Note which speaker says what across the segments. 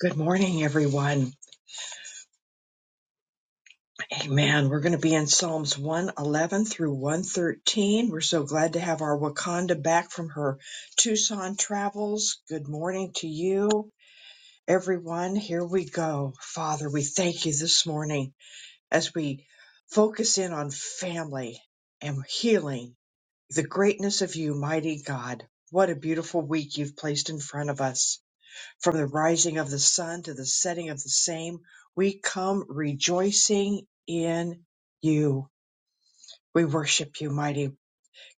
Speaker 1: Good morning, everyone. Amen. We're going to be in Psalms 111 through 113. We're so glad to have our Wakanda back from her Tucson travels. Good morning to you, everyone. Here we go. Father, we thank you this morning as we focus in on family and healing, the greatness of you, mighty God. What a beautiful week you've placed in front of us. From the rising of the sun to the setting of the same, we come rejoicing in you. We worship you, mighty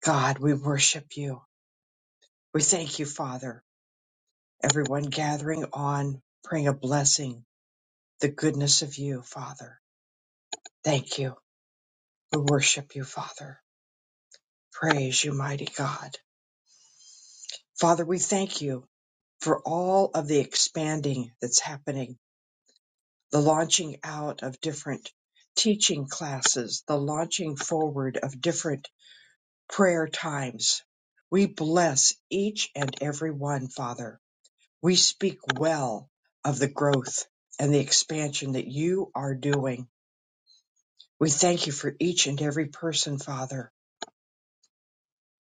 Speaker 1: God. We worship you. We thank you, Father. Everyone gathering on, praying a blessing, the goodness of you, Father. Thank you. We worship you, Father. Praise you, mighty God. Father, we thank you for all of the expanding that's happening the launching out of different teaching classes, the launching forward of different prayer times. We bless each and every one, Father. We speak well of the growth and the expansion that you are doing. We thank you for each and every person, Father.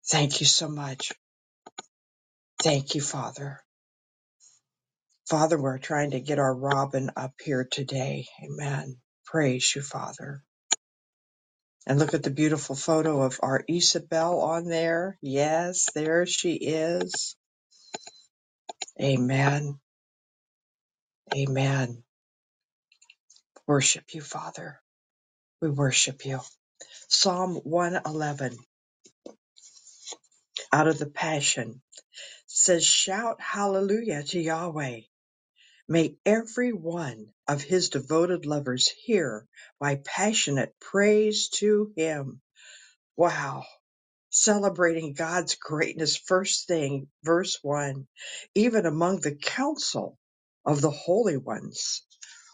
Speaker 1: Thank you so much. Thank you, Father. Father, we're trying to get our Robin up here today. Amen. Praise you, Father. And look at the beautiful photo of our Isabel on there. Yes, there she is. Amen. Amen. Worship you, Father. We worship you. Psalm 111 out of the Passion says, Shout hallelujah to Yahweh. May every one of his devoted lovers hear my passionate praise to him. Wow. celebrating God's greatness. First thing, verse one, even among the council of the holy ones,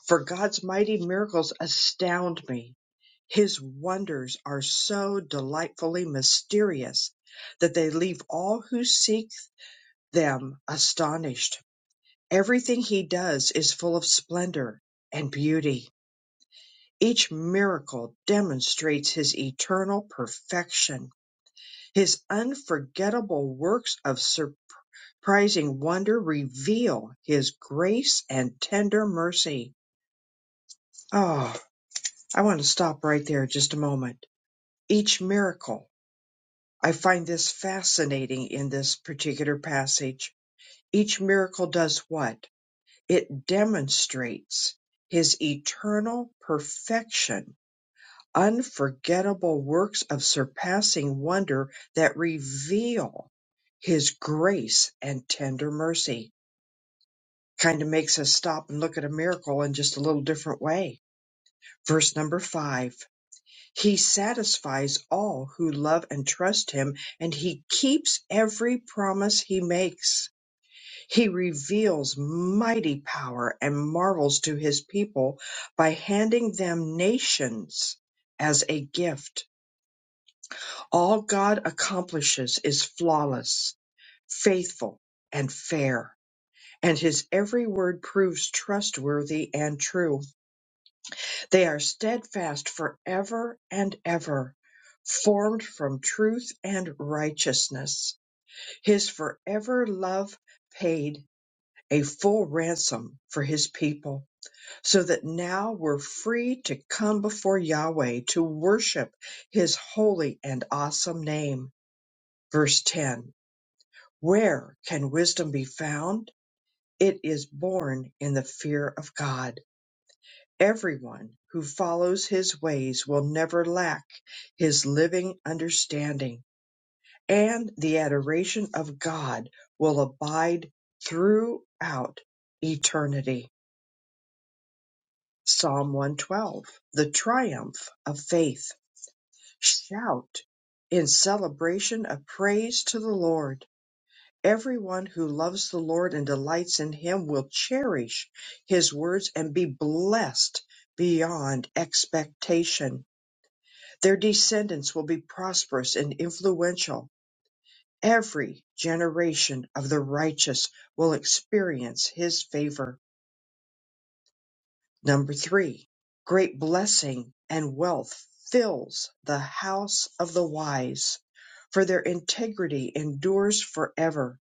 Speaker 1: for God's mighty miracles astound me. His wonders are so delightfully mysterious that they leave all who seek them astonished. Everything he does is full of splendor and beauty. Each miracle demonstrates his eternal perfection his unforgettable works of surprising wonder reveal his grace and tender mercy. Oh, I want to stop right there just a moment. Each miracle, I find this fascinating in this particular passage. Each miracle does what? It demonstrates his eternal perfection unforgettable works of surpassing wonder that reveal his grace and tender mercy. Kind of makes us stop and look at a miracle in just a little different way. Verse number five He satisfies all who love and trust him, and he keeps every promise he makes. He reveals mighty power and marvels to his people by handing them nations as a gift All God accomplishes is flawless, faithful, and fair, and his every word proves trustworthy and true. They are steadfast forever and ever, formed from truth and righteousness. His forever love paid a full ransom for his people, so that now we're free to come before Yahweh to worship his holy and awesome name. Verse 10 Where can wisdom be found? It is born in the fear of God. Everyone who follows his ways will never lack his living understanding, and the adoration of God will abide throughout eternity. Psalm 112, the triumph of faith. Shout in celebration of praise to the Lord Everyone who loves the Lord and delights in Him will cherish His words and be blessed beyond expectation. Their descendants will be prosperous and influential. Every generation of the righteous will experience His favor. Number three, great blessing and wealth fills the house of the wise, for their integrity endures forever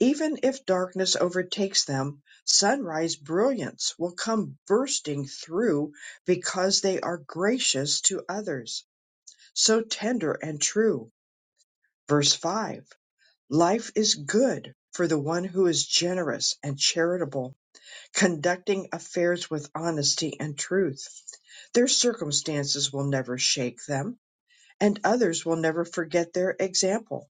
Speaker 1: Even if darkness overtakes them, sunrise brilliance will come bursting through because they are gracious to others, so tender and true. Verse 5 Life is good for the one who is generous and charitable, conducting affairs with honesty and truth. Their circumstances will never shake them, and others will never forget their example.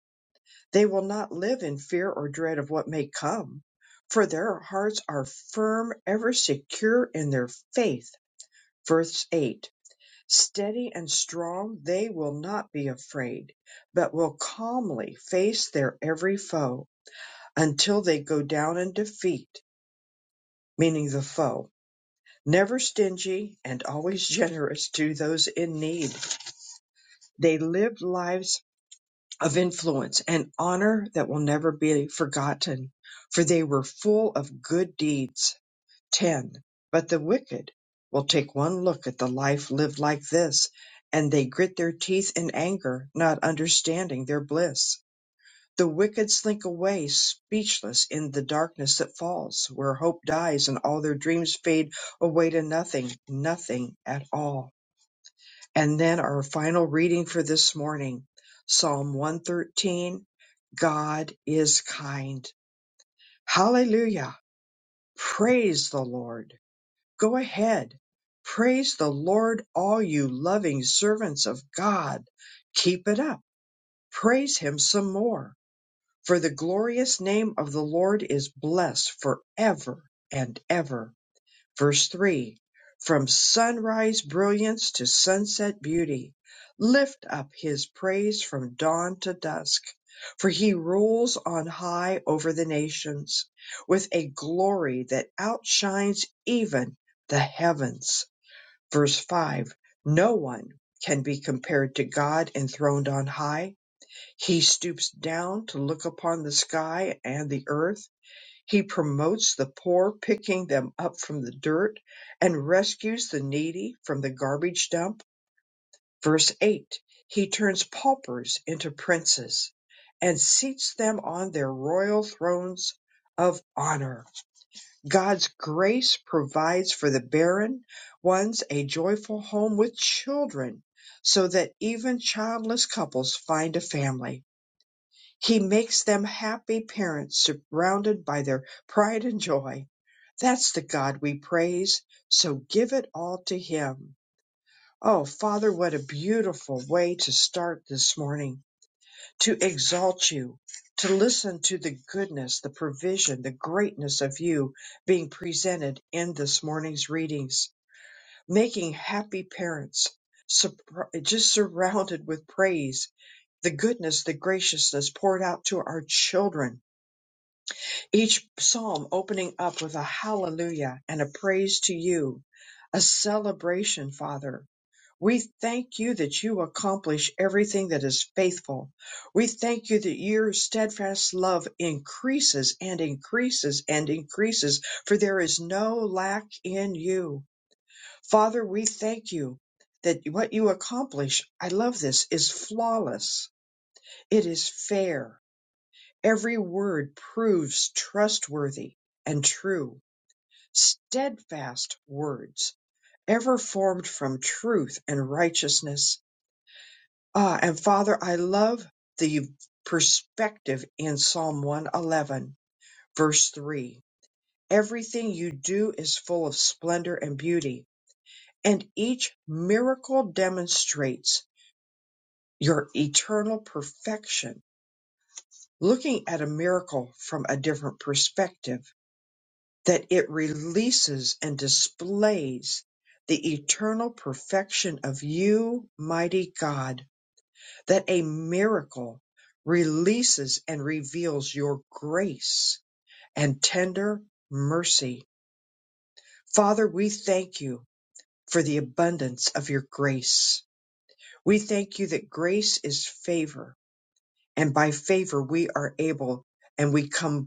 Speaker 1: They will not live in fear or dread of what may come, for their hearts are firm, ever secure in their faith. Verse 8 Steady and strong, they will not be afraid, but will calmly face their every foe until they go down in defeat, meaning the foe. Never stingy and always generous to those in need. They live lives of influence and honor that will never be forgotten, for they were full of good deeds. 10. But the wicked will take one look at the life lived like this, and they grit their teeth in anger, not understanding their bliss. The wicked slink away speechless in the darkness that falls, where hope dies and all their dreams fade away to nothing, nothing at all. And then our final reading for this morning, Psalm 113, God is kind. Hallelujah. Praise the Lord. Go ahead. Praise the Lord, all you loving servants of God. Keep it up. Praise him some more. For the glorious name of the Lord is blessed forever and ever. Verse 3 From sunrise brilliance to sunset beauty, lift up his praise from dawn to dusk. For he rules on high over the nations with a glory that outshines even the heavens. Verse 5 No one can be compared to God enthroned on high. He stoops down to look upon the sky and the earth. He promotes the poor, picking them up from the dirt, and rescues the needy from the garbage dump. Verse 8 He turns paupers into princes and seats them on their royal thrones of honor. God's grace provides for the barren ones a joyful home with children so that even childless couples find a family. He makes them happy parents surrounded by their pride and joy. That's the God we praise, so give it all to Him. Oh, Father, what a beautiful way to start this morning, to exalt you, to listen to the goodness, the provision, the greatness of you being presented in this morning's readings, making happy parents, supr- just surrounded with praise, the goodness, the graciousness poured out to our children each psalm opening up with a hallelujah and a praise to you, a celebration, Father. We thank you that you accomplish everything that is faithful. We thank you that your steadfast love increases and increases and increases, for there is no lack in you. Father, we thank you that what you accomplish, I love this, is flawless. It is fair Every word proves trustworthy and true, steadfast words, ever formed from truth and righteousness. Ah, and Father, I love the perspective in Psalm 111, verse 3. Everything you do is full of splendor and beauty, and each miracle demonstrates your eternal perfection. Looking at a miracle from a different perspective that it releases and displays the eternal perfection of you, mighty God, that a miracle releases and reveals your grace and tender mercy. Father, we thank you for the abundance of your grace. We thank you that grace is favor, and by favor we are able and we come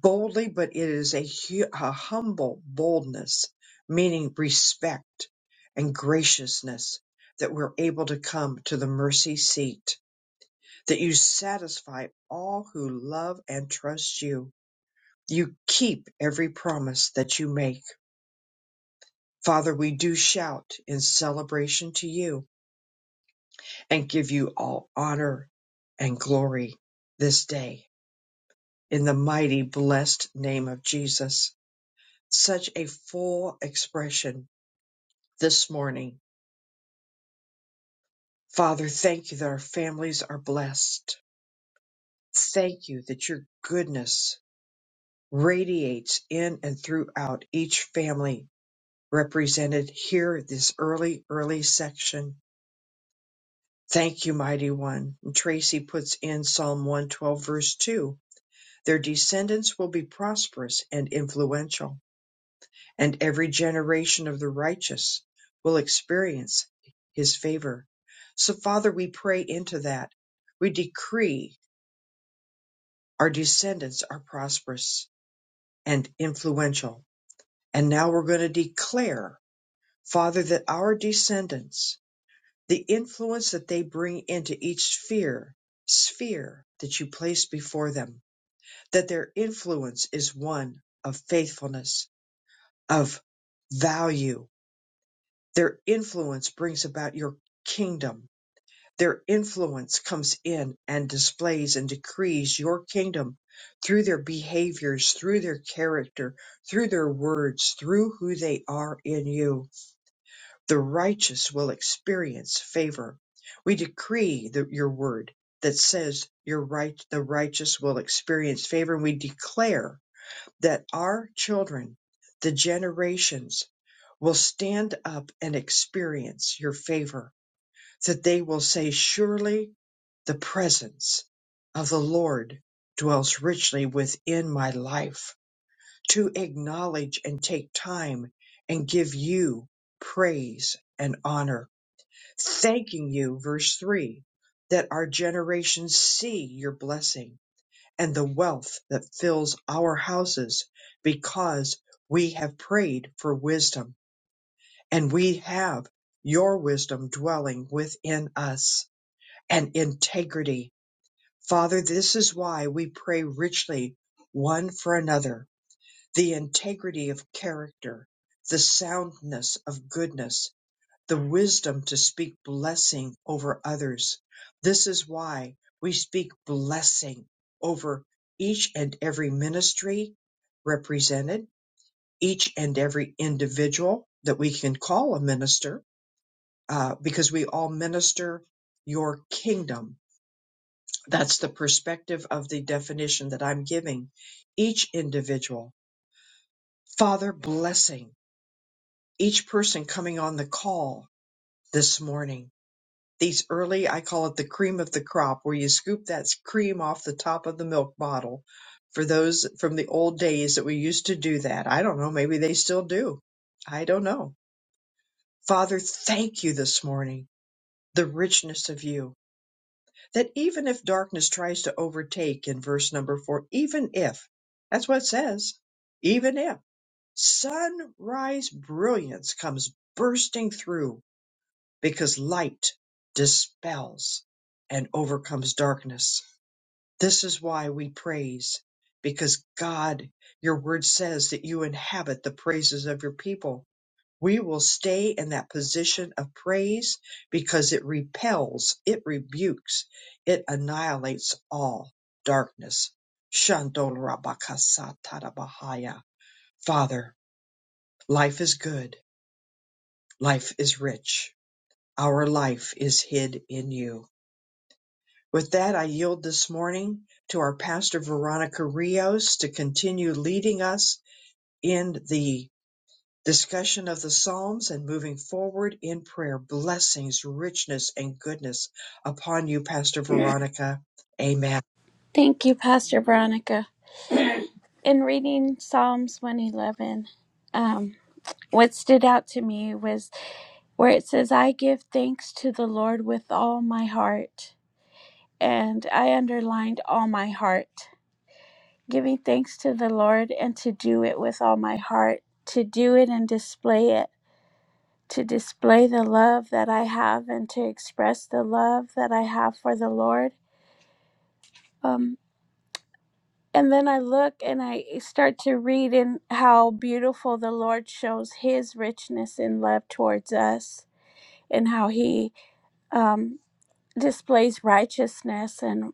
Speaker 1: boldly, but it is a, hu- a humble boldness, meaning respect and graciousness that we're able to come to the mercy seat, that you satisfy all who love and trust you. You keep every promise that you make. Father, we do shout in celebration to you and give you all honor and glory this day in the mighty blessed name of Jesus. Such a full expression this morning. Father, thank you that our families are blessed. Thank you that your goodness radiates in and throughout each family represented here at this early, early section. Thank you, mighty one. And Tracy puts in Psalm 112, verse 2 their descendants will be prosperous and influential. and every generation of the righteous will experience his favor. So, Father, we pray into that. We decree our descendants are prosperous and influential. And now we're going to declare, Father, that our descendants, the influence that they bring into each sphere, sphere that you place before them, that their influence is one of faithfulness, of value, Their influence brings about your kingdom. Their influence comes in and displays and decrees your kingdom through their behaviors, through their character, through their words, through who they are in you. The righteous will experience favor. We decree the, your word that says your right, the righteous will experience favor. And we declare that our children, the generations will stand up and experience your favor, that they will say, Surely the presence of the Lord dwells richly within my life. To acknowledge and take time and give you praise and honor, thanking you, verse 3, that our generations see your blessing and the wealth that fills our houses because we have prayed for wisdom and we have your wisdom dwelling within us and integrity. Father, this is why we pray richly one for another the integrity of character, the soundness of goodness, the wisdom to speak blessing over others. This is why we speak blessing over each and every ministry represented, each and every individual that we can call a minister uh, because we all minister your kingdom. That's the perspective of the definition that I'm giving each individual. Father, blessing each person coming on the call this morning. These early, I call it the cream of the crop, where you scoop that cream off the top of the milk bottle. For those from the old days that we used to do that, I don't know, maybe they still do. I don't know. Father, thank you this morning, the richness of you. that even if darkness tries to overtake in verse number four, even if, that's what it says, even if sunrise brilliance comes bursting through because light dispels and overcomes darkness. This is why we praise because God, your word says that you inhabit the praises of your people we will stay in that position of praise because it repels, it rebukes, it annihilates all darkness. Shandorabakasatadabahaya. Father, life is good. Life is rich. Our life is hid in you. With that, I yield this morning to our pastor, Veronica Rios, to continue leading us in the Discussion of the Psalms and moving forward in prayer. Blessings, richness, and goodness upon you, Pastor Veronica. Amen.
Speaker 2: Thank you, Pastor Veronica. In reading Psalms 111, um, what stood out to me was where it says, I give thanks to the Lord with all my heart. And I underlined all my heart, giving thanks to the Lord and to do it with all my heart, to do it and display it, to display the love that I have and to express the love that I have for the Lord. Um, And then I look and I start to read in how beautiful the Lord shows his richness in love towards us and how he um, displays righteousness and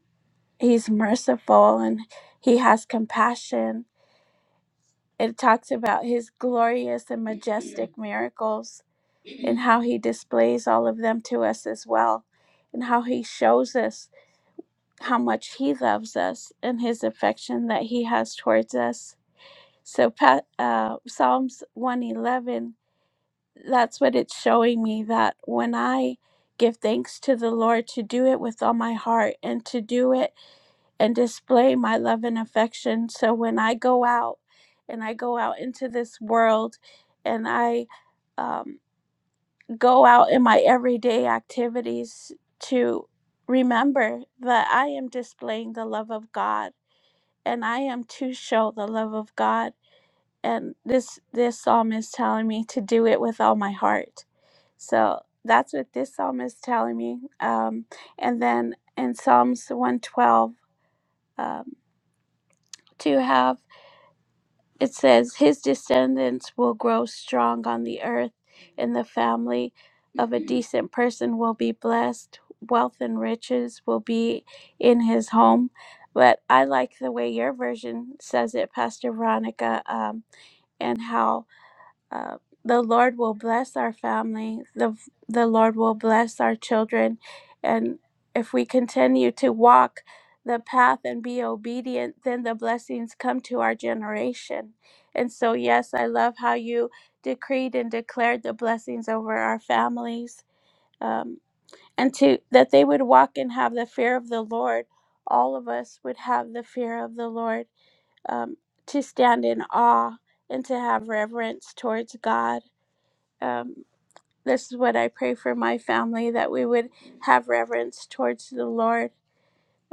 Speaker 2: he's merciful and he has compassion. It talks about his glorious and majestic miracles and how he displays all of them to us as well, and how he shows us how much he loves us and his affection that he has towards us So, pa- uh, Psalms 111, that's what it's showing me that when I give thanks to the Lord, to do it with all my heart and to do it and display my love and affection. So, when I go out and I go out into this world and I um, go out in my everyday activities to remember that I am displaying the love of God and I am to show the love of God and this this psalm is telling me to do it with all my heart so that's what this psalm is telling me um, and then in psalms 112 um, to have it says his descendants will grow strong on the earth and the family of a decent person will be blessed wealth and riches will be in his home but i like the way your version says it pastor veronica um, and how Uh, the Lord will bless our family. The, the Lord will bless our children. And if we continue to walk the path and be obedient, then the blessings come to our generation. And so, yes, I love how you decreed and declared the blessings over our families um, and to that they would walk and have the fear of the Lord. All of us would have the fear of the Lord um, to stand in awe and to have reverence towards God um, this is what I pray for my family that we would have reverence towards the Lord.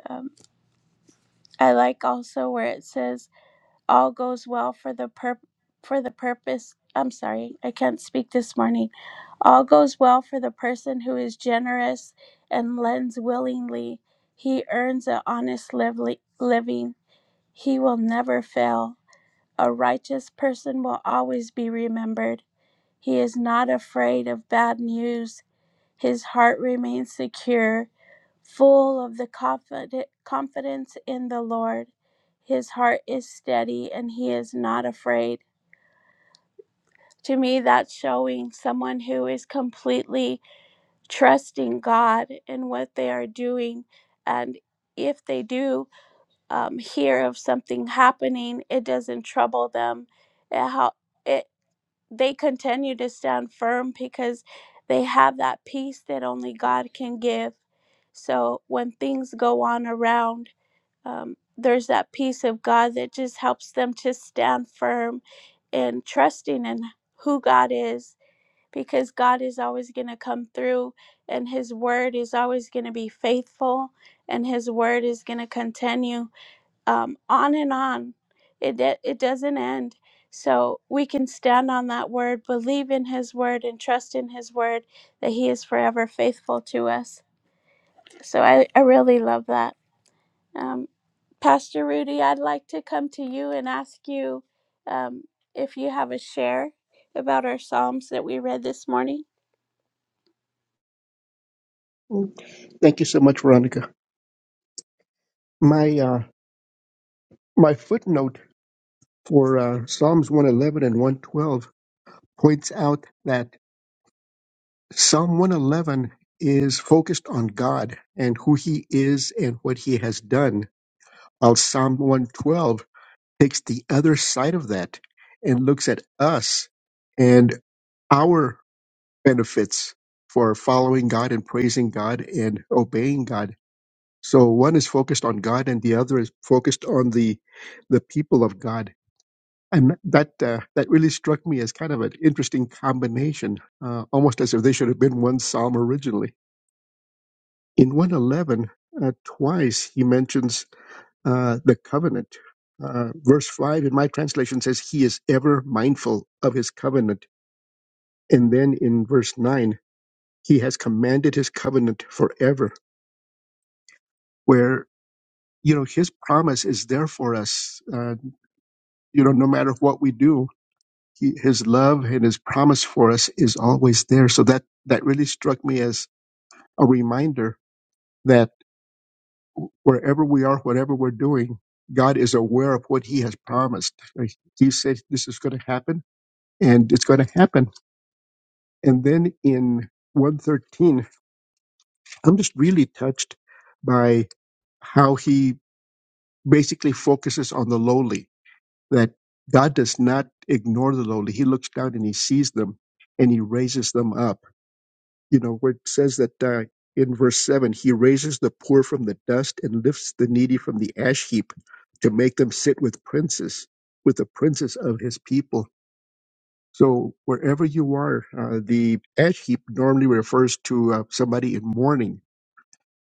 Speaker 2: Um, I like also where it says all goes well for the pur- for the purpose. I'm sorry, I can't speak this morning. All goes well for the person who is generous and lends willingly. He earns an honest lively- living. He will never fail. A righteous person will always be remembered. He is not afraid of bad news His heart remains secure, full of the confident, confidence in the Lord. His heart is steady and he is not afraid. To me, that's showing someone who is completely trusting God in what they are doing. And if they do um, hear of something happening, it doesn't trouble them. It, how it they continue to stand firm because they have that peace that only God can give. So when things go on around, um, there's that peace of God that just helps them to stand firm and trusting in who God is because God is always going to come through and His word is always going to be faithful and His word is going to continue um, on and on. It, do- it doesn't end. So we can stand on that word, believe in his word, and trust in his word that he is forever faithful to us. So I, I really love that. Um, Pastor Rudy, I'd like to come to you and ask you um, if you have a share about our Psalms that we read this morning.
Speaker 3: Thank you so much, Veronica. My uh, my footnote for uh, Psalms 111 and 112 points out that Psalm 111 is focused on God and who He is and what He has done, while Psalm 112 takes the other side of that and looks at us and our benefits for following God and praising God and obeying God So one is focused on God, and the other is focused on the the people of God. And that uh, that really struck me as kind of an interesting combination, uh, almost as if they should have been one psalm originally. In 111, uh, twice he mentions uh, the covenant. Uh, verse 5 in my translation says, He is ever mindful of his covenant. And then in verse 9, He has commanded his covenant forever, where you know his promise is there for us Uh, you know, no matter what we do, he, his love and his promise for us is always there. So that, that really struck me as a reminder that wherever we are, whatever we're doing, God is aware of what he has promised. Like, He said this is going to happen and it's going to happen. And then in 113, I'm just really touched by how he basically focuses on the lowly, that God does not ignore the lowly. He looks down and he sees them and he raises them up you know, where it says that uh, in verse 7, he raises the poor from the dust and lifts the needy from the ash heap to make them sit with princes, with the princes of his people. So wherever you are, uh, the ash heap normally refers to uh, somebody in mourning.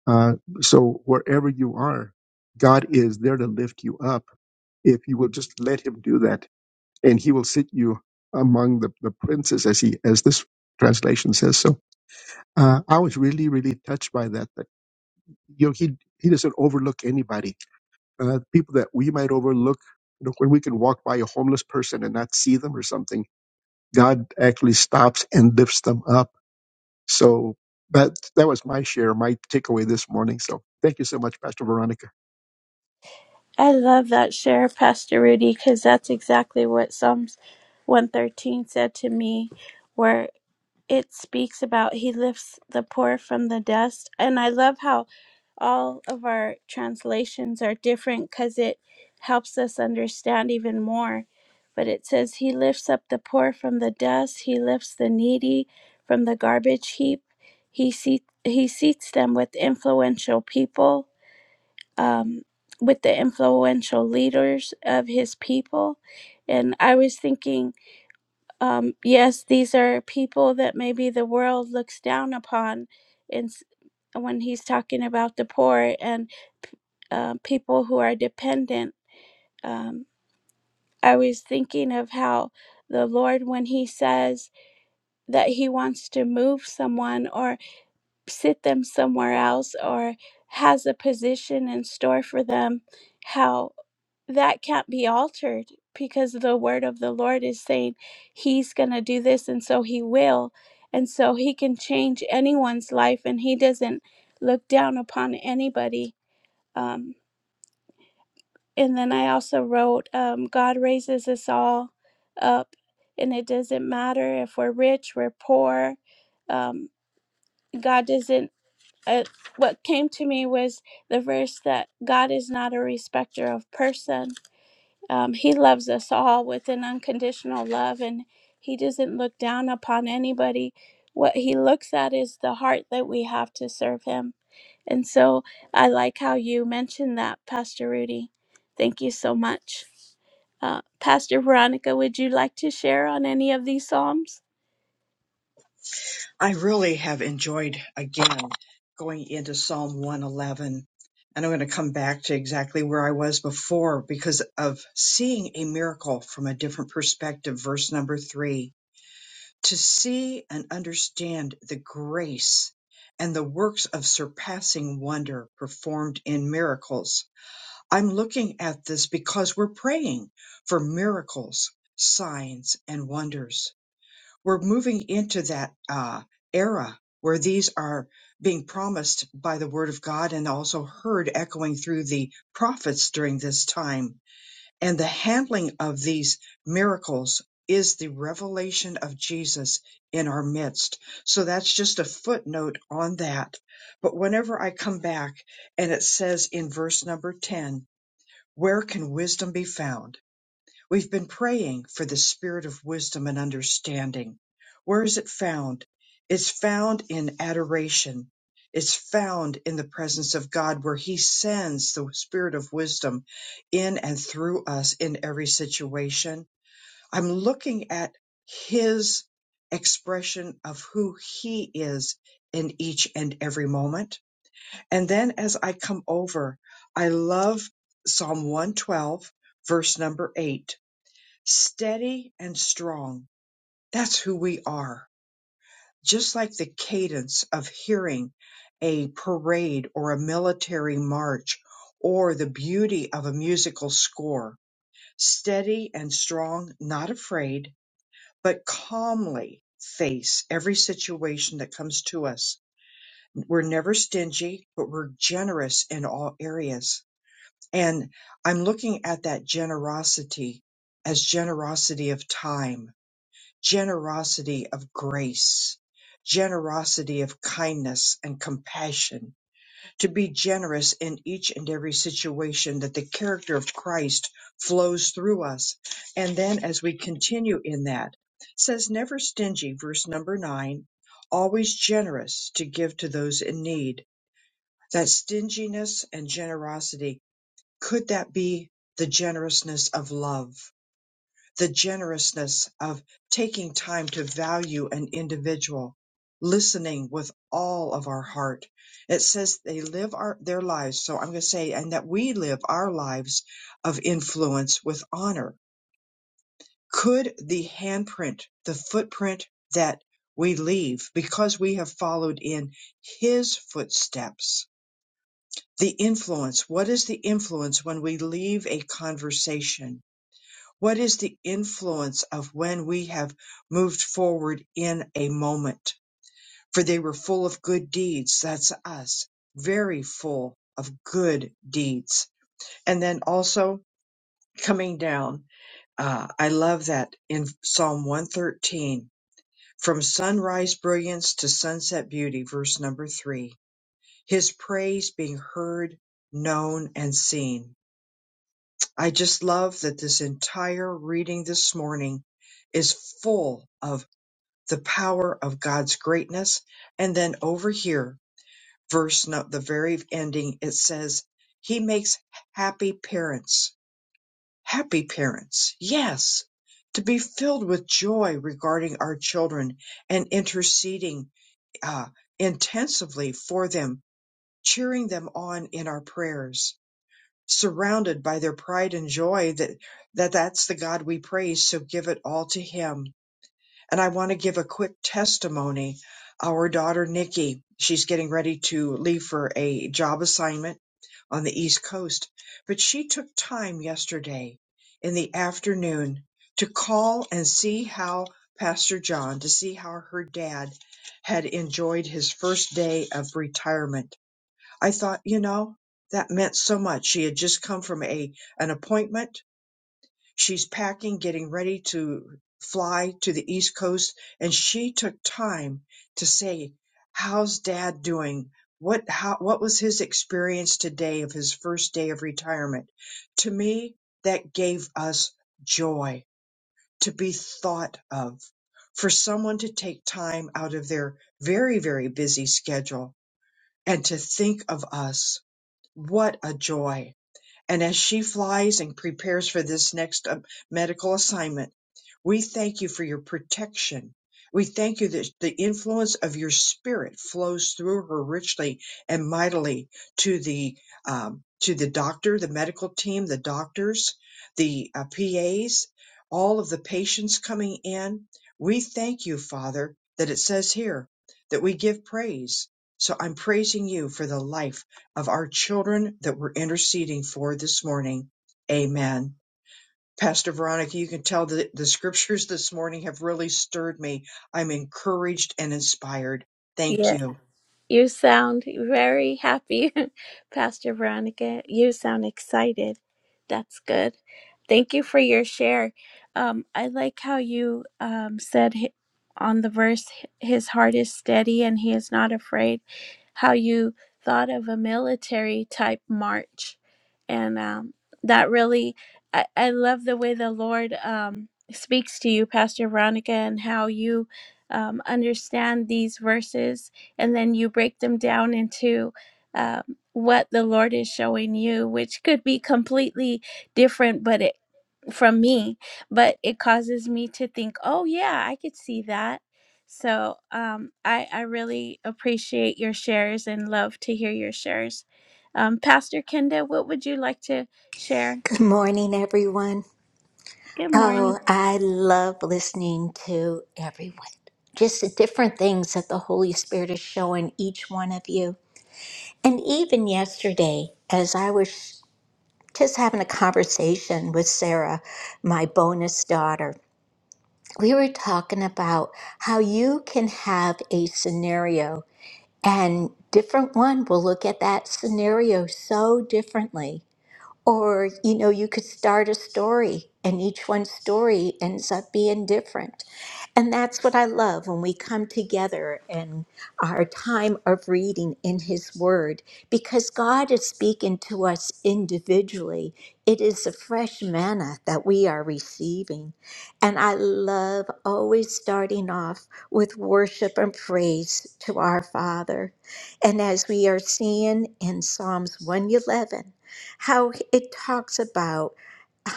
Speaker 3: Uh, so wherever you are, God is there to lift you up if you will just let him do that. And he will sit you among the, the princes as he, as this translation says so. Uh, I was really, really touched by that. That you know, he he doesn't overlook anybody. Uh, people that we might overlook, you know, when we can walk by a homeless person and not see them or something, God actually stops and lifts them up. So that that was my share, my takeaway this morning. So thank you so much, Pastor Veronica.
Speaker 2: I love that share, Pastor Rudy, because that's exactly what Psalms 113 said to me, where. it speaks about he lifts the poor from the dust and i love how all of our translations are different because it helps us understand even more but it says he lifts up the poor from the dust he lifts the needy from the garbage heap he seat, he seats them with influential people um, with the influential leaders of his people and i was thinking um, yes, these are people that maybe the world looks down upon in, s- when he's talking about the poor and uh, people who are dependent. Um, I was thinking of how the Lord, when he says that he wants to move someone or sit them somewhere else or has a position in store for them, how that can't be altered because the word of the Lord is saying he's going to do this and so he will. And so he can change anyone's life and he doesn't look down upon anybody. Um, and then I also wrote, um, God raises us all up and it doesn't matter if we're rich, we're poor. Um, God doesn't uh, what came to me was the verse that God is not a respecter of person. Um, he loves us all with an unconditional love, and He doesn't look down upon anybody. What He looks at is the heart that we have to serve Him. And so I like how you mentioned that, Pastor Rudy. Thank you so much. Uh, Pastor Veronica, would you like to share on any of these Psalms?
Speaker 1: I really have enjoyed again going into Psalm 111. And I'm going to come back to exactly where I was before because of seeing a miracle from a different perspective. Verse number three to see and understand the grace and the works of surpassing wonder performed in miracles I'm looking at this because we're praying for miracles, signs, and wonders. We're moving into that uh, era where these are being promised by the word of God and also heard echoing through the prophets during this time. And the handling of these miracles is the revelation of Jesus in our midst. So that's just a footnote on that. But whenever I come back and it says in verse number 10, where can wisdom be found? We've been praying for the spirit of wisdom and understanding. Where is it found? It's found in adoration. It's found in the presence of God where he sends the spirit of wisdom in and through us in every situation. I'm looking at his expression of who he is in each and every moment and then as I come over, I love Psalm 112, verse number eight steady and strong. That's who we are. Just like the cadence of hearing a parade or a military march or the beauty of a musical score. Steady and strong, not afraid, but calmly face every situation that comes to us. We're never stingy, but we're generous in all areas And I'm looking at that generosity as generosity of time, generosity of grace, generosity of kindness and compassion, to be generous in each and every situation that the character of Christ flows through us. And then as we continue in that, says never stingy, verse number nine, always generous to give to those in need. That stinginess and generosity could that be the generousness of love, the generousness of taking time to value an individual, listening with all of our heart? It says they live our, their lives. So I'm going to say, and that we live our lives of influence with honor. Could the handprint, the footprint that we leave because we have followed in his footsteps, the influence. What is the influence when we leave a conversation? What is the influence of when we have moved forward in a moment? For they were full of good deeds. That's us. Very full of good deeds. And then also coming down, uh, I love that in Psalm 113 from sunrise brilliance to sunset beauty, verse number three, his praise being heard, known, and seen. I just love that this entire reading this morning is full of the power of God's greatness. And then over here, verse no, the very ending, it says, He makes happy parents, happy parents, yes, to be filled with joy regarding our children and interceding uh, intensively for them, cheering them on in our prayers. Surrounded by their pride and joy that, that that's the God we praise, so give it all to Him and I want to give a quick testimony. Our daughter Nikki, she's getting ready to leave for a job assignment on the East Coast, but she took time yesterday in the afternoon to call and see how Pastor John, to see how her dad had enjoyed his first day of retirement. I thought, you know, that meant so much. She had just come from a an appointment she's packing, getting ready to fly to the East Coast, and she took time to say, "How's Dad doing? What how what was his experience today of his first day of retirement?" To me, that gave us joy to be thought of, for someone to take time out of their very very busy schedule and to think of us. What a joy! And as she flies and prepares for this next um, medical assignment, we thank you for your protection. We thank you that the influence of your spirit flows through her richly and mightily to the um, to the doctor, the medical team, the doctors, the uh, PAs, all of the patients coming in. We thank you, Father, that it says here that we give praise. So I'm praising you for the life of our children that we're interceding for this morning. Amen. Pastor Veronica, you can tell that the scriptures this morning have really stirred me. I'm encouraged and inspired. Thank
Speaker 2: Yeah.
Speaker 1: you.
Speaker 2: You sound very happy, Pastor Veronica. You sound excited. That's good. Thank you for your share. Um, I like how you um, said hi- on the verse, "H- his heart is steady and he is not afraid, how you thought of a military type march. And um, that really, I, I love the way the Lord um, speaks to you, Pastor Veronica, and how you um, understand these verses and then you break them down into um, what the Lord is showing you, which could be completely different, but it from me, but it causes me to think, oh yeah, I could see that. So um, I I really appreciate your shares and love to hear your shares. Um, Pastor Kenda, what would you like to share?
Speaker 4: Good morning, everyone.
Speaker 2: Good
Speaker 4: Oh,
Speaker 2: morning.
Speaker 4: I love listening to everyone. Just the different things that the Holy Spirit is showing each one of you. And even yesterday, as I was just having a conversation with Sarah, my bonus daughter, we were talking about how you can have a scenario and different one will look at that scenario so differently Or, you know, you could start a story and each one's story ends up being different. And that's what I love when we come together in our time of reading in His Word, because God is speaking to us individually. It is a fresh manna that we are receiving. And I love always starting off with worship and praise to our Father. And as we are seeing in Psalms 111, how it talks about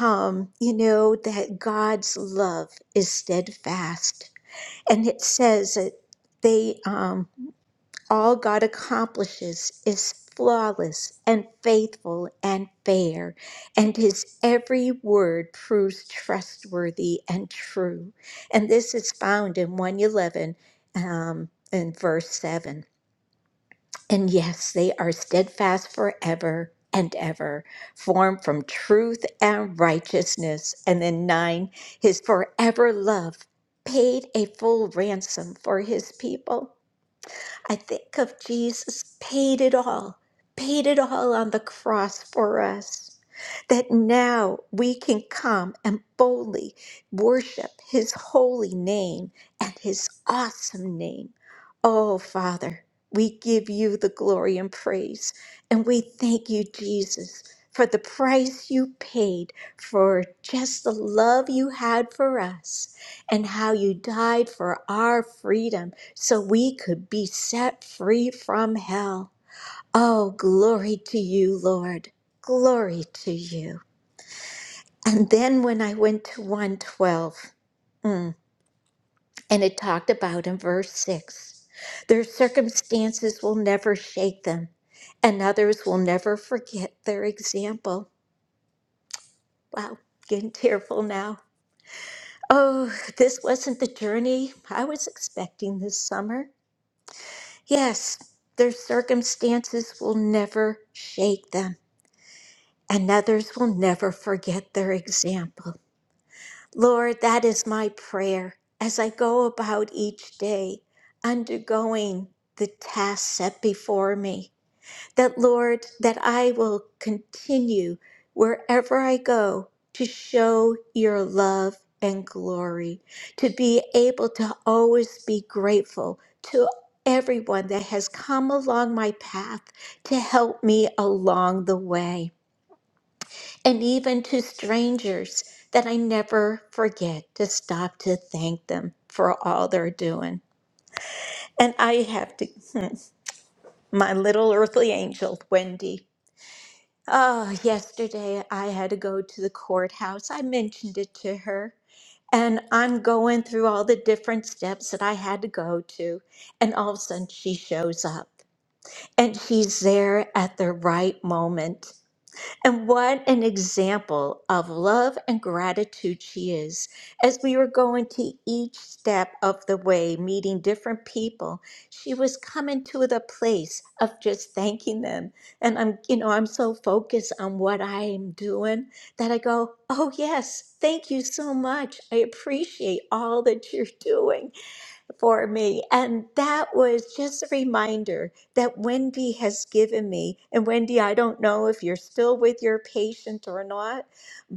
Speaker 4: um, you know that God's love is steadfast, and it says that they um, all God accomplishes is flawless and faithful and fair, and His every word proves trustworthy and true. And this is found in one eleven um, in verse seven. And yes, they are steadfast forever and ever, formed from truth and righteousness. And then nine, his forever love paid a full ransom for his people. I think of Jesus paid it all, paid it all on the cross for us, that now we can come and boldly worship his holy name and his awesome name. Oh, Father, we give you the glory and praise, and we thank you, Jesus, for the price you paid, for just the love you had for us, and how you died for our freedom so we could be set free from hell. Oh, glory to you, Lord. Glory to you. And then when I went to 112, mm, and it talked about in verse 6 their circumstances will never shake them, and others will never forget their example. Wow, getting tearful now. Oh, this wasn't the journey I was expecting this summer. Yes, their circumstances will never shake them, and others will never forget their example. Lord, that is my prayer as I go about each day, undergoing the tasks set before me that, Lord, that I will continue wherever I go to show your love and glory, to be able to always be grateful to everyone that has come along my path to help me along the way, and even to strangers that I never forget to stop to thank them for all they're doing. And I have to, my little earthly angel, Wendy. Oh, yesterday I had to go to the courthouse. I mentioned it to her. And I'm going through all the different steps that I had to go to. And all of a sudden she shows up. And she's there at the right moment. And what an example of love and gratitude she is. As we were going to each step of the way, meeting different people, she was coming to the place of just thanking them. And I'm, you know, I'm so focused on what I am doing that I go, oh, yes, thank you so much. I appreciate all that you're doing for me. And that was just a reminder that Wendy has given me. And Wendy, I don't know if you're still with your patient or not,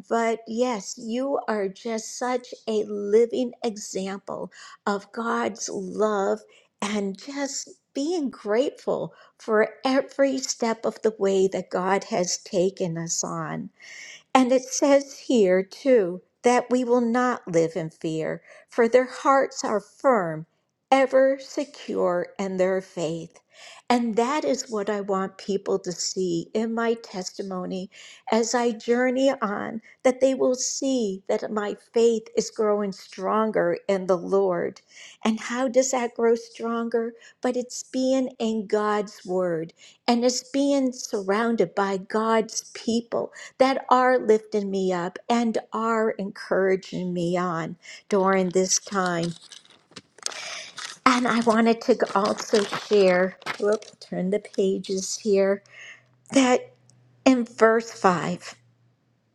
Speaker 4: but yes, you are just such a living example of God's love and just being grateful for every step of the way that God has taken us on. And it says here, too, that we will not live in fear, for their hearts are firm, ever secure in their faith. And that is what I want people to see in my testimony as I journey on, that they will see that my faith is growing stronger in the Lord. And how does that grow stronger? But it's being in God's Word and it's being surrounded by God's people that are lifting me up and are encouraging me on during this time. And I wanted to also share, whoop, turn the pages here, that in verse 5,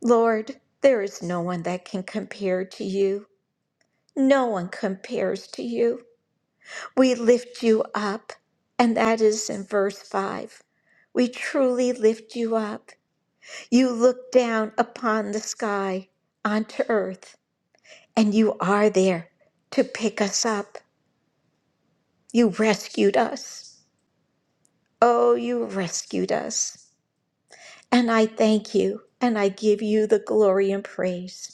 Speaker 4: Lord, there is no one that can compare to you. No one compares to you. We lift you up, and that is in verse 5. We truly lift you up. You look down upon the sky, onto earth, And you are there to pick us up. You rescued us. Oh, you rescued us. And I thank you and I give you the glory and praise.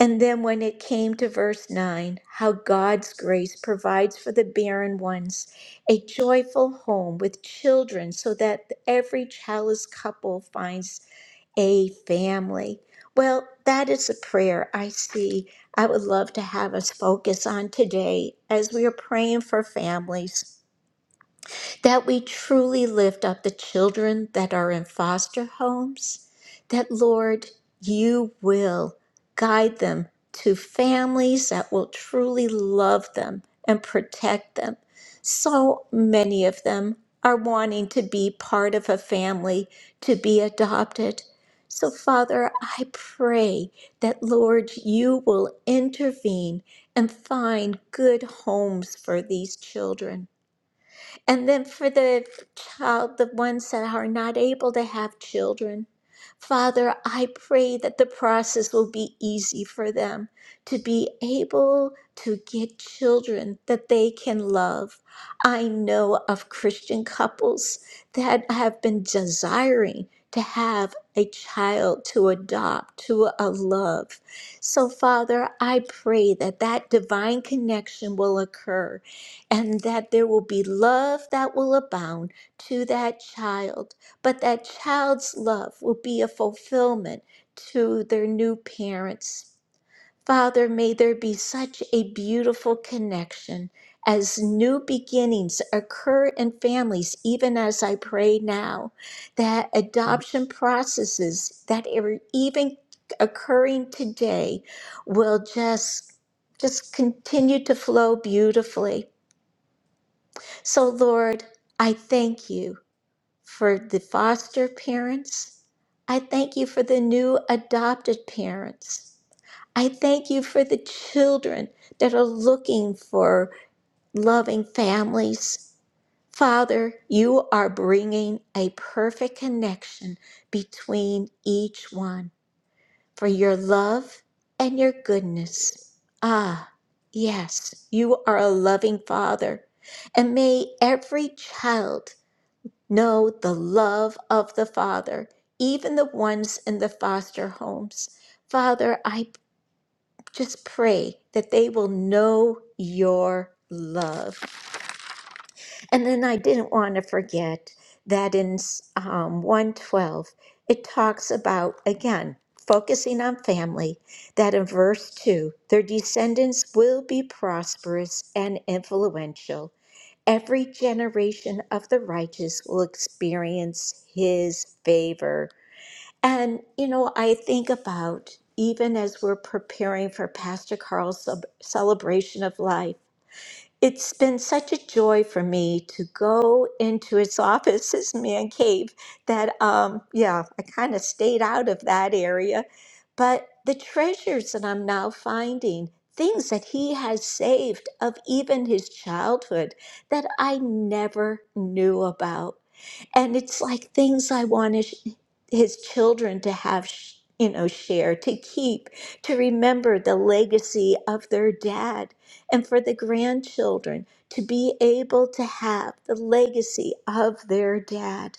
Speaker 4: And then when it came to verse 9, how God's grace provides for the barren ones a joyful home with children so that every childless couple finds. a family. Well, that is a prayer I see I would love to have us focus on today as we are praying for families that we truly lift up the children that are in foster homes, that Lord, you will guide them to families that will truly love them and protect them. So many of them are wanting to be part of a family, to be adopted. So, Father, I pray that, Lord, you will intervene and find good homes for these children. And then for the child, the ones that are not able to have children, Father, I pray that the process will be easy for them to be able to get children that they can love. I know of Christian couples that have been desiring to have a child to adopt, to a love. So, Father, I pray that that divine connection will occur and that there will be love that will abound to that child, but that child's love will be a fulfillment to their new parents. Father, may there be such a beautiful connection as new beginnings occur in families, even as I pray now, that adoption processes that are even occurring today will just just continue to flow beautifully. So, Lord, I thank you for the foster parents. I thank you for the new adopted parents. I thank you for the children that are looking for loving families. Father, you are bringing a perfect connection between each one for your love and your goodness. Ah, yes, you are a loving Father. And may every child know the love of the Father, even the ones in the foster homes. Father, I just pray that they will know your love. And then I didn't want to forget that in um, 112, it talks about, again, focusing on family, that in verse 2, their descendants will be prosperous and influential. Every generation of the righteous will experience his favor. And, you know, I think about even as we're preparing for Pastor Carl's ce- celebration of life, it's been such a joy for me to go into his office, his man cave, that, um, yeah, I kind of stayed out of that area. But the treasures that I'm now finding, things that he has saved of even his childhood that I never knew about and it's like things I want his, his children to have, sh- you know, share, to keep, to remember the legacy of their dad, and for the grandchildren to be able to have the legacy of their dad.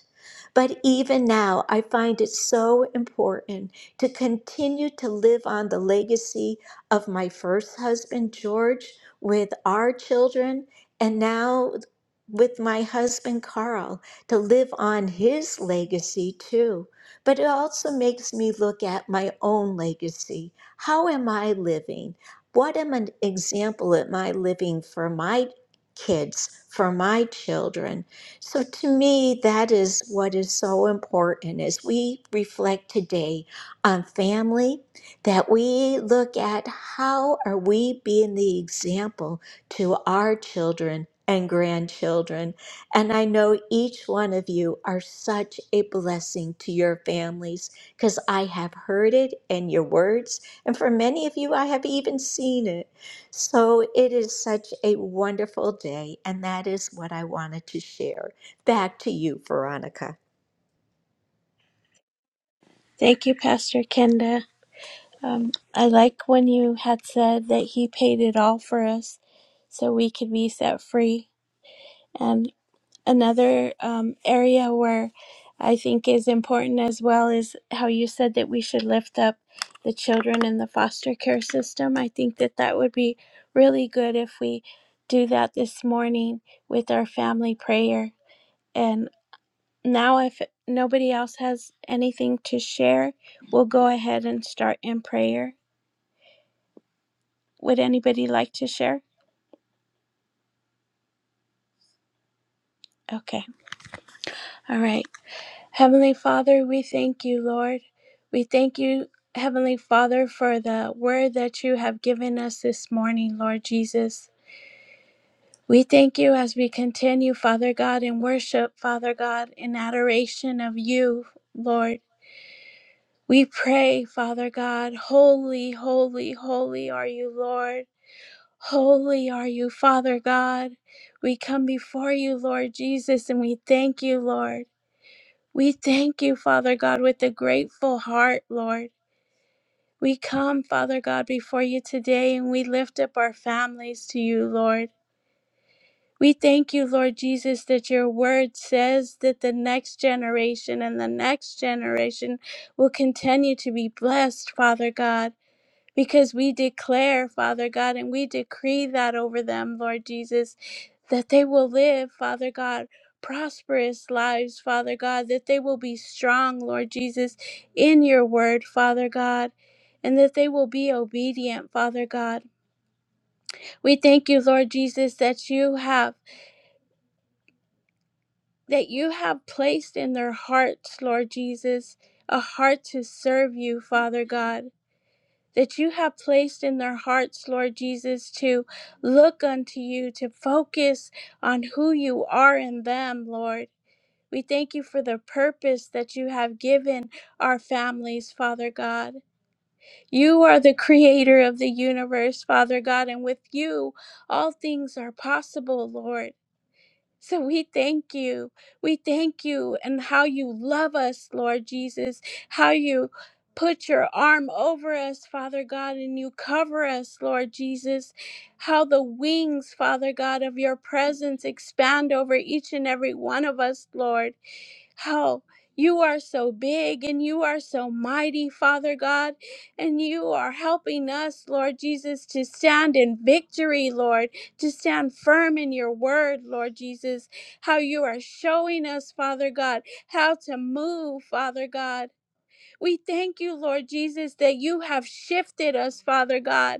Speaker 4: But even now, I find it so important to continue to live on the legacy of my first husband, George, with our children, and now with my husband, Carl to live on his legacy too. But it also makes me look at my own legacy. How am I living? What am an example am I living for my kids, for my children? So to me, that is what is so important as we reflect today on family, that we look at how are we being the example to our children and grandchildren and I know each one of you are such a blessing to your families because I have heard it in your words. And for many of you, I have even seen it. So it is such a wonderful day. And that is what I wanted to share. Back to you, Veronica.
Speaker 2: Thank you, Pastor Kenda. Um, I like when you had said that He paid it all for us so we could be set free And another um, area where I think is important as well is how you said that we should lift up the children in the foster care system. I think that that would be really good if we do that this morning with our family prayer. And now, if nobody else has anything to share, we'll go ahead and start in prayer. Would anybody like to share? Okay. All right. Heavenly Father, we thank you, Lord. We thank you, Heavenly Father, for the word that you have given us this morning, Lord Jesus. We thank you as we continue, Father God, in worship, Father God, in adoration of you, Lord. We pray, Father God, holy, holy, holy are you, Lord. Holy are you, Father God. We come before you, Lord Jesus, and we thank you, Lord. We thank you, Father God, with a grateful heart, Lord. We come, Father God, before you today and we lift up our families to you, Lord. We thank you, Lord Jesus, that your word says that the next generation and the next generation will continue to be blessed, Father God because we declare, Father God, and we decree that over them, Lord Jesus, that they will live, Father God, prosperous lives, Father God, that they will be strong, Lord Jesus, in your word, Father God. And that they will be obedient, Father God. We thank you, Lord Jesus, that you have that you have placed in their hearts, Lord Jesus, a heart to serve you, Father God that you have placed in their hearts, Lord Jesus, to look unto you, to focus on who you are in them, Lord. We thank you for the purpose that you have given our families, Father God. You are the creator of the universe, Father God, and with you all things are possible, Lord. So we thank you. We thank you and how you love us, Lord Jesus, how you put your arm over us, Father God, and you cover us, Lord Jesus, how the wings, Father God, of your presence expand over each and every one of us, Lord how you are so big and you are so mighty, Father God, and you are helping us, Lord Jesus, to stand in victory, Lord, to stand firm in your word, Lord Jesus, how you are showing us, Father God, how to move, Father God. We thank you, Lord Jesus, that you have shifted us, Father God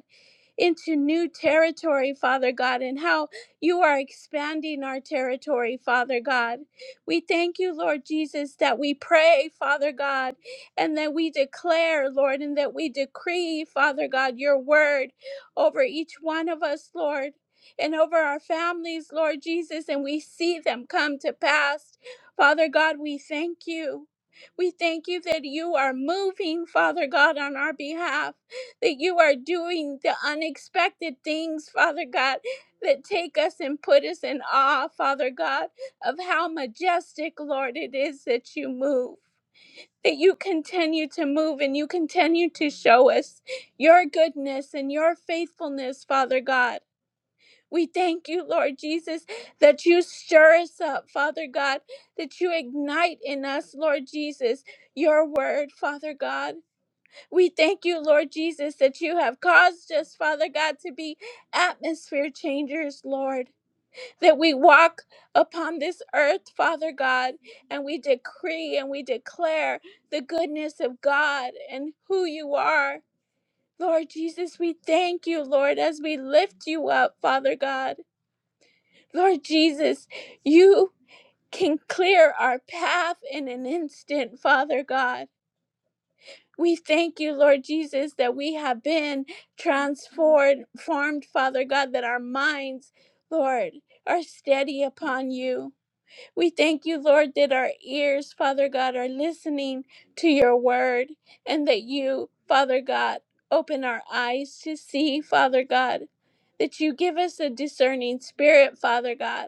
Speaker 2: into new territory, Father God, and how you are expanding our territory, Father God. We thank you, Lord Jesus, that we pray, Father God, and that we declare, Lord, and that we decree, Father God, your word over each one of us, Lord. And over our families, Lord Jesus, and we see them come to pass. Father God, we thank you. We thank you that you are moving, Father God, on our behalf that you are doing the unexpected things, Father God, that take us and put us in awe, Father God, of how majestic, Lord, it is that you move. That you continue to move and you continue to show us your goodness and your faithfulness, Father God. We thank you, Lord Jesus, that you stir us up, Father God, that you ignite in us, Lord Jesus, your word, Father God. We thank you, Lord Jesus, that you have caused us, Father God, to be atmosphere changers, Lord. That we walk upon this earth, Father God, and we decree and we declare the goodness of God and who you are. Lord Jesus, we thank you, Lord, as we lift you up, Father God. Lord Jesus, you can clear our path in an instant, Father God. We thank you, Lord Jesus, that we have been transformed, formed, Father God, that our minds, Lord, are steady upon you. We thank you, Lord, that our ears, Father God, are listening to your word and that you, Father God, open our eyes to see, Father God, that you give us a discerning spirit, Father God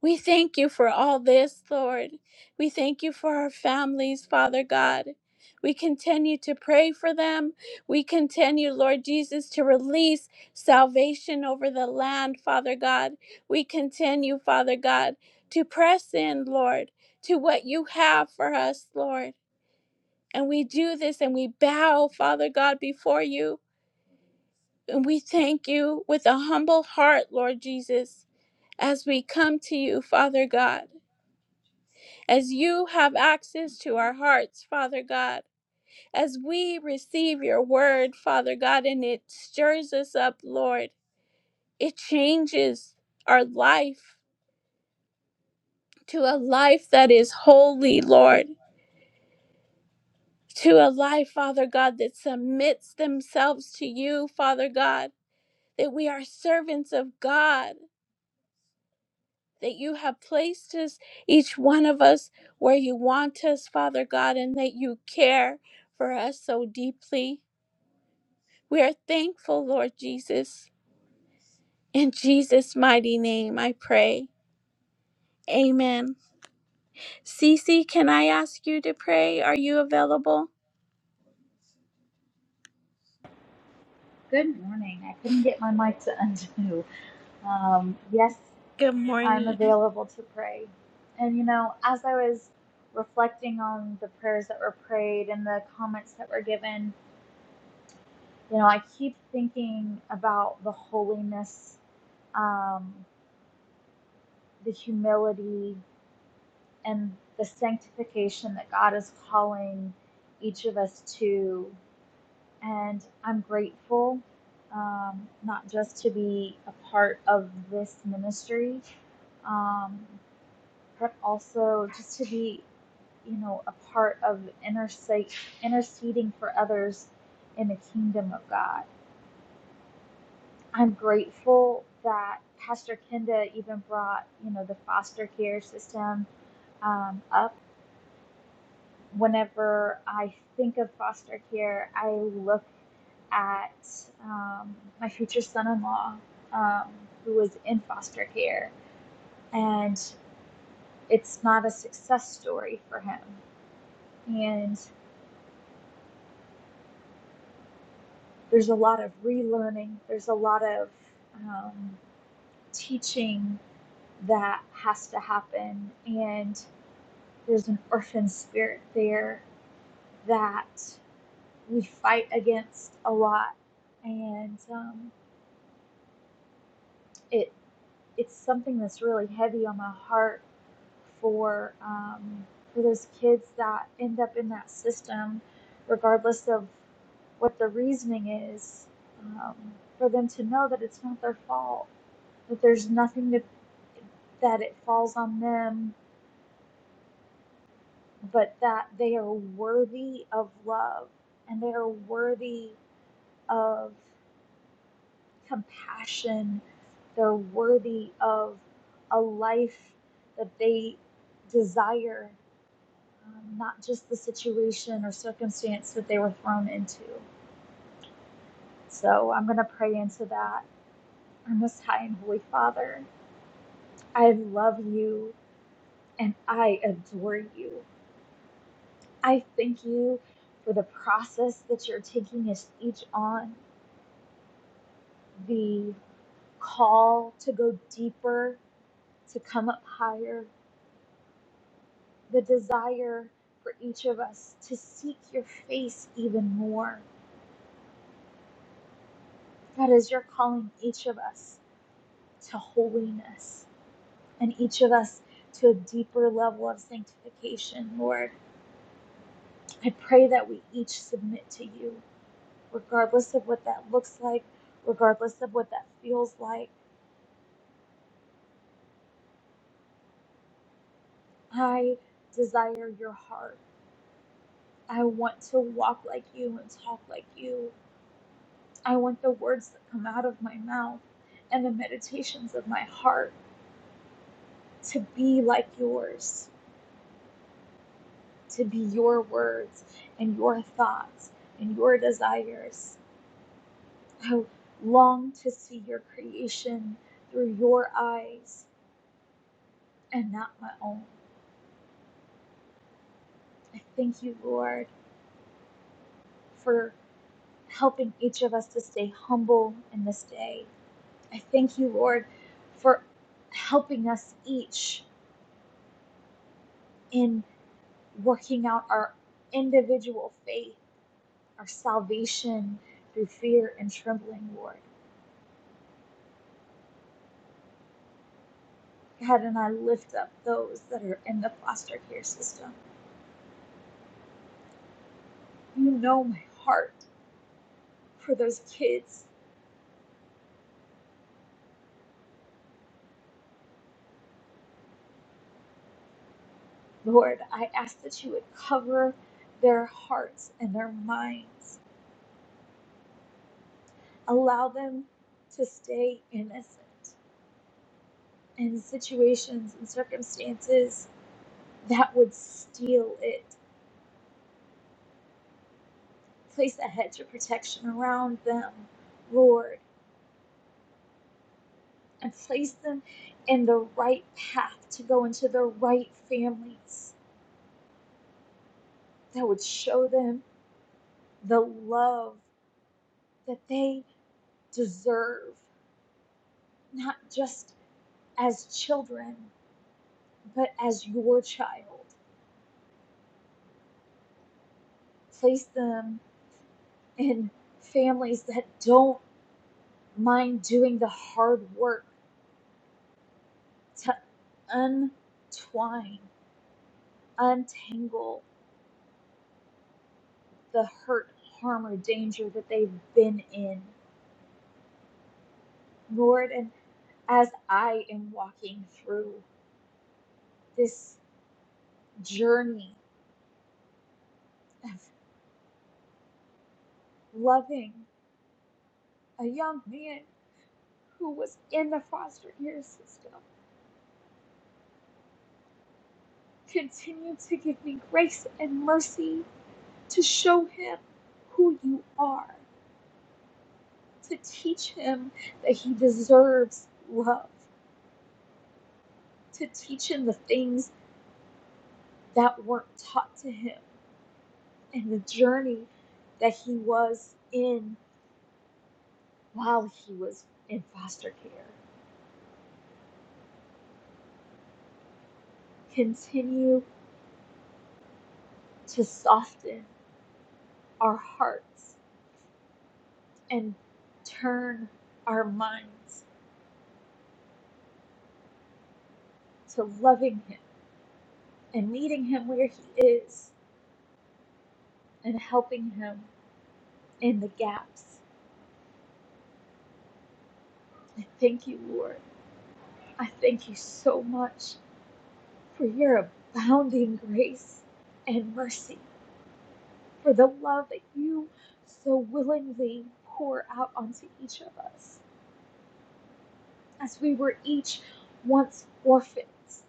Speaker 2: we thank you for all this, Lord. We thank you for our families, Father God. We continue to pray for them. We continue, Lord Jesus, to release salvation over the land, Father God. We continue, Father God, to press in, Lord, to what you have for us, Lord. And we do this and we bow, Father God, before you. And we thank you with a humble heart, Lord Jesus, as we come to you, Father God. as you have access to our hearts, Father God, as we receive your word, Father God, and it stirs us up, Lord. It changes our life to a life that is holy, Lord, to a life, Father God, that submits themselves to you, Father God, that we are servants of God, that you have placed us, each one of us, where you want us, Father God, and that you care for us so deeply. We are thankful, Lord Jesus. In Jesus' mighty name, I pray. Amen. Cece, can I ask you to pray? Are you available?
Speaker 5: Good morning. I couldn't get my mic to undo. Um, yes,
Speaker 2: Good
Speaker 5: I'm
Speaker 2: morning.
Speaker 5: available to pray. And you know, as I was reflecting on the prayers that were prayed and the comments that were given, you know, I keep thinking about the holiness, um, the humility, and the sanctification that God is calling each of us to. and I'm grateful um, not just to be a part of this ministry, um, but also just to be, you know, a part of interse- interceding for others in the kingdom of God. I'm grateful that Pastor Kenda even brought, you know, the foster care system um, up. Whenever I think of foster care, I look at um, my future son-in-law, um, who was in foster care, and it's not a success story for him. And there's a lot of relearning. There's a lot of um, teaching that has to happen, and there's an orphan spirit there that we fight against a lot, and um, it it's something that's really heavy on my heart for um, for those kids that end up in that system, regardless of what the reasoning is, um, for them to know that it's not their fault, that there's nothing that, that it falls on them, but that they are worthy of love and they are worthy of compassion. They're worthy of a life that they desire um, not just the situation or circumstance that they were thrown into. So I'm going to pray into that. Our Most High and Holy Father, I love you and I adore you. I thank you for the process that you're taking us each on, the call to go deeper, to come up higher, the desire for each of us to seek your face even more. That is, you're calling each of us to holiness and each of us to a deeper level of sanctification, Lord. I pray that we each submit to you, regardless of what that looks like, regardless of what that feels like. I desire your heart. I want to walk like you and talk like you. I want the words that come out of my mouth and the meditations of my heart to be like yours, to be your words and your thoughts and your desires. I long to see your creation through your eyes and not my own. I thank you, Lord, for helping each of us to stay humble in this day. I thank you, Lord, for helping us each in working out our individual faith, our salvation through fear and trembling, Lord. God, and I lift up those that are in the foster care system. You know my heart for those kids Lord, I ask that you would cover their hearts and their minds. Allow them to stay innocent in situations and circumstances that would steal it. Place a hedge of protection around them, Lord, and place them in the right path to go into the right families that would show them the love that they deserve, not just as children, but as your child. Place them in families that don't mind doing the hard work to untwine, untangle the hurt, harm, or danger that they've been in. Lord, and as I am walking through this journey of loving a young man who was in the foster care system, continue to give me grace and mercy to show him who you are, to teach him that he deserves love, to teach him the things that weren't taught to him and the journey that he was in while he was in foster care. Continue to soften our hearts and turn our minds to loving him and meeting him where he is and helping him in the gaps. I thank you, Lord. I thank you so much for your abounding grace and mercy, for the love that you so willingly pour out onto each of us, as we were each once orphans,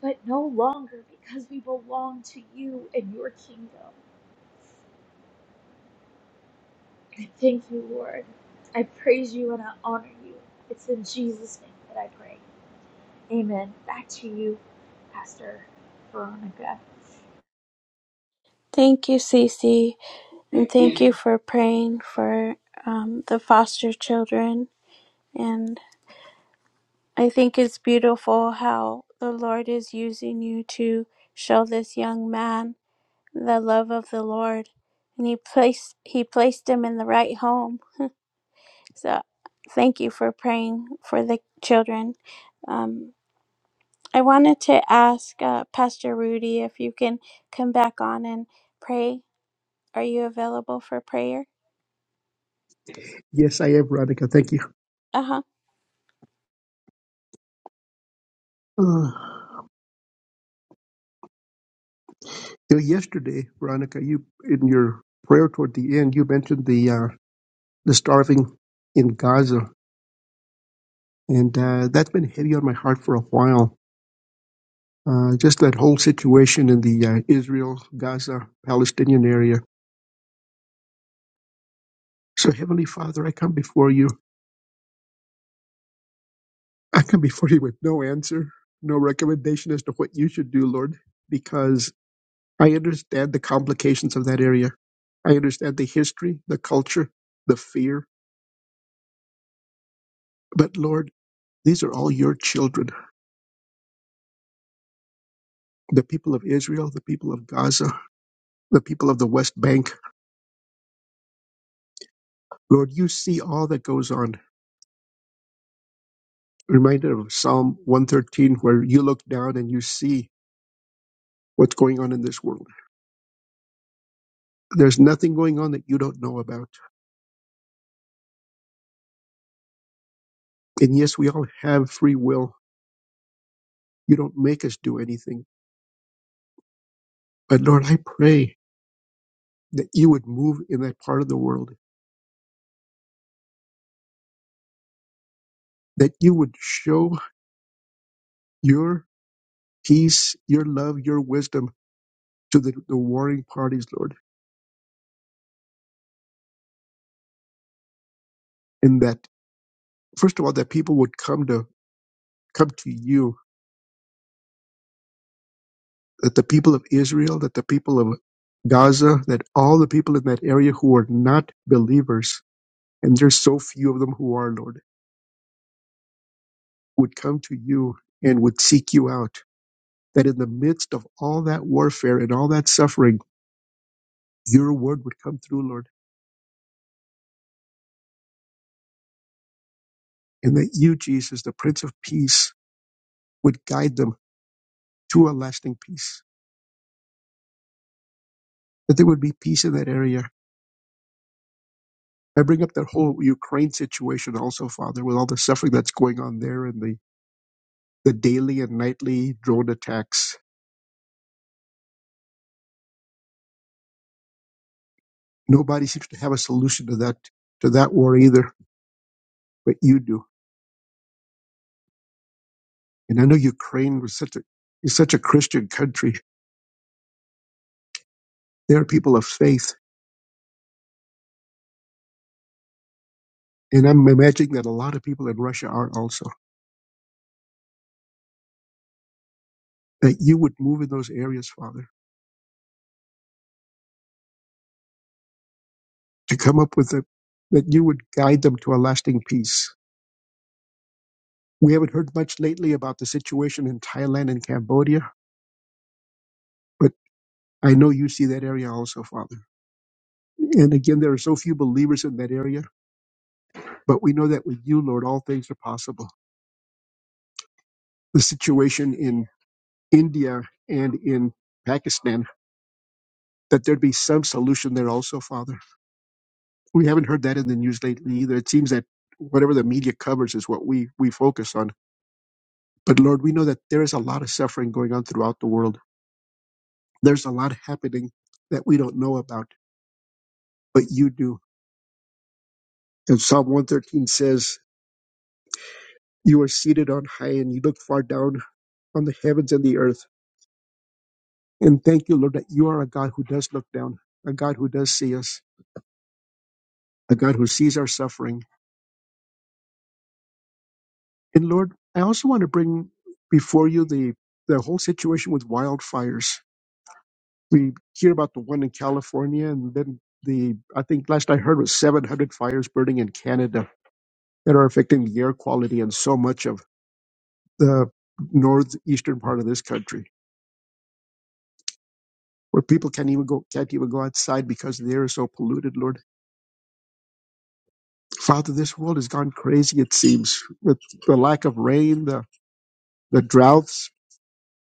Speaker 5: but no longer because we belong to you and your kingdom. I thank you, Lord. I praise you and I honor you. It's in Jesus' name that I pray. Amen. Back to you, Pastor Veronica.
Speaker 2: Thank you, Cece. And thank you for praying for um, the foster children. And I think it's beautiful how the Lord is using you to show this young man the love of the Lord. And he placed he placed him in the right home So thank you for praying for the children. Um, I wanted to ask uh, Pastor Rudy if you can come back on and pray. Are you available for prayer?
Speaker 3: Yes, I am Veronica. Thank you.
Speaker 2: Uh huh.
Speaker 3: Uh, you know, yesterday, Veronica, you in your prayer toward the end, you mentioned the uh, the starving in Gaza and uh, that's been heavy on my heart for a while. Uh, just that whole situation in the uh, Israel, Gaza, Palestinian area. So, Heavenly Father, I come before you. I come before you with no answer, no recommendation as to what you should do, Lord, because I understand the complications of that area. I understand the history, the culture, the fear. But, Lord, these are all your children the people of Israel, the people of Gaza, the people of the West Bank. Lord, you see all that goes on. Reminded of Psalm 113, where you look down and you see what's going on in this world. There's nothing going on that you don't know about. And yes, we all have free will. You don't make us do anything. But Lord, I pray that you would move in that part of the world, that you would show your peace, your love, your wisdom to the, the warring parties, Lord. And that, first of all, that people would come to come to you that the people of Israel, that the people of Gaza, that all the people in that area who are not believers, and there's so few of them who are, Lord, would come to you and would seek you out. That in the midst of all that warfare and all that suffering, your word would come through, Lord, and that you, Jesus, the Prince of Peace, would guide them to a lasting peace, that there would be peace in that area. I bring up that whole Ukraine situation also, Father, with all the suffering that's going on there and the the daily and nightly drone attacks. Nobody seems to have a solution to that to that war either, but you do. And I know Ukraine was such a is such a Christian country. They are people of faith, and I'm imagining that a lot of people in Russia are also. That you would move in those areas, Father, to come up with a that you would guide them to a lasting peace. We haven't heard much lately about the situation in Thailand and Cambodia, but I know you see that area also, Father. And again, there are so few believers in that area But we know that with you, Lord, all things are possible. The situation in India and in Pakistan, that there'd be some solution there also, Father. We haven't heard that in the news lately either. It seems that whatever the media covers is what we, we focus on. But Lord, we know that there is a lot of suffering going on throughout the world. There's a lot happening that we don't know about, but you do. And Psalm 113 says, You are seated on high and you look far down on the heavens and the earth. And thank you, Lord, that you are a God who does look down, a God who does see us, a God who sees our suffering. And Lord, I also want to bring before you the, the whole situation with wildfires. We hear about the one in California, and then the, I think last I heard was 700 fires burning in Canada that are affecting the air quality in so much of the northeastern part of this country, where people can't even go, can't even go outside because the air is so polluted, Lord. Father, this world has gone crazy, it seems, with the lack of rain, the, the droughts,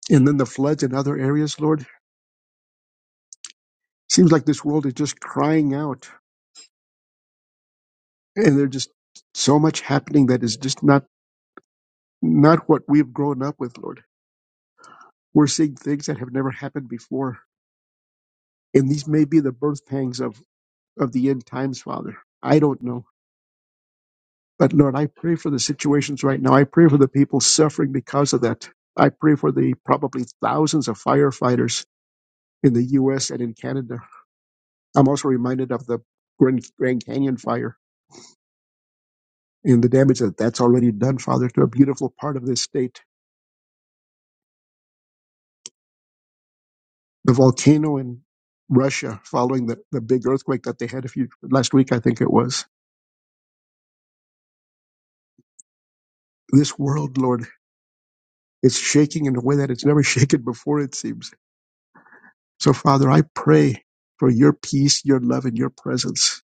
Speaker 3: and then the floods in other areas, Lord. Seems like this world is just crying out, and there's just so much happening that is just not, not what we've grown up with, Lord. We're seeing things that have never happened before, and these may be the birth pangs of, of the end times, Father. I don't know. But Lord, I pray for the situations right now. I pray for the people suffering because of that. I pray for the probably thousands of firefighters in the U.S. and in Canada. I'm also reminded of the Grand, Grand Canyon fire and the damage that that's already done, Father, to a beautiful part of this state. The volcano in Russia following the, the big earthquake that they had a few last week, I think it was. This world, Lord, is shaking in a way that it's never shaken before, it seems. So, Father, I pray for your peace, your love, and your presence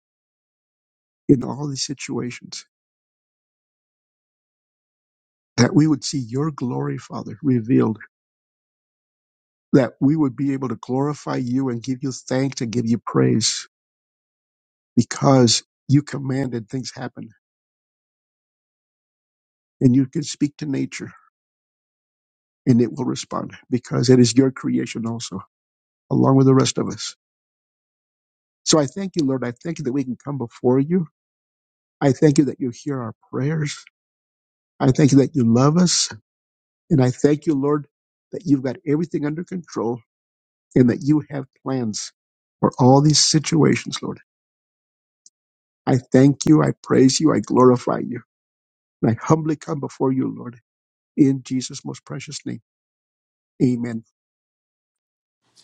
Speaker 3: in all these situations, that we would see your glory, Father, revealed that we would be able to glorify you and give you thanks and give you praise because you commanded things happen and you can speak to nature and it will respond because it is your creation also, along with the rest of us. So I thank you, Lord. I thank you that we can come before you. I thank you that you hear our prayers. I thank you that you love us. And I thank you, Lord, that you've got everything under control and that you have plans for all these situations, Lord. I thank you. I praise you. I glorify you. And I humbly come before you, Lord, in Jesus' most precious name. Amen.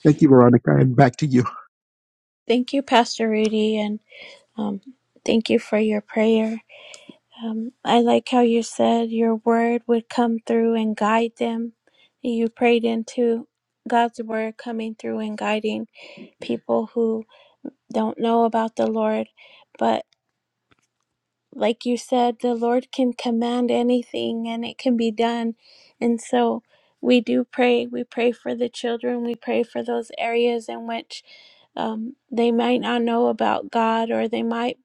Speaker 3: Thank you, Veronica, and back to you.
Speaker 2: Thank you, Pastor Rudy, and um, thank you for your prayer. Um, I like how you said your word would come through and guide them. You prayed into God's word coming through and guiding people who don't know about the Lord, but like you said, the Lord can command anything and it can be done. And so we do pray. We pray for the children. We pray for those areas in which um, they might not know about God or they might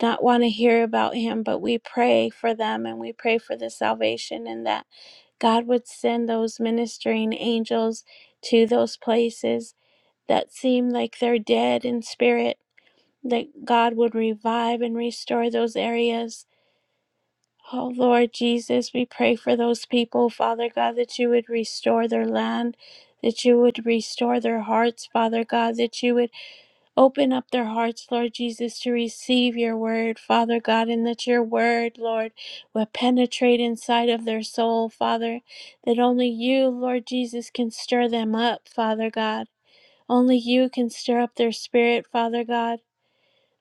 Speaker 2: not want to hear about Him, but we pray for them and we pray for the salvation and that God would send those ministering angels to those places that seem like they're dead in spirit, that God would revive and restore those areas Oh, Lord Jesus, we pray for those people, Father God, that you would restore their land, that you would restore their hearts, Father God, that you would open up their hearts, Lord Jesus, to receive your word, Father God, and that your word, Lord, would penetrate inside of their soul, Father, that only you, Lord Jesus, can stir them up, Father God. Only you can stir up their spirit, Father God.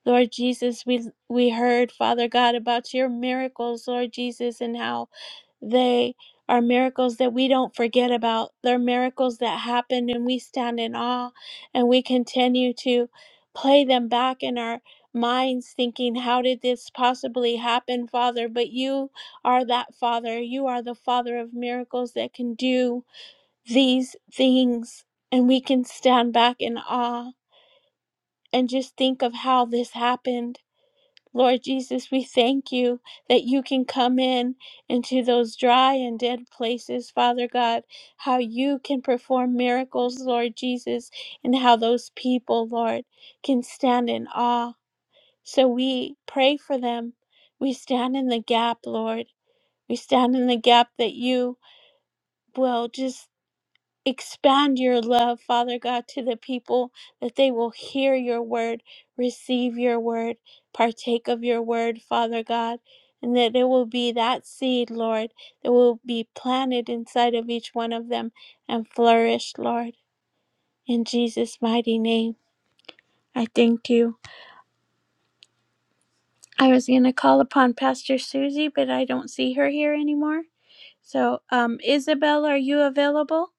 Speaker 2: Lord Jesus, we we heard, Father God, about your miracles, Lord Jesus, and how they are miracles that we don't forget about. They're miracles that happen and we stand in awe and we continue to play them back in our minds, thinking, How did this possibly happen, Father? But you are that Father. You are the Father of miracles that can do these things. And we can stand back in awe and just think of how this happened Lord Jesus, we thank you that you can come in into those dry and dead places, Father God, how you can perform miracles, Lord Jesus, and how those people, Lord, can stand in awe. So we pray for them. We stand in the gap, Lord. We stand in the gap that you will just Expand your love, Father God, to the people that they will hear your word, receive your word, partake of your word, Father God, and that it will be that seed, Lord, that will be planted inside of each one of them and flourish, Lord, in Jesus' mighty name. I thank you. I was going to call upon Pastor Susie, but I don't see her here anymore. So, um, Isabel, are you available?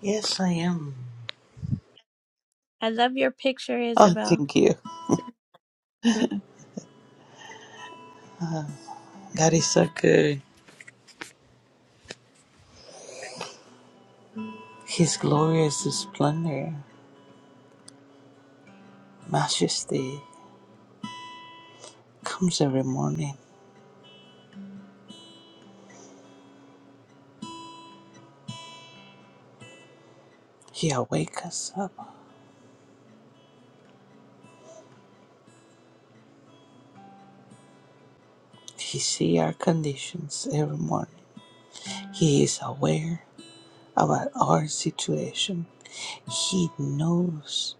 Speaker 6: Yes, I am.
Speaker 2: I love your picture,
Speaker 6: Oh,
Speaker 2: Isabel.
Speaker 6: thank you.
Speaker 2: Mm.
Speaker 6: God is so good. His glorious splendor, majesty, comes every morning. He awakes us up. He sees our conditions every morning. He is aware about our situation. He knows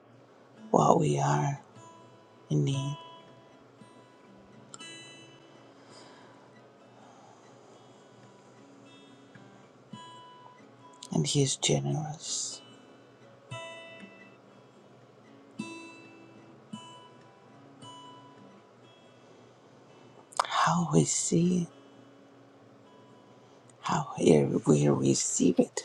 Speaker 6: what we are in need, and He is generous. How we see it, how we receive it,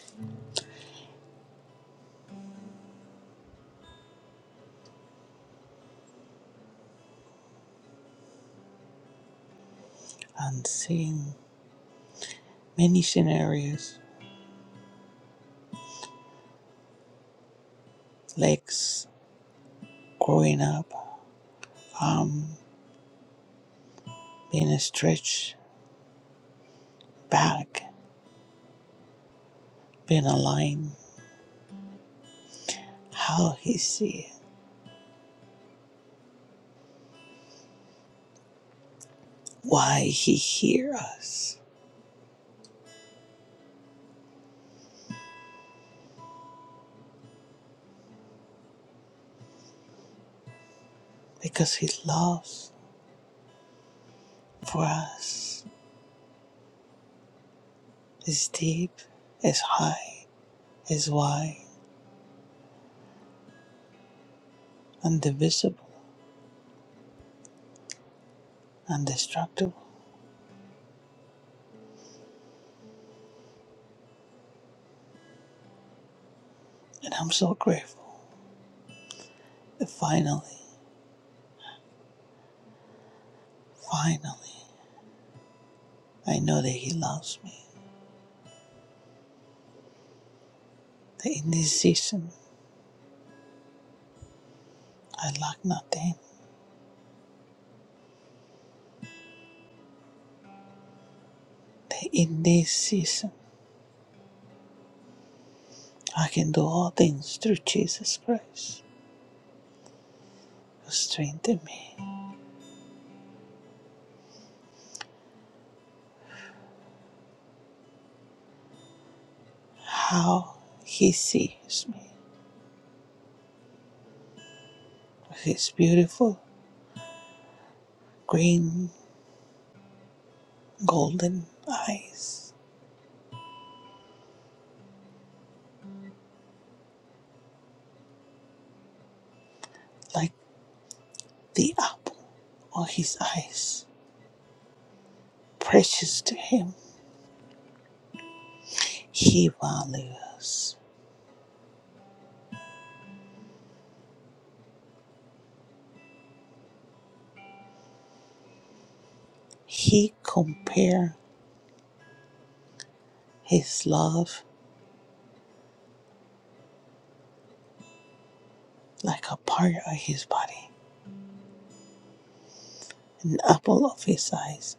Speaker 6: and seeing many scenarios, lakes. growing up, um, being stretched back, being aligned, how he sees, it, why he hears us, because his love for us is deep, is high, is wide, indivisible, indestructible. And I'm so grateful that finally, finally, I know that he loves me. That in this season, I lack nothing. That in this season, I can do all things through Jesus Christ strengthen me. How he sees me with his beautiful green golden eyes, like the apple of his eyes, precious to him. He values. He compare his love like a part of his body, an apple of his eyes,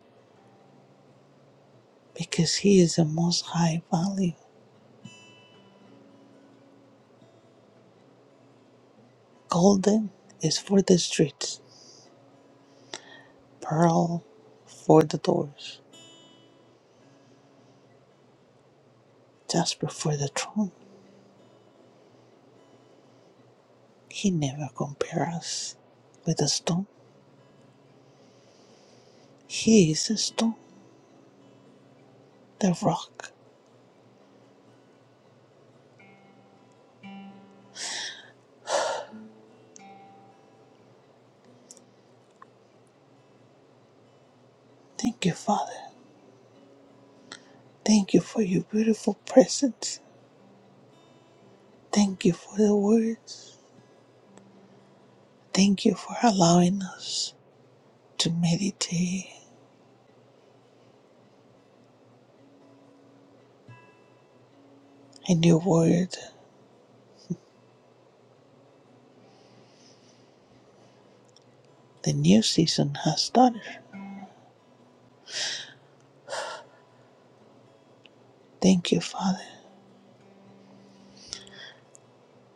Speaker 6: because he is the most high value. Golden is for the streets, pearl for the doors. just before the throne. He never compares us with a stone. He is a stone, the rock. Thank you, Father. Thank you for your beautiful presence. Thank you for the words. Thank you for allowing us to meditate in your word. The new season has started. Thank you, Father,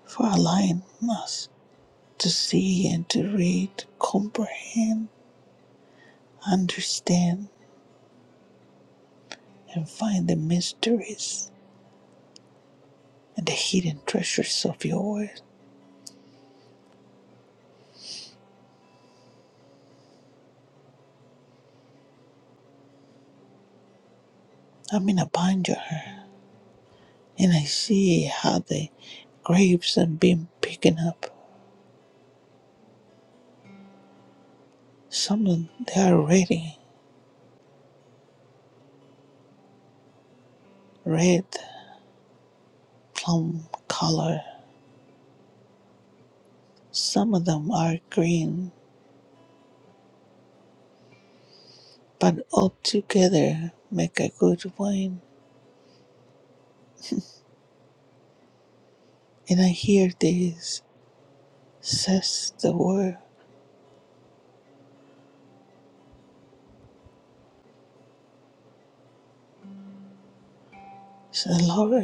Speaker 6: for allowing us to see and to read, comprehend, understand, and find the mysteries and the hidden treasures of your earth. I'm in a bind your and I see how the grapes have been picking up. Some of them they are ready, red, plum color. Some of them are green, but all together make a good wine. And I hear this, says the word. So the Lord,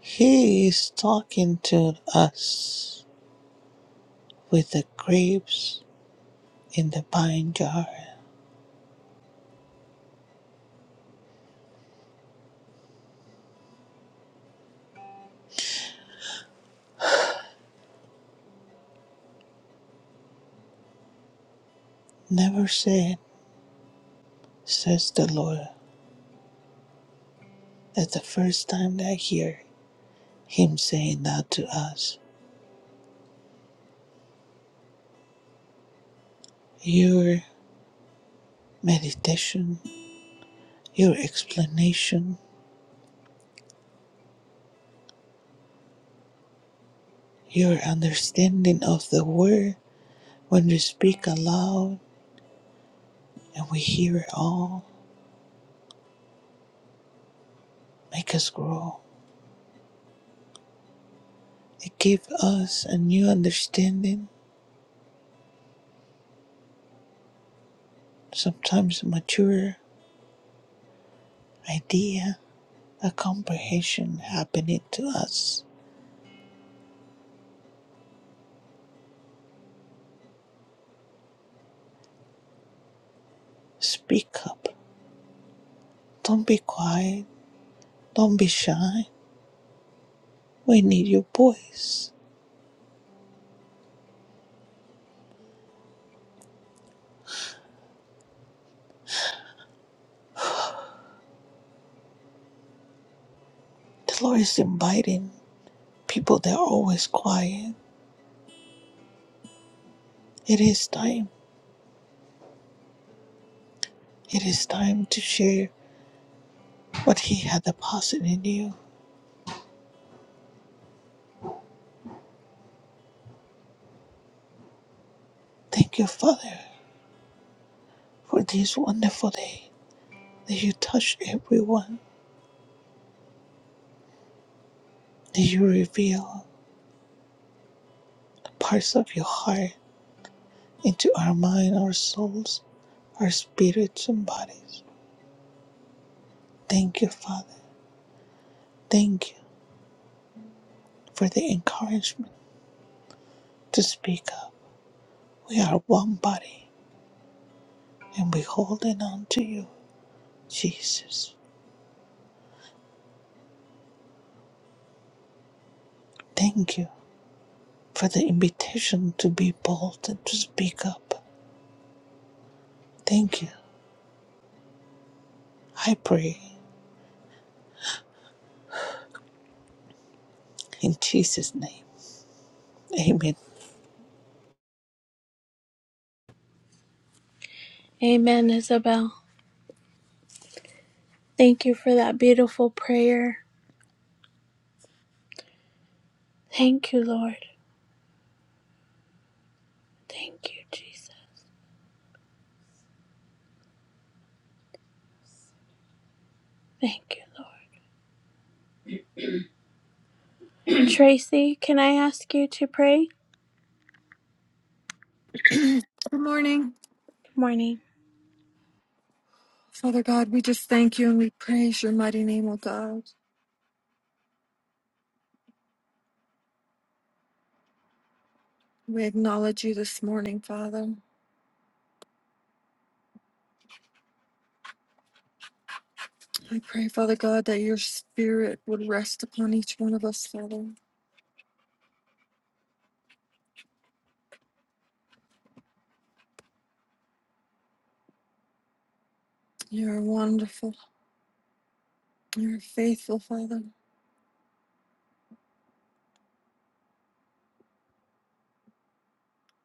Speaker 6: He is talking to us with the grapes in the pine jar. Never said. says the Lord. That's the first time that I hear Him saying that to us. Your meditation, your explanation, your understanding of the Word, when we speak aloud and we hear it all, make us grow. It gives us a new understanding, sometimes mature idea, a comprehension happening to us. Speak up. Don't be quiet. Don't be shy. We need your voice. The Lord is inviting people that are always quiet. It is time. It is time to share what He had deposited in you. Thank you, Father, for this wonderful day that you touched everyone, that you revealed the parts of your heart into our mind, our souls, our spirits, and bodies. Thank you, Father. Thank you for the encouragement to speak up. We are one body and we holding on to you. Jesus, thank you for the invitation to be bold and to speak up. Thank you. I pray in Jesus' name. Amen.
Speaker 2: Amen, Isabel. Thank you for that beautiful prayer. Thank you, Lord. Thank you, Jesus. Thank you. Lord. Tracy, can I ask you to pray?
Speaker 7: Good morning.
Speaker 2: Good morning.
Speaker 7: Father God, we just thank you and we praise your mighty name, O God. We acknowledge you this morning, Father. I pray, Father God, that your spirit would rest upon each one of us, Father. You're wonderful. You're faithful, Father.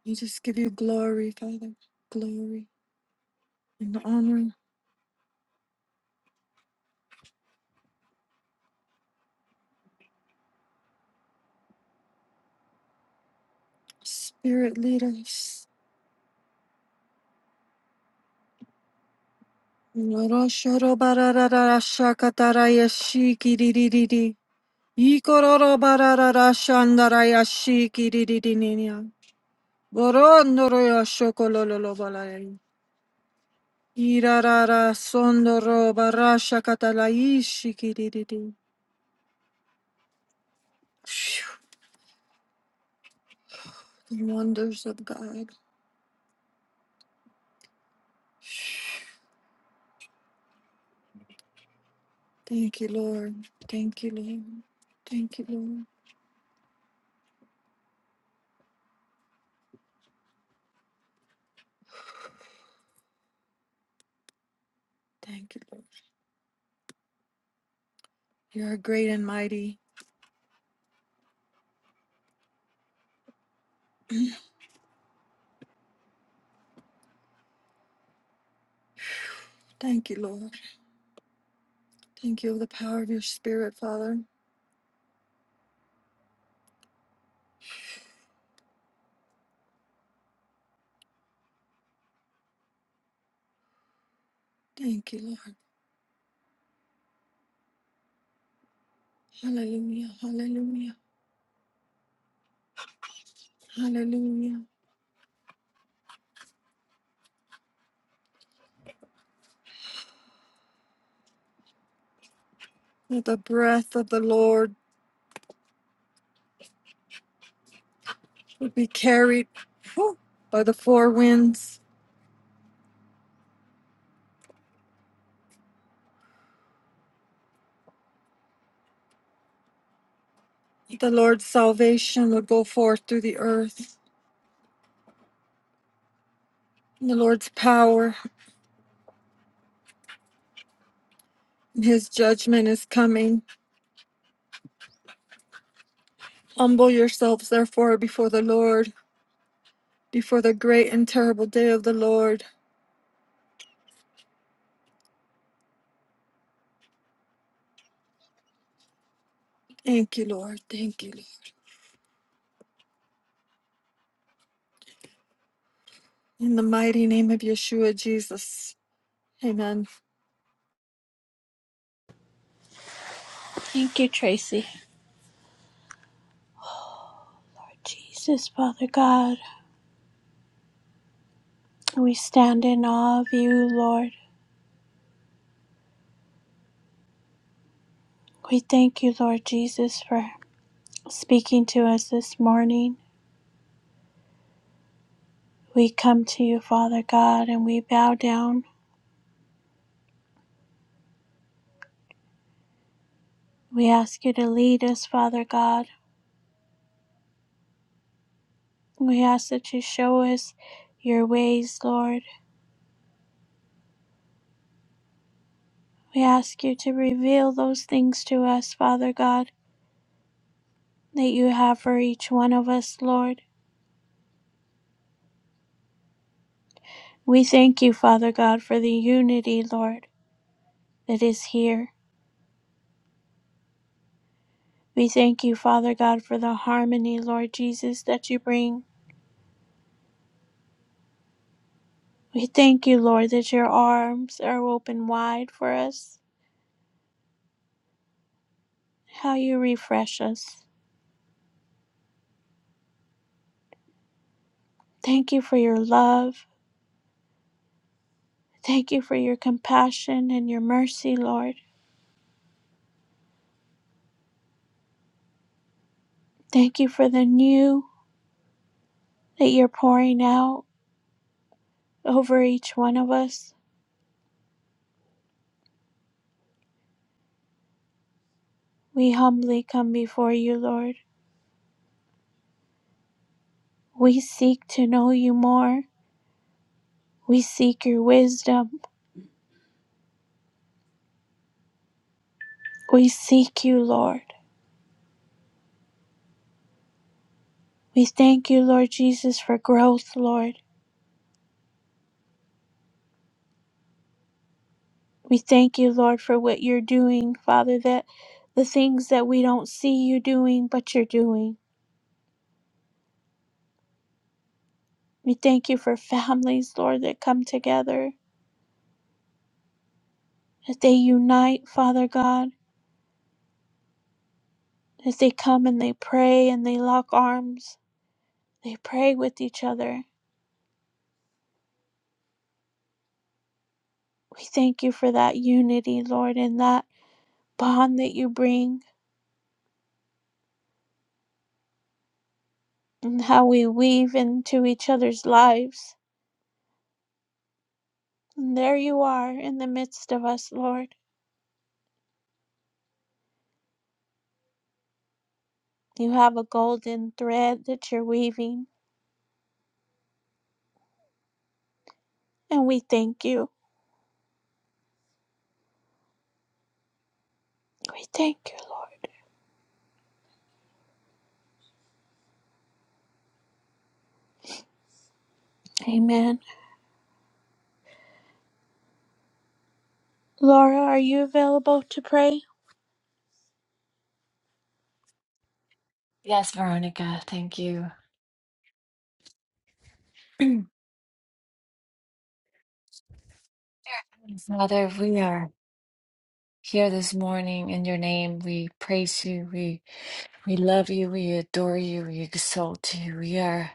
Speaker 7: We just give you glory, Father. Glory and honor. Spirit, lead us. Ikororo bararara shandaraya shikidididiniya. Borondoro ya shokololo balai. Irarara sondoro barasha katalaishi kiririri. Phew, The wonders of God. Thank you, Lord. Thank you, Lord. Thank you, Lord. Thank you, Lord. You are great and mighty. Thank you, Lord. Thank you for the power of your spirit, Father. Thank you, Lord. Hallelujah. Hallelujah. Hallelujah. That the breath of the Lord would be carried whew, by the four winds. The Lord's salvation will go forth through the earth. The Lord's power, his judgment is coming. Humble yourselves, therefore, before the Lord, before the great and terrible day of the Lord. Thank you, Lord. Thank you. Lord. In the mighty name of Yeshua Jesus. Amen.
Speaker 2: Thank you, Tracy. Jesus, Father God, we stand in awe of you, Lord. We thank you, Lord Jesus, for speaking to us this morning. We come to you, Father God, and we bow down. We ask you to lead us, Father God. We ask that you show us your ways, Lord. We ask you to reveal those things to us, Father God, that you have for each one of us, Lord. We thank you, Father God, for the unity, Lord, that is here. We thank you, Father God, for the harmony, Lord Jesus, that you bring. We thank you, Lord, that your arms are open wide for us, how you refresh us. Thank you for your love. Thank you for your compassion and your mercy, Lord. Thank you for the new that you're pouring out. over each one of us. We humbly come before you, Lord. We seek to know you more. We seek your wisdom. We seek you, Lord. We thank you, Lord Jesus, for growth, Lord. We thank you, Lord, for what you're doing, Father, that the things that we don't see you doing, but you're doing. We thank you for families, Lord, that come together, that they unite, Father God, that they come and they pray and they lock arms. They pray with each other We thank you for that unity, Lord, and that bond that you bring and how we weave into each other's lives. And there you are in the midst of us, Lord. You have a golden thread that you're weaving, and we thank you. We thank you. Amen. Laura, are you available to pray?
Speaker 8: Yes, Veronica, thank you. Father, we are here this morning in your name. We praise you. We we love you. We adore you. We exalt you. We are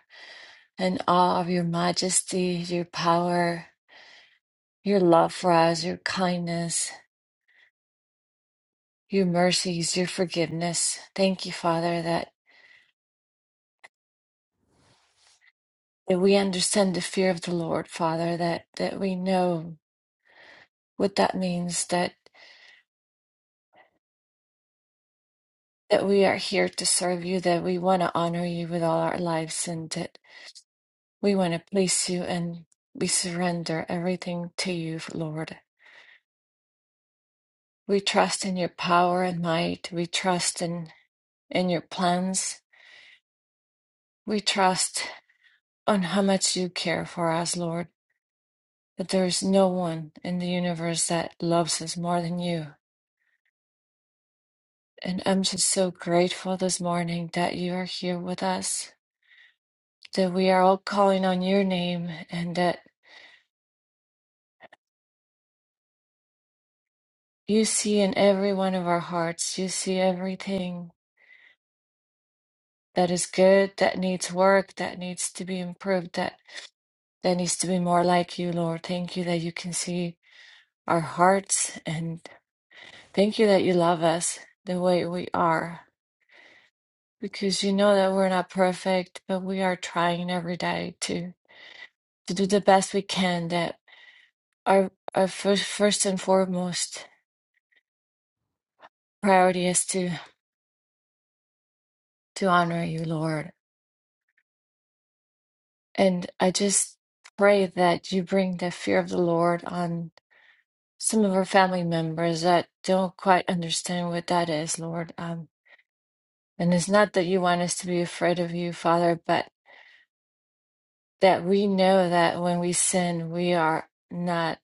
Speaker 8: in awe of your majesty, your power, your love for us, your kindness, your mercies, your forgiveness. Thank you, Father, that, that we understand the fear of the Lord, Father, that, that we know what that means, that we are here to serve you, that we want to honor you with all our lives, and that we want to please you, and we surrender everything to you, Lord. We trust in your power and might. We trust in, in your plans. We trust on how much you care for us, Lord, that there is no one in the universe that loves us more than you. And I'm just so grateful this morning that you are here with us, that we are all calling on your name, and that You see in every one of our hearts, you see everything that is good, that needs work, that needs to be improved, that, that needs to be more like you, Lord. Thank you that you can see our hearts and thank you that you love us the way we are. Because you know that we're not perfect, but we are trying every day to to do the best we can. That our our first, first and foremost priority is to to honor you, Lord And I just pray that you bring the fear of the Lord on some of our family members that don't quite understand what that is, Lord. Um, and it's not that you want us to be afraid of you, Father, but that we know that when we sin, we are not,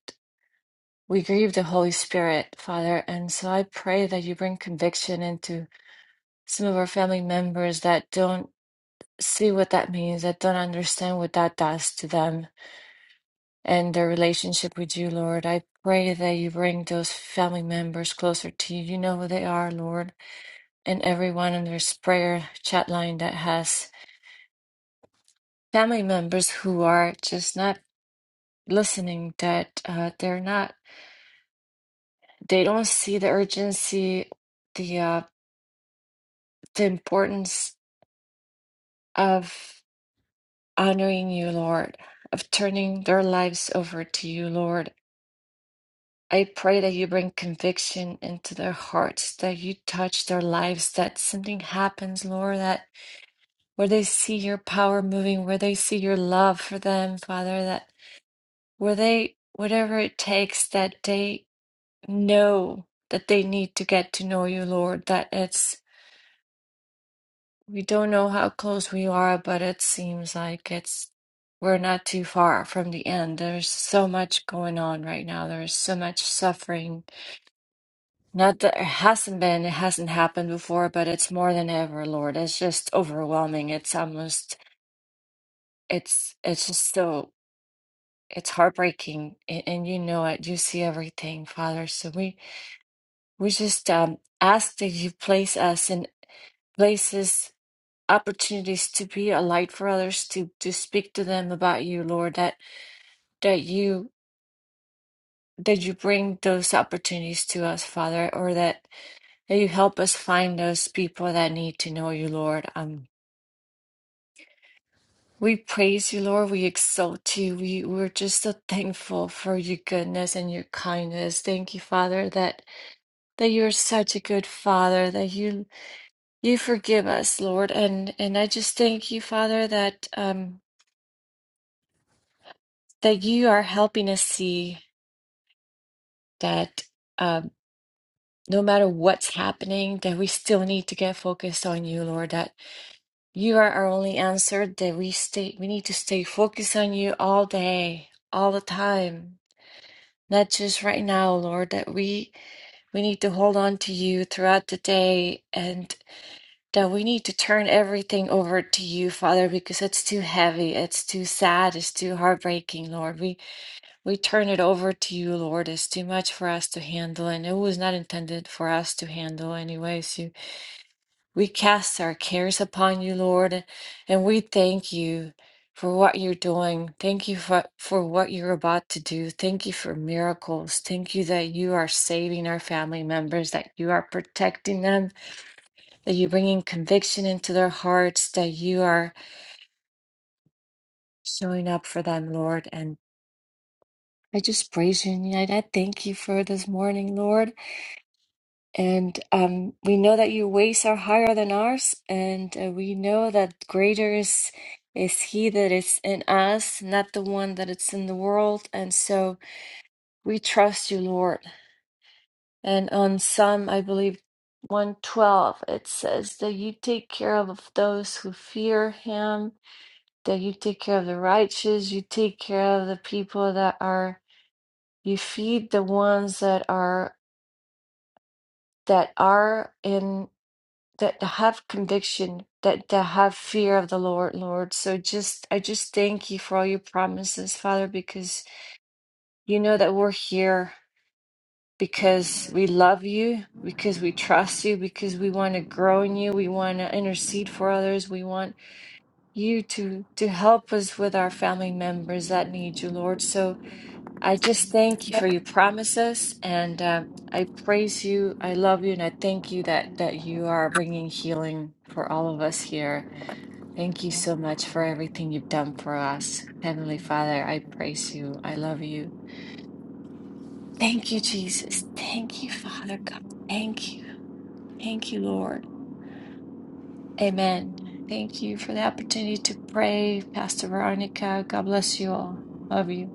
Speaker 8: we grieve the Holy Spirit, Father. And so I pray that you bring conviction into some of our family members that don't see what that means, that don't understand what that does to them and their relationship with you, Lord. I pray that you bring those family members closer to you. You know who they are, Lord. And everyone in this prayer chat line that has family members who are just not listening, that uh, they're not, they don't see the urgency, the uh, the importance of honoring you, Lord, of turning their lives over to you, Lord I pray that you bring conviction into their hearts, that you touch their lives, that something happens, Lord, that where they see your power moving, where they see your love for them, Father, that where they, whatever it takes, that they know that they need to get to know you, Lord, that it's, we don't know how close we are, but it seems like it's, we're not too far from the end. There's so much going on right now. There's so much suffering Not that it hasn't been, it hasn't happened before, but it's more than ever, Lord. It's just overwhelming. It's almost, it's, it's just so, it's heartbreaking, and, and you know it. You see everything, Father. So we, we just um, ask that you place us in places, opportunities to be a light for others, to to speak to them about you, Lord. That that you that you bring those opportunities to us, Father, or that that you help us find those people that need to know you, Lord. Um We praise you, Lord. We exalt you. We, we're just so thankful for your goodness and your kindness. Thank you, Father, that that you're such a good Father, that you you forgive us, Lord. And and I just thank you, Father, that um that you are helping us see that um no matter what's happening, that we still need to get focused on you, Lord, that you are our only answer, that we stay we need to stay focused on you all day, all the time not just right now, Lord, that we we need to hold on to you throughout the day and that we need to turn everything over to you, Father, because it's too heavy, it's too sad, it's too heartbreaking, Lord. We we turn it over to you, Lord. It's too much for us to handle, and it was not intended for us to handle anyways. We cast our cares upon you, Lord, and we thank you for what you're doing. Thank you for, for what you're about to do. Thank you for miracles. Thank you that you are saving our family members, that you are protecting them, that you're bringing conviction into their hearts, that you are showing up for them, Lord. And I just praise you and I I thank you for this morning, Lord. And um, we know that your ways are higher than ours, and uh, we know that greater is is He that is in us, not the one that is in the world. And so we trust you, Lord. And on Psalm, I believe one twelve, it says that you take care of those who fear Him, that you take care of the righteous, you take care of the people that are, you feed the ones that are that are in. that to have conviction, that to have fear of the Lord, Lord. So just I just thank you for all your promises, Father, because you know that we're here because we love you, because we trust you, because we want to grow in you, we want to intercede for others, we want you to to help us with our family members that need you, Lord. So I just thank you for your promises and um, I praise you. I love you and I thank you that that you are bringing healing for all of us here. Thank you so much for everything you've done for us. Heavenly Father, I praise you. I love you. Thank you, Jesus. Thank you, Father God. Thank you. Thank you, Lord. Amen. Thank you for the opportunity to pray, Pastor Veronica. God bless you all. Love you.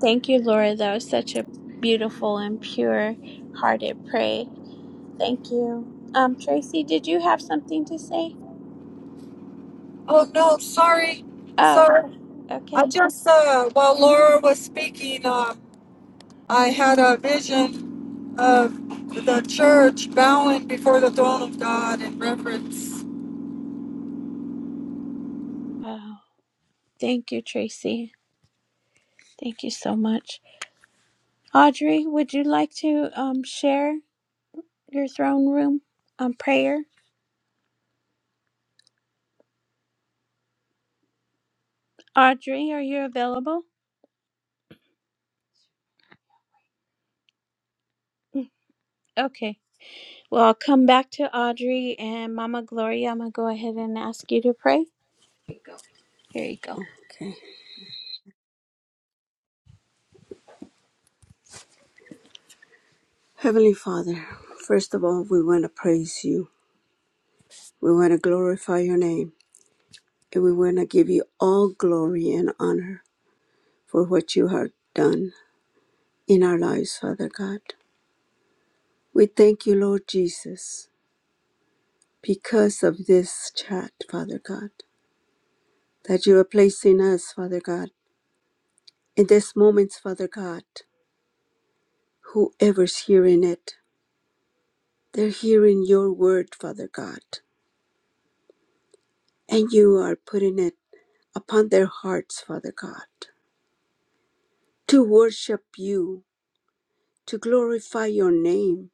Speaker 2: Thank you, Laura. That was such a beautiful and pure hearted prayer. Thank you. Um, Tracy, did you have something to say?
Speaker 7: Oh, no, sorry.
Speaker 2: Oh,
Speaker 7: Sorry.
Speaker 2: okay. Okay.
Speaker 7: I just, uh, while Laura was speaking, uh, I had a vision of the church bowing before the throne of God in reverence.
Speaker 2: Wow. Thank you, Tracy. Thank you so much. Audrey, would you like to um, share your throne room um, prayer? Audrey, are you available? Okay. Well, I'll come back to Audrey and Mama Gloria. I'm going to go ahead and ask you to pray. Here you go.
Speaker 9: Okay.
Speaker 2: Heavenly Father, first of all, we want to praise you. We want to glorify your name. And we want to give you all glory and honor for what you have done in our lives, Father God. We thank you, Lord Jesus, because of this chat, Father God, that you are placing us, Father God, in this moment, Father God. Whoever's hearing it, they're hearing your word, Father God, and you are putting it upon their hearts, Father God, to worship you, to glorify your name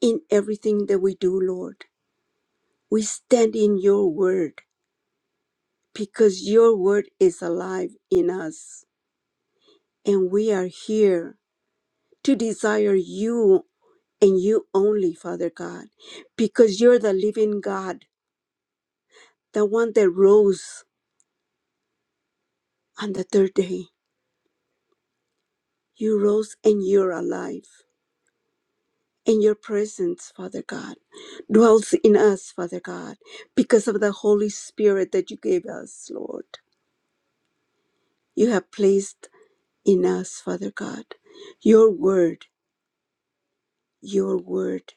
Speaker 2: in everything that we do, Lord. We stand in your word because your word is alive in us, and we are here to desire you and you only, Father God, because you're the living God, the one that rose on the third day. You rose and you're alive. And your presence, Father God, dwells in us, Father God, because of the Holy Spirit that you gave us, Lord. You have placed in us, Father God, your word, your word,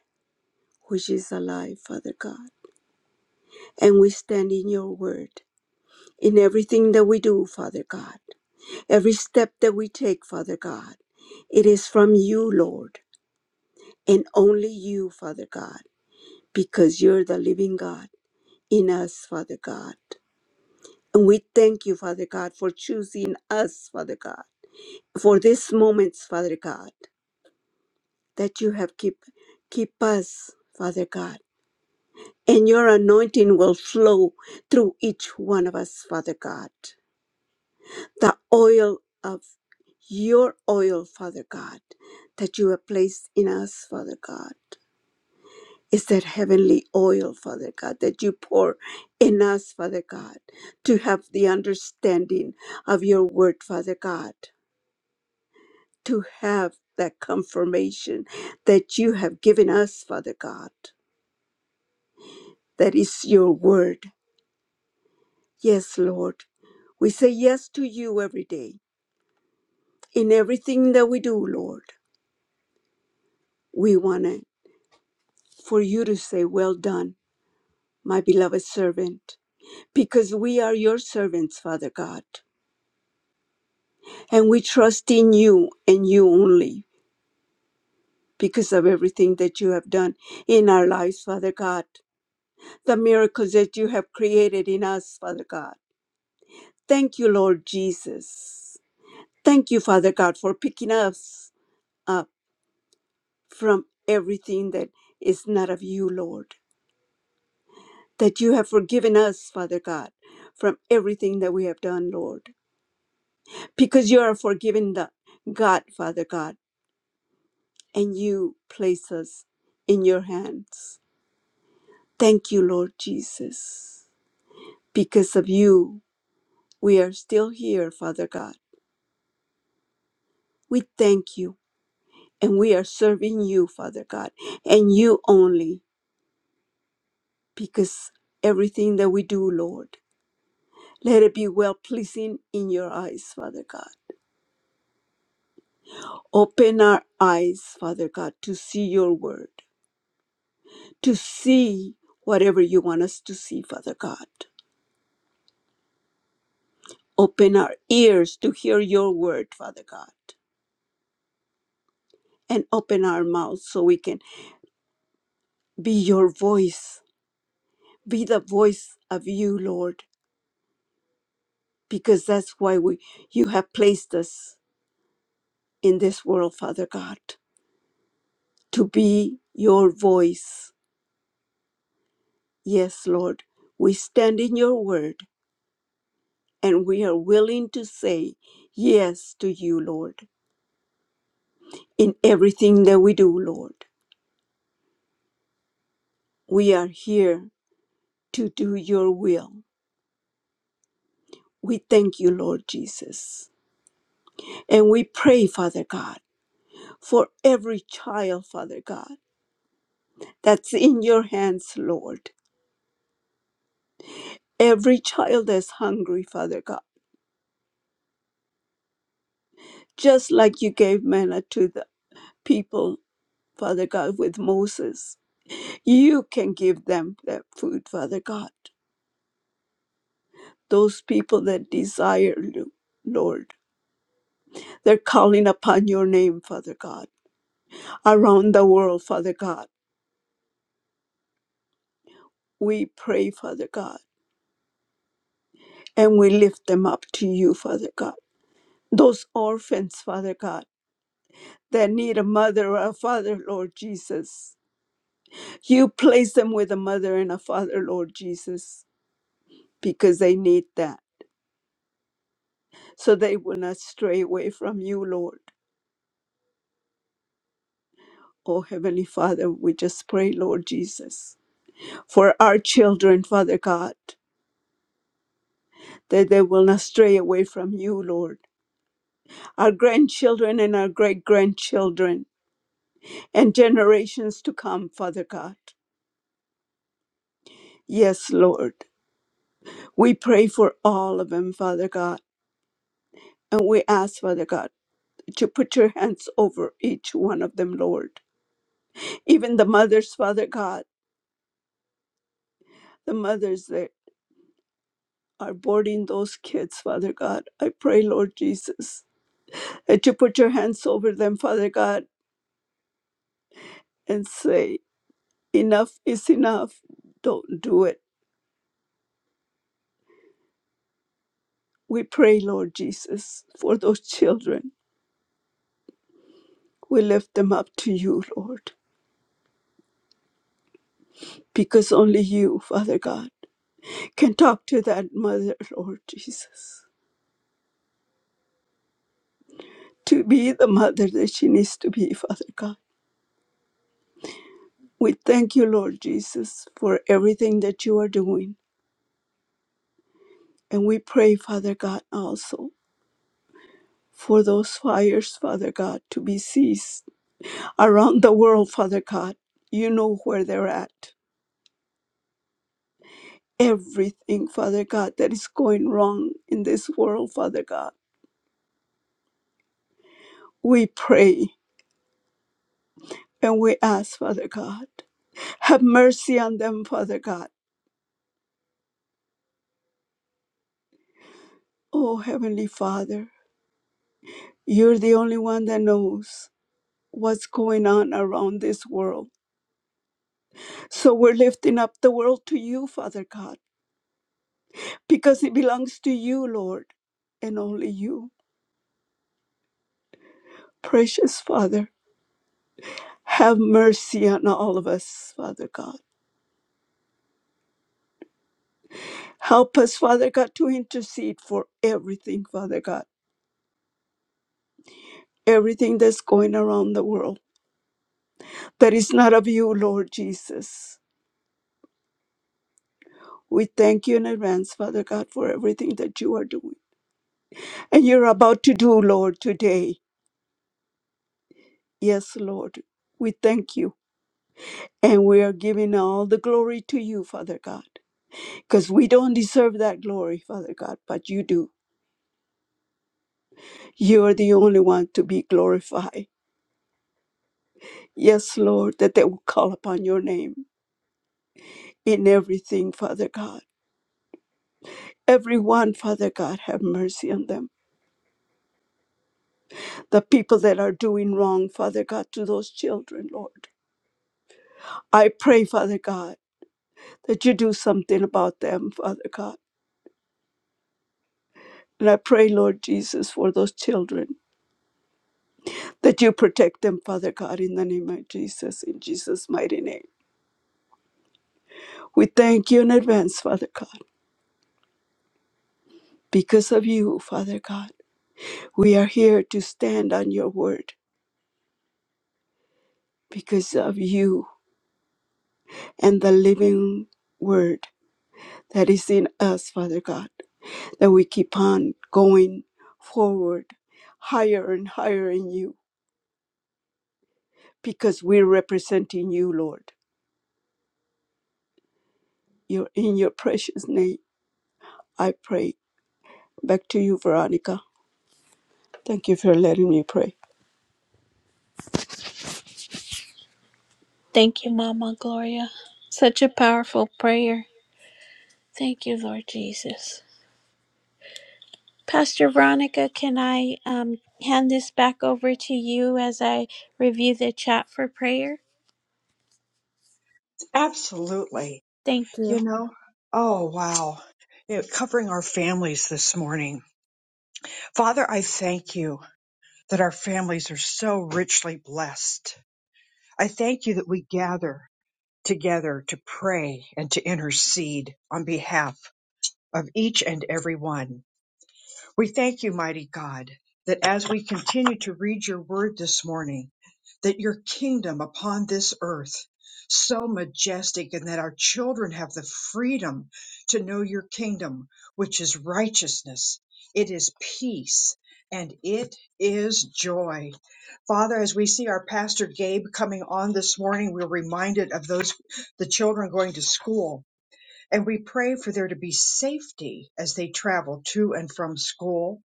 Speaker 2: which is alive, Father God. And we stand in your word in everything that we do, Father God. Every step that we take, Father God, it is from you, Lord, and only you, Father God, because you're the living God in us, Father God. And we thank you, Father God, for choosing us, Father God, for this moment, Father God, that you have keep keep us, Father God. And your anointing will flow through each one of us, Father God. the oil of your oil, Father God, that you have placed in us, Father God. Is that heavenly oil, Father God, that you pour in us, Father God, to have the understanding of your word, Father God, to have that confirmation that you have given us, Father God, that is your word. Yes, Lord. We say yes to you every day. In everything that we do, Lord, we want to for you to say, Well done, my beloved servant, because we are your servants, Father God, and we trust in you and you only because of everything that you have done in our lives, Father God, the miracles that you have created in us, Father God. Thank you, Lord Jesus. Thank you, Father God, for picking us up from everything that is not of you, Lord, that you have forgiven us, Father God, from everything that we have done, Lord. because you are forgiving the God, Father God, and you place us in your hands. Thank you, Lord Jesus. Because of you, we are still here, Father God. We thank you and we are serving you, Father God, and you only, because everything that we do, Lord, let it be well pleasing in your eyes, Father God. Open our eyes, Father God, to see your word, to see whatever you want us to see, Father God. Open our ears to hear your word, Father God, and open our mouths so we can be your voice, be the voice of you, Lord, because that's why we you have placed us in this world, Father God, to be your voice. Yes, Lord, we stand in your word and we are willing to say yes to you, Lord, in everything that we do, Lord. We are here to do your will We thank you, Lord Jesus. And we pray, Father God, for every child, Father God, that's in your hands, Lord. Every child that's hungry, Father God. Just like you gave manna to the people, Father God, with Moses, you can give them that food, Father God. Those people that desire you, Lord, they're calling upon your name, Father God, around the world, Father God. We pray, Father God And we lift them up to you, Father God. Those orphans, Father God, that need a mother or a father, Lord Jesus. You place them with a mother and a father, Lord Jesus, because they need that. So they will not stray away from you, Lord. Oh, Heavenly Father, we just pray, Lord Jesus, for our children, Father God, that they will not stray away from you, Lord. Our grandchildren and our great grandchildren and generations to come, Father God. Yes, Lord. We pray for all of them, Father God. And we ask, Father God, that you put your hands over each one of them, Lord. Even the mothers, Father God, the mothers that are boarding those kids, Father God. I pray, Lord Jesus, that you put your hands over them, Father God, and say, Enough is enough. Don't do it. We pray, Lord Jesus, for those children. We lift them up to you, Lord, because only you, Father God. can talk to that mother, Lord Jesus, to be the mother that she needs to be, Father God. We thank you, Lord Jesus, for everything that you are doing. And we pray, Father God, also for those fires, Father God, to be ceased around the world, Father God. You know where they're at. Everything, Father God, that is going wrong in this world, Father God. We pray and we ask, Father God, have mercy on them, Father God Oh, Heavenly Father, you're the only one that knows what's going on around this world. So we're lifting up the world to you, Father God, because it belongs to you, Lord, and only you. Precious Father, have mercy on all of us, Father God. Help us, Father God, to intercede for everything, Father God, everything that's going around the world that is not of you, Lord Jesus. We thank you in advance, Father God, for everything that you are doing. and you're about to do, Lord, today. Yes, Lord, we thank you. And we are giving all the glory to you, Father God, because we don't deserve that glory, Father God, but you do. You are the only one to be glorified. Yes, Lord, that they will call upon your name in everything, Father God. Everyone, Father God, have mercy on them. The people that are doing wrong, Father God, to those children, Lord. I pray, Father God, that you do something about them, Father God And I pray, Lord Jesus, for those children, that you protect them, Father God, in the name of Jesus, in Jesus' mighty name. We thank you in advance, Father God. Because of you, Father God, we are here to stand on your word. Because of you and the living word that is in us, Father God, that we keep on going forward higher and higher in you. Because we're representing you, Lord. You're in your precious name. I pray Back to you, Veronica. Thank you for letting me pray. Thank you, Mama Gloria. Such a powerful prayer. Thank you, Lord Jesus. Pastor Veronica, can I um, hand this back over to you as I review the chat for prayer?
Speaker 1: Absolutely.
Speaker 2: Thank you.
Speaker 1: You know, oh, wow. You know, covering our families this morning. Father, I thank you that our families are so richly blessed. I thank you that we gather together to pray and to intercede on behalf of each and every one. We thank you, mighty God, that as we continue to read your word this morning, that your kingdom upon this earth, so majestic, and that our children have the freedom to know your kingdom, which is righteousness, it is peace, and it is joy. Father, as we see our pastor Gabe coming on this morning, we're reminded of those, the children going to school, and we pray for there to be safety as they travel to and from school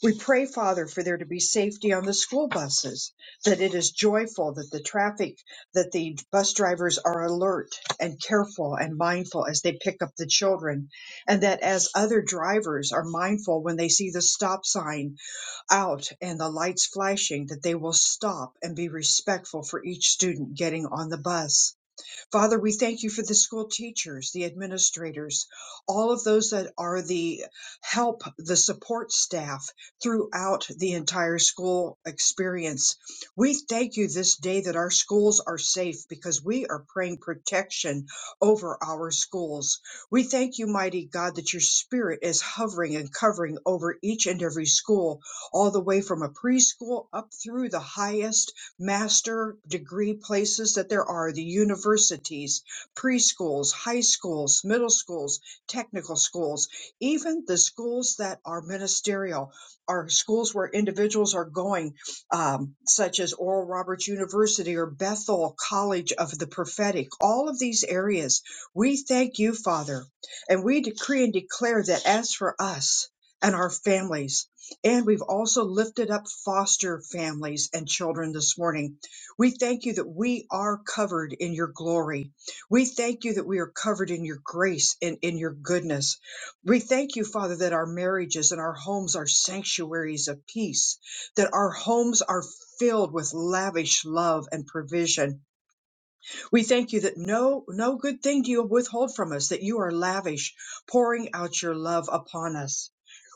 Speaker 1: we pray, Father, for there to be safety on the school buses, that it is joyful, that the traffic, that the bus drivers are alert and careful and mindful as they pick up the children, and that as other drivers are mindful when they see the stop sign out and the lights flashing, that they will stop and be respectful for each student getting on the bus Father, we thank you for the school teachers, the administrators, all of those that are the help, the support staff throughout the entire school experience. We thank you this day that our schools are safe because we are praying protection over our schools. We thank you, mighty God, that your spirit is hovering and covering over each and every school, all the way from a preschool up through the highest master degree places that there are the universities, preschools, high schools, middle schools, technical schools, even the schools that are ministerial, are schools where individuals are going, um, such as Oral Roberts University or Bethel College of the Prophetic. All of these areas, we thank you, Father, and we decree and declare that as for us, and our families. And we've also lifted up foster families and children this morning. We thank you that we are covered in your glory. We thank you that we are covered in your grace and in your goodness. We thank you, Father, that our marriages and our homes are sanctuaries of peace, that our homes are filled with lavish love and provision we thank you that no, no good thing do you withhold from us, that you are lavish, pouring out your love upon us.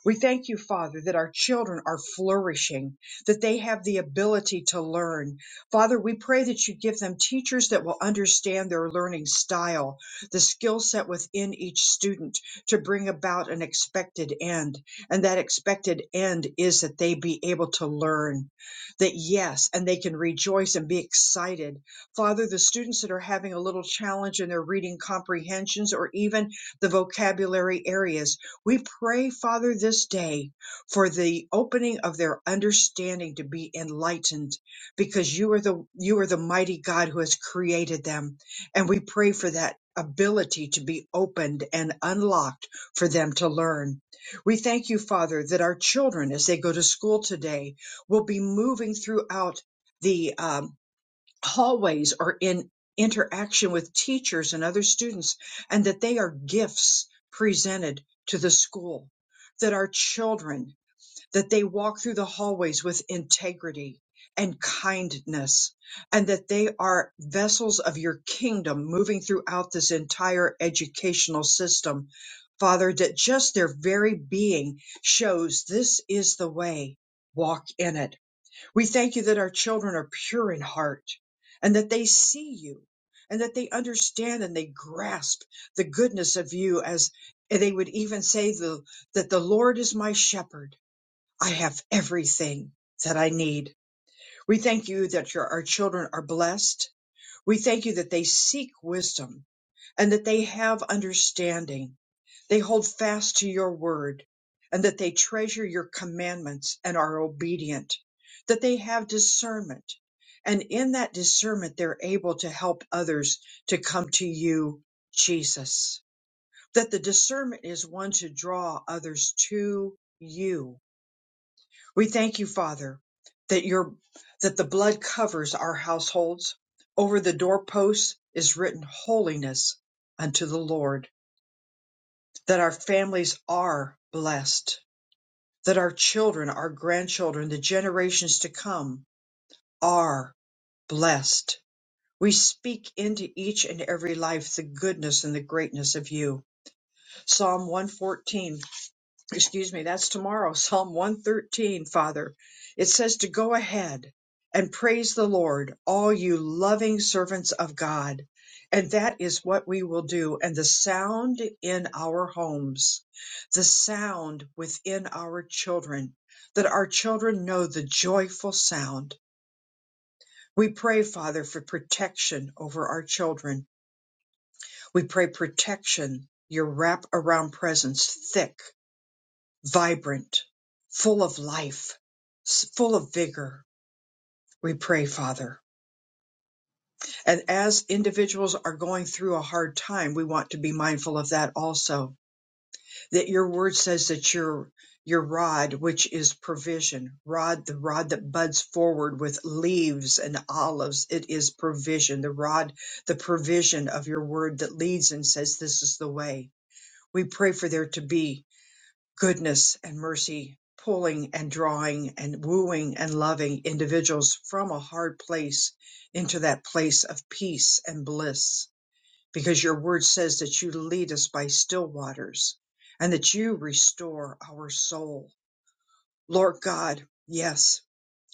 Speaker 1: We thank you, Father, that our children are flourishing, that they have the ability to learn. Father, we pray that you give them teachers that will understand their learning style, the skill set within each student to bring about an expected end. And that expected end is that they be able to learn, that yes, and they can rejoice and be excited Father, the students that are having a little challenge in their reading comprehensions or even the vocabulary areas, we pray, Father, this day for the opening of their understanding to be enlightened because you are the you are the mighty God who has created them and we pray for that ability to be opened and unlocked for them to learn. We thank you, Father, that our children, as they go to school today, will be moving throughout the um, hallways are in interaction with teachers and other students, and that they are gifts presented to the school, that our children, that they walk through the hallways with integrity and kindness, and that they are vessels of your kingdom moving throughout this entire educational system. Father, that just their very being shows this is the way, walk in it we thank you that our children are pure in heart and that they see you and that they understand and they grasp the goodness of you as they would even say the, that the Lord is my shepherd. I have everything that I need. We thank you that your, our children are blessed. We thank you that they seek wisdom and that they have understanding they hold fast to your word and that they treasure your commandments and are obedient, that they have discernment. And in that discernment, they're able to help others to come to you, Jesus. That the discernment is one to draw others to you. We thank you, Father, that your, that the blood covers our households. Over the doorposts is written holiness unto the Lord that our families are blessed, that our children, our grandchildren, the generations to come are blessed. We speak into each and every life the goodness and the greatness of you. Psalm 114 excuse me, that's tomorrow, Psalm 113, Father. It says to go ahead and praise the Lord, all you loving servants of God. And that is what we will do. And the sound in our homes, the sound within our children, that our children know the joyful sound. We pray, Father, for protection over our children. We pray protection, your wrap around presence thick vibrant, full of life, s- full of vigor. We pray, Father. And as individuals are going through a hard time, we want to be mindful of that also. That your word says that your your rod, which is provision, rod, the rod that buds forward with leaves and olives, it is provision. The rod, the provision of your word that leads and says, This is the way. We pray for there to be goodness and mercy pulling and drawing and wooing and loving individuals from a hard place into that place of peace and bliss because your word says that you lead us by still waters and that you restore our soul. Lord God, yes,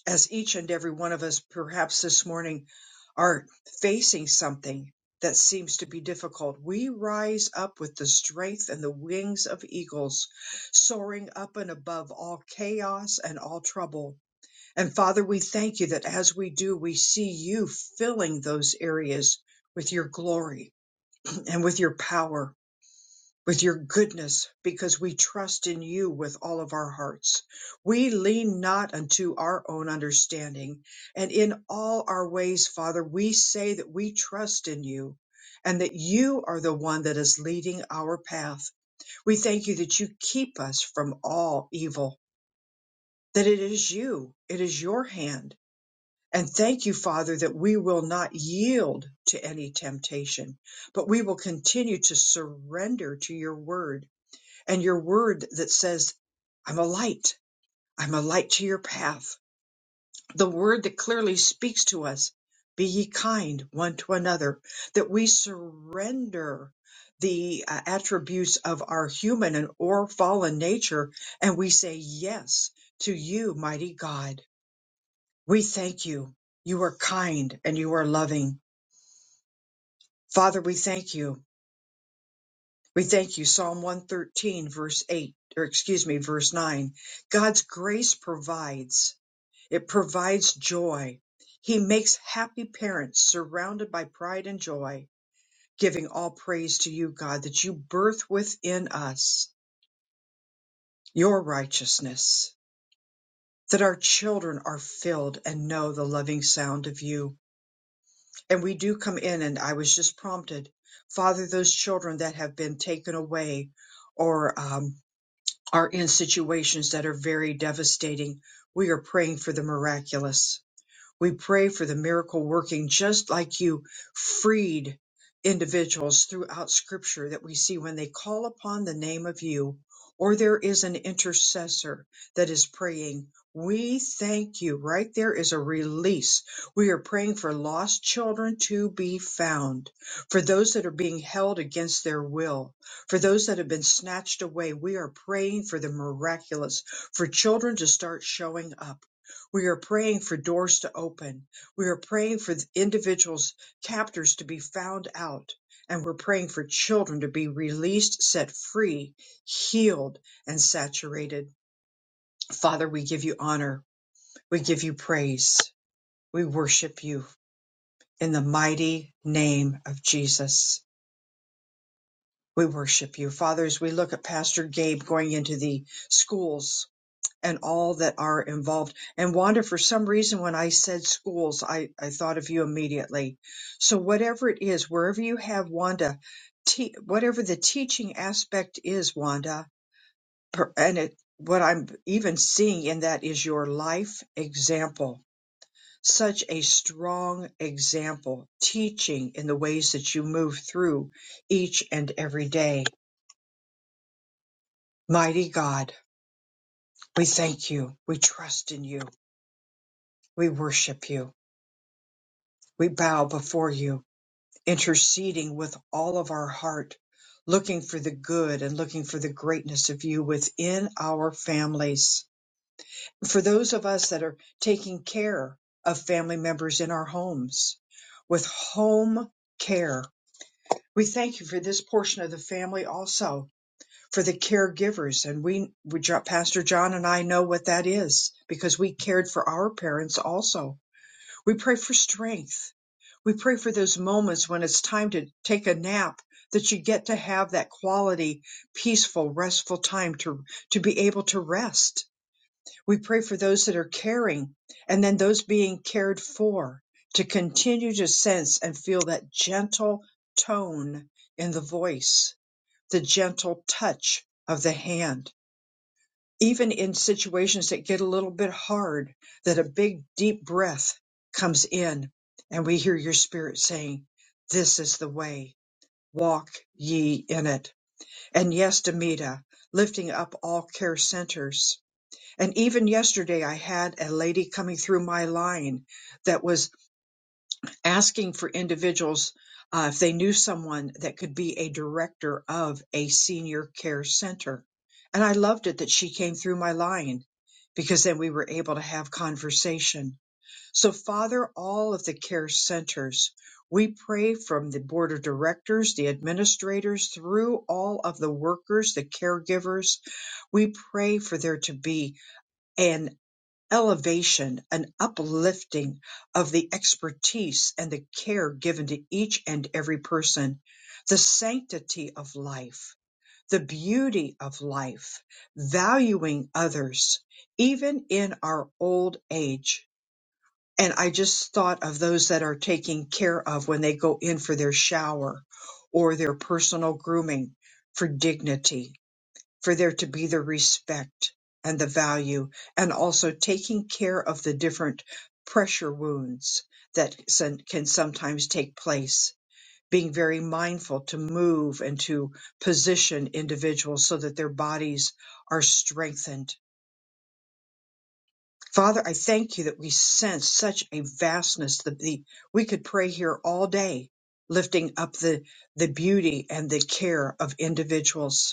Speaker 1: as each and every one of us, perhaps this morning, are facing something that seems to be difficult, we rise up with the strength and the wings of eagles, soaring up and above all chaos and all trouble. And Father, we thank you that as we do, we see you filling those areas with your glory and with your power with your goodness because we trust in you with all of our hearts. We lean not unto our own understanding. And in all our ways, Father, we say that we trust in you and that you are the one that is leading our path. We thank you that you keep us from all evil, that it is you, it is your hand. And thank you, Father, that we will not yield to any temptation, but we will continue to surrender to your word and your word that says, I'm a light. I'm a light to your path. The word that clearly speaks to us, be ye kind one to another, that we surrender the uh, attributes of our human and or fallen nature and we say yes to you, mighty God. We thank you. You are kind and you are loving. Father, we thank you. We thank you, Psalm 113, verse 8, or excuse me, verse 9. God's grace provides, it provides joy. He makes happy parents surrounded by pride and joy, giving all praise to you, God, that you birth within us your righteousness, that our children are filled and know the loving sound of you. And we do come in, and I was just prompted, Father, those children that have been taken away or um, are in situations that are very devastating. We are praying for the miraculous. We pray for the miracle working, just like you freed individuals throughout scripture that we see when they call upon the name of you, or there is an intercessor that is praying. We thank you. Right there is a release. We are praying for lost children to be found, for those that are being held against their will, for those that have been snatched away. We are praying for the miraculous, for children to start showing up we are praying for doors to open. We are praying for individuals, captors to be found out. And we're praying for children to be released, set free, healed, and saturated. Father, we give you honor. We give you praise. We worship you in the mighty name of Jesus. We worship you. Father, as we look at Pastor Gabe going into the schools, and all that are involved. And Wanda, for some reason, when I said schools, I, I thought of you immediately. So whatever it is, wherever you have Wanda, te- whatever the teaching aspect is, Wanda, per- and it, what I'm even seeing in that is your life example. Such a strong example, teaching in the ways that you move through each and every day. Mighty God, we thank you. We trust in you. We worship you. We bow before you, interceding with all of our heart, looking for the good and looking for the greatness of you within our families. For those of us that are taking care of family members in our homes with home care, we thank you for this portion of the family also for the caregivers. And we, we, Pastor John and I know what that is because we cared for our parents also we pray for strength. We pray for those moments when it's time to take a nap that you get to have that quality, peaceful, restful time to, to be able to rest. We pray for those that are caring and then those being cared for to continue to sense and feel that gentle tone in the voice, the gentle touch of the hand even in situations that get a little bit hard, that a big deep breath comes in and we hear your spirit saying, This is the way, walk ye in it. And yes, Demita, lifting up all care centers. And even yesterday, I had a lady coming through my line that was asking for individuals uh, if they knew someone that could be a director of a senior care center. And I loved it that she came through my line because then we were able to have conversation. So, Father, all of the care centers, we pray from the board of directors, the administrators, through all of the workers, the caregivers. We pray for there to be an elevation, an uplifting of the expertise and the care given to each and every person, the sanctity of life, the beauty of life, valuing others, even in our old age. And I just thought of those that are taken care of when they go in for their shower or their personal grooming for dignity for there to be the respect and the value and also taking care of the different pressure wounds that sen- can sometimes take place being very mindful to move and to position individuals so that their bodies are strengthened father i thank you that we sense such a vastness that the we could pray here all day lifting up the the beauty and the care of individuals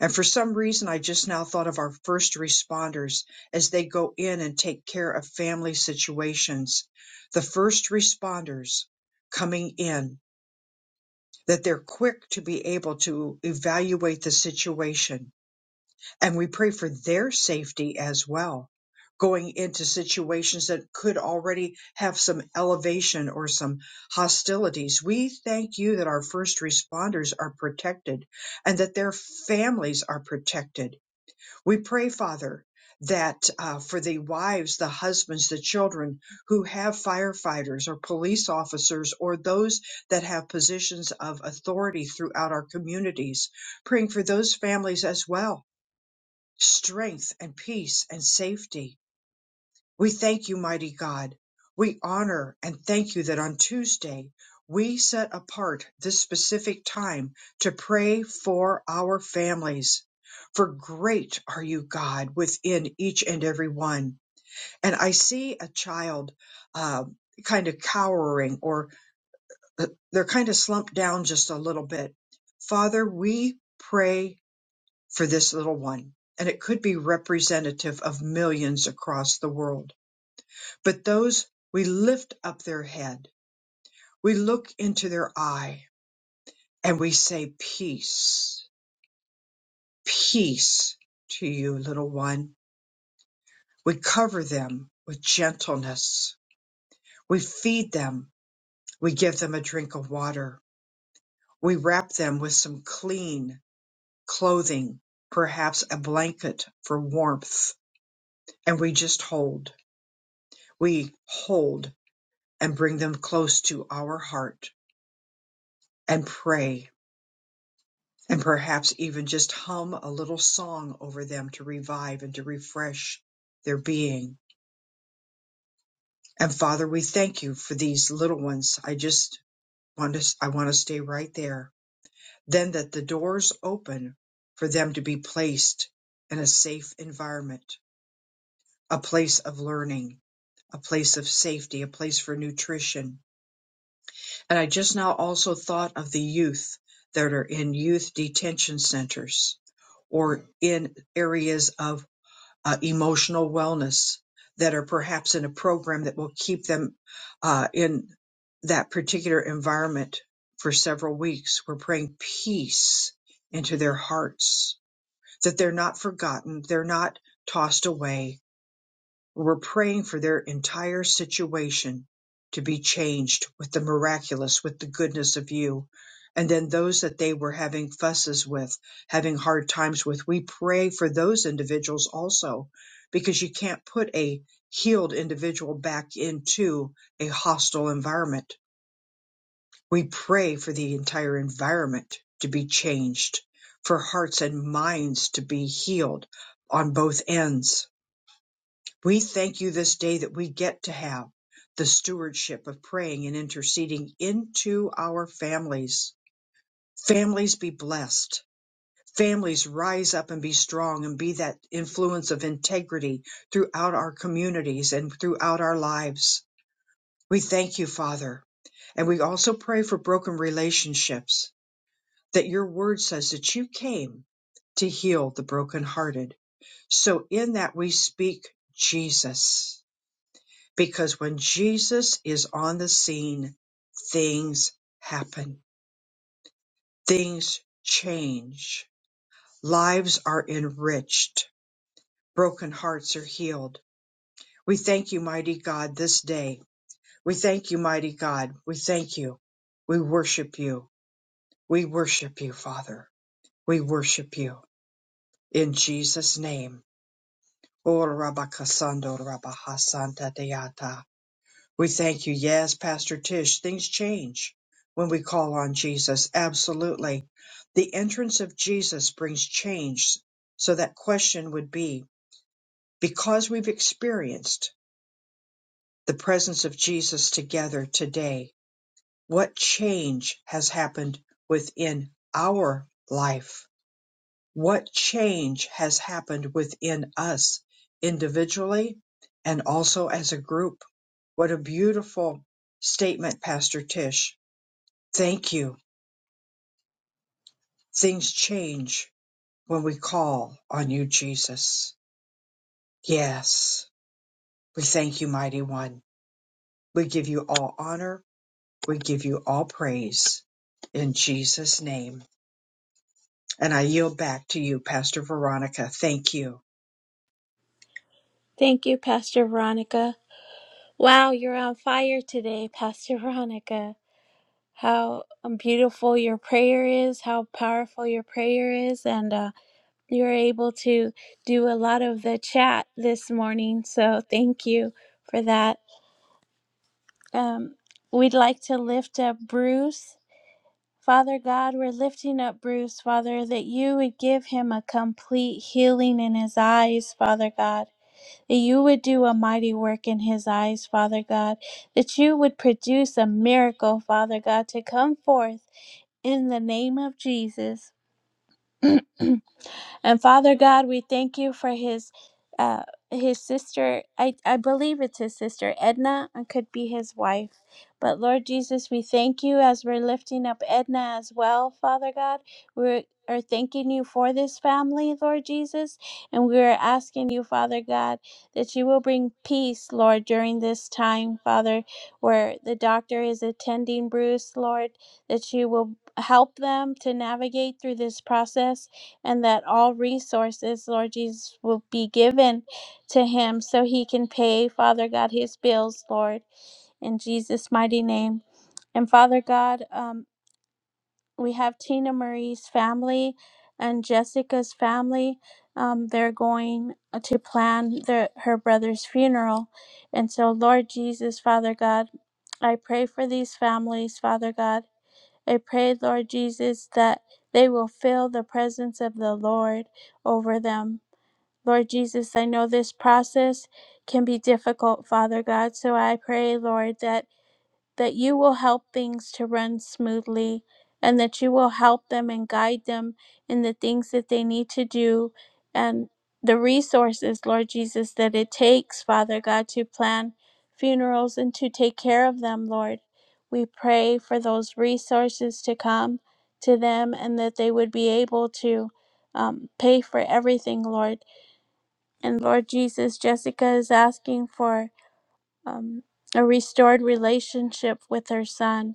Speaker 1: and for some reason, I just now thought of our first responders as they go in and take care of family situations. The first responders coming in, that they're quick to be able to evaluate the situation. And we pray for their safety as well, going into situations that could already have some elevation or some hostilities. We thank you that our first responders are protected and that their families are protected we pray, Father, that uh, for the wives, the husbands, the children who have firefighters or police officers or those that have positions of authority throughout our communities, praying for those families as well, strength and peace and safety we thank you, mighty God. We honor and thank you that on Tuesday we set apart this specific time to pray for our families. For great are you, God, within each and every one. And I see a child uh, kind of cowering or uh, they're kind of slumped down just a little bit. Father, we pray for this little one, and it could be representative of millions across the world. But those we lift up their head, we look into their eye, and we say, Peace, peace to you, little one. We cover them with gentleness. We feed them. We give them a drink of water. We wrap them with some clean clothing, perhaps a blanket for warmth, and we just hold. We hold and bring them close to our heart and pray and perhaps even just hum a little song over them to revive and to refresh their being. And Father, we thank you for these little ones. I just want to, I want to stay right there. Then that the doors open for them to be placed in a safe environment, a place of learning, a place of safety, a place for nutrition. And I just now also thought of the youth that are in youth detention centers or in areas of uh, emotional wellness that are perhaps in a program that will keep them uh, in that particular environment for several weeks. We're praying peace into their hearts, that they're not forgotten, they're not tossed away, we're praying for their entire situation to be changed with the miraculous, with the goodness of you. And then those that they were having fusses with, having hard times with, we pray for those individuals also, because you can't put a healed individual back into a hostile environment. We pray for the entire environment to be changed, for hearts and minds to be healed on both ends we thank you this day that we get to have the stewardship of praying and interceding into our families. Families be blessed. Families rise up and be strong and be that influence of integrity throughout our communities and throughout our lives. We thank you, Father. And we also pray for broken relationships that your word says that you came to heal the brokenhearted. So in that we speak Jesus. because when Jesus is on the scene, things happen, things change, lives are enriched, broken hearts are healed. We thank you, mighty God, this day. We thank you, mighty God. We thank you. We worship you. We worship you, Father. We worship you in Jesus' name. O Rabakasando Rabahasanta We thank you. Yes, Pastor Tish, things change when we call on Jesus. Absolutely. The entrance of Jesus brings change. So that question would be because we've experienced the presence of Jesus together today, what change has happened within our life? What change has happened within us individually and also as a group? What a beautiful statement, Pastor Tish Thank you. Things change when we call on you, Jesus. Yes. We thank you, mighty one. We give you all honor. We give you all praise in Jesus' name. And I yield back to you, Pastor Veronica. Thank you.
Speaker 2: Thank you, Pastor Veronica. Wow, you're on fire today, Pastor Veronica. How beautiful your prayer is, how powerful your prayer is, and uh, you were able to do a lot of the chat this morning. So thank you for that. Um, we'd like to lift up Bruce. Father God, we're lifting up Bruce, Father, that you would give him a complete healing in his eyes, Father God, that you would do a mighty work in his eyes, Father God, that you would produce a miracle, Father God, to come forth in the name of Jesus. And Father God, we thank you for his uh his sister I, I believe it's his sister Edna and could be his wife. But Lord Jesus, we thank you as we're lifting up Edna as well, Father God. We are thanking you for this family, Lord Jesus. And we are asking you, Father God, that you will bring peace, Lord, during this time, Father, where the doctor is attending Bruce, Lord, that you will help them to navigate through this process and that all resources, Lord Jesus, will be given to him so he can pay, Father God, his bills, Lord, in Jesus' mighty name. And Father God, um, we have Tina Marie's family and Jessica's family. Um, they're going to plan their, her brother's funeral. And so, Lord Jesus, Father God, I pray for these families, Father God. I pray, Lord Jesus, that they will feel the presence of the Lord over them. Lord Jesus, I know this process can be difficult, Father God. So I pray, Lord, that that you will help things to run smoothly and that you will help them and guide them in the things that they need to do and the resources, Lord Jesus, that it takes, Father God, to plan funerals and to take care of them, Lord. We pray for those resources to come to them and that they would be able to um, pay for everything, Lord. And Lord Jesus, Jessica is asking for um, a restored relationship with her son.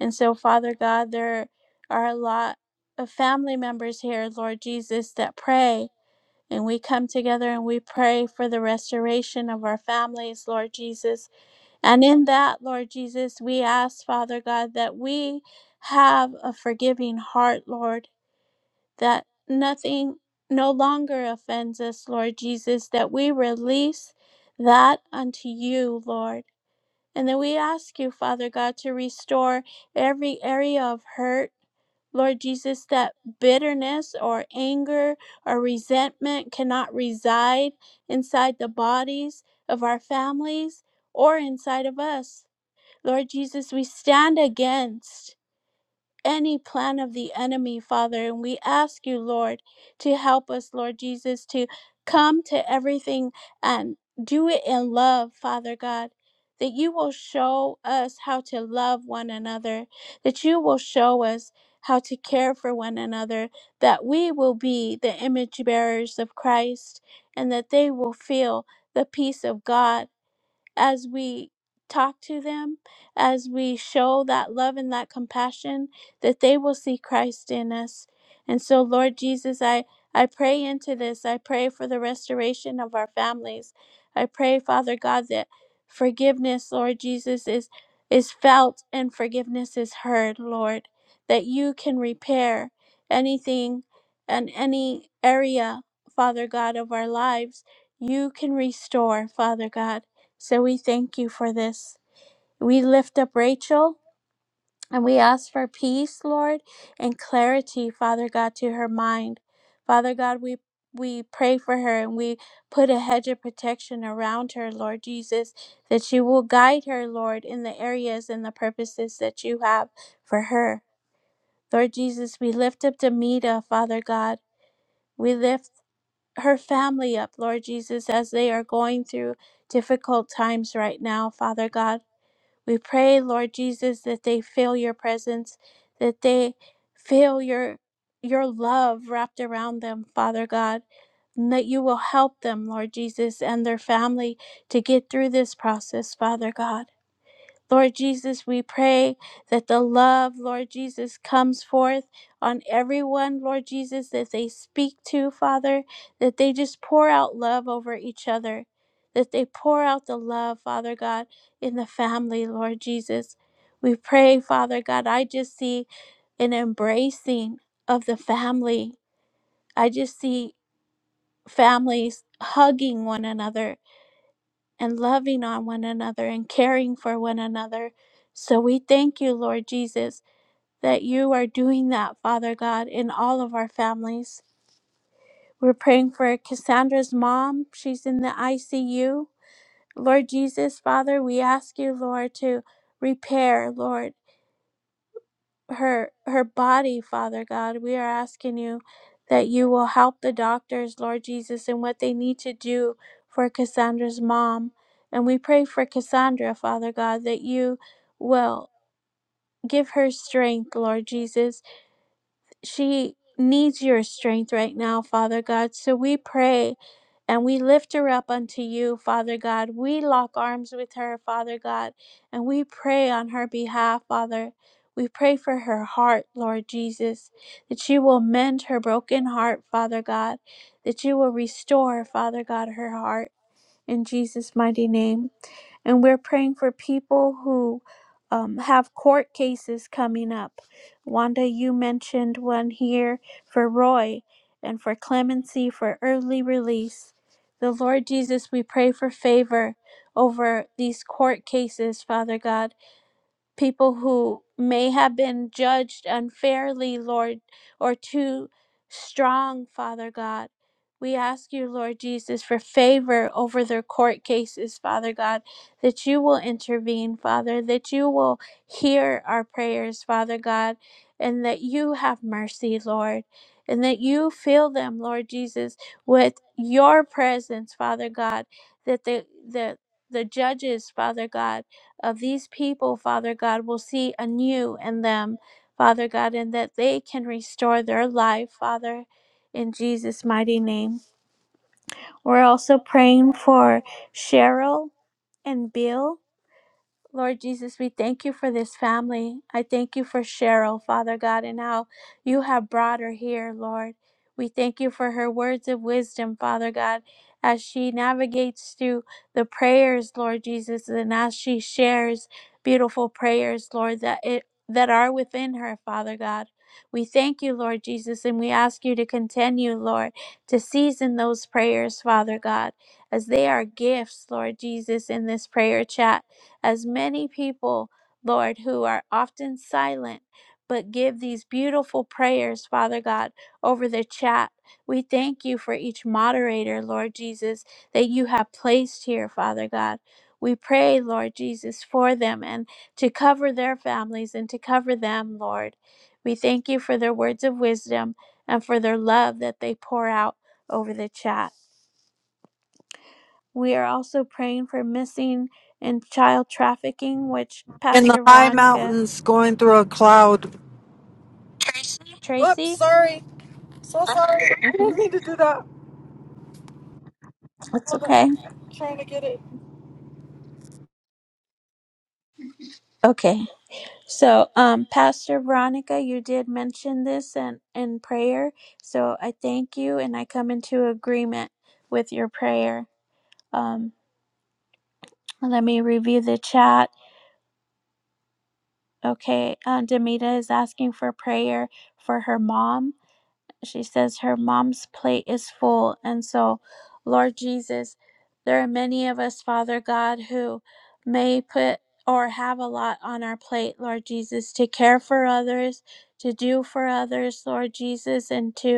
Speaker 2: And so, Father God, there are a lot of family members here, Lord Jesus, that pray. And we come together and we pray for the restoration of our families, Lord Jesus. And in that, Lord Jesus, we ask, Father God, that we have a forgiving heart, Lord, that nothing no longer offends us, Lord Jesus, that we release that unto you, Lord. And then we ask you, Father God, to restore every area of hurt, Lord Jesus, that bitterness or anger or resentment cannot reside inside the bodies of our families or inside of us. Lord Jesus, we stand against any plan of the enemy, Father. And we ask you, Lord, to help us, Lord Jesus, to come to everything and do it in love, Father God. That you will show us how to love one another, that you will show us how to care for one another, that we will be the image bearers of Christ, and that they will feel the peace of God as we talk to them, as we show that love and that compassion, that they will see Christ in us. And so, Lord Jesus, I, I pray into this. I pray for the restoration of our families. I pray, Father God, that forgiveness, Lord Jesus, is is felt and forgiveness is heard, Lord, that you can repair anything and any area, Father God, of our lives. You can restore, Father God. So we thank you for this. We lift up Rachel and we ask for peace, Lord, and clarity, Father God, to her mind. Father God, we we pray for her and we put a hedge of protection around her, Lord Jesus, that you will guide her, Lord, in the areas and the purposes that you have for her. Lord Jesus, we lift up Demita, Father God. We lift her family up, Lord Jesus, as they are going through difficult times right now, Father God. We pray, Lord Jesus, that they feel your presence, that they feel your your love wrapped around them, Father God, and that you will help them, Lord Jesus, and their family to get through this process, Father God. Lord Jesus, we pray that the love, Lord Jesus, comes forth on everyone, Lord Jesus, that they speak to, Father, that they just pour out love over each other, that they pour out the love, Father God, in the family, Lord Jesus. We pray, Father God, I just see an embracing of the family. I just see families hugging one another and loving on one another and caring for one another. So we thank you, Lord Jesus, that you are doing that, Father God, in all of our families. We're praying for Cassandra's mom. She's in the ICU. Lord Jesus, Father, we ask you, Lord, to repair, Lord. her her body, Father God. We are asking you that you will help the doctors, Lord Jesus, in what they need to do for Cassandra's mom. And we pray for Cassandra, Father God, that you will give her strength, Lord Jesus she needs your strength right now, Father God. So we pray and we lift her up unto you, Father God. We lock arms with her, Father God, and we pray on her behalf, Father. We pray for her heart, Lord Jesus, that you will mend her broken heart, Father God, that you will restore, Father God, her heart. In Jesus' mighty name. And we're praying for people who um, have court cases coming up. Wanda, you mentioned one here for Roy and for clemency for early release. The Lord Jesus, we pray for favor over these court cases, Father God people who may have been judged unfairly, Lord, or too strong, Father God. We ask you, Lord Jesus, for favor over their court cases, Father God, that you will intervene, Father, that you will hear our prayers, Father God, and that you have mercy, Lord, and that you fill them, Lord Jesus, with your presence, Father God, that the the the judges, Father God, of these people, Father God, will see anew in them, Father God, and that they can restore their life, Father, in Jesus' mighty name. We're also praying for Cheryl and Bill. Lord Jesus, we thank you for this family. I thank you for Cheryl, Father God, and how you have brought her here, Lord. We thank you for her words of wisdom, Father God, as she navigates through the prayers, Lord Jesus, and as she shares beautiful prayers, Lord, that it that are within her, Father God. We thank you, Lord Jesus, and we ask you to continue, Lord, to season those prayers, Father God, as they are gifts, Lord Jesus, in this prayer chat as many people, Lord, who are often silent but give these beautiful prayers, Father God, over the chat. We thank you for each moderator, Lord Jesus, that you have placed here, Father God. We pray, Lord Jesus, for them and to cover their families and to cover them, Lord. We thank you for their words of wisdom and for their love that they pour out over the chat. We are also praying for missing and child trafficking, which
Speaker 7: in the
Speaker 2: Pastor
Speaker 7: high
Speaker 2: Veronica
Speaker 7: mountains going through a cloud. Oops,
Speaker 2: Tracy.
Speaker 7: sorry. So sorry. I
Speaker 2: Mm-hmm.
Speaker 7: didn't mean to do that.
Speaker 2: That's
Speaker 7: Hold on.
Speaker 2: okay.
Speaker 7: Trying to get it.
Speaker 2: Okay. So, um, Pastor Veronica, you did mention this in, in prayer. So I thank you and I come into agreement with your prayer. Um, let me review the chat. Okay. Uh, Demita is asking for prayer for her mom. she says her mom's plate is full. And so, Lord Jesus, there are many of us, Father God, who may put or have a lot on our plate, Lord Jesus, to care for others, to do for others, Lord Jesus, and to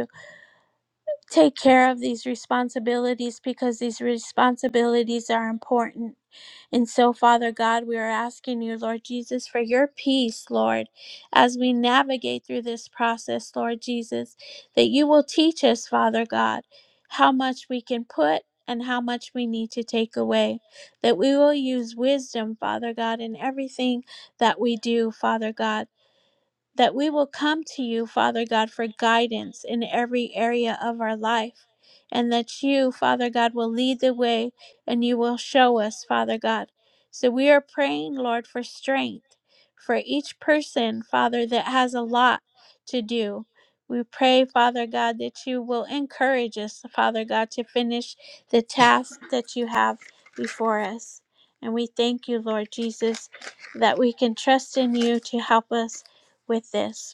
Speaker 2: take care of these responsibilities because these responsibilities are important. And so, Father God, we are asking you, Lord Jesus, for your peace, Lord, as we navigate through this process, Lord Jesus, that you will teach us, Father God, how much we can put and how much we need to take away. That we will use wisdom, Father God, in everything that we do, Father God that we will come to you, Father God, for guidance in every area of our life, and that you, Father God, will lead the way and you will show us, Father God. So we are praying, Lord, for strength for each person, Father, that has a lot to do. We pray, Father God, that you will encourage us, Father God, to finish the task that you have before us. And we thank you, Lord Jesus, that we can trust in you to help us with this.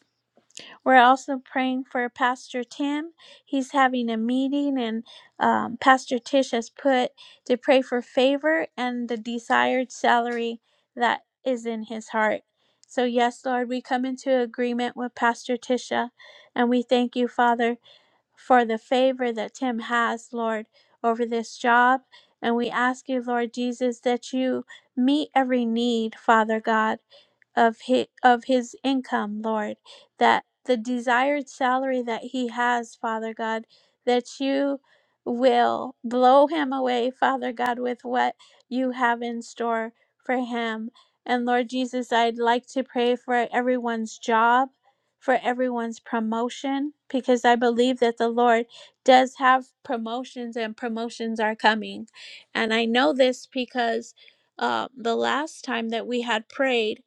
Speaker 2: We're also praying for Pastor Tim. He's having a meeting, and um, Pastor Tish has put to pray for favor and the desired salary that is in his heart. So, yes, Lord, we come into agreement with Pastor Tisha, and we thank you, Father, for the favor that Tim has, Lord, over this job. And we ask you, Lord Jesus, that you meet every need, Father God of his, of his income, Lord, that the desired salary that he has, Father God, that you will blow him away, Father God, with what you have in store for him. And Lord Jesus, I'd like to pray for everyone's job, for everyone's promotion, because I believe that the Lord does have promotions and promotions are coming. And I know this because uh, the last time that we had prayed,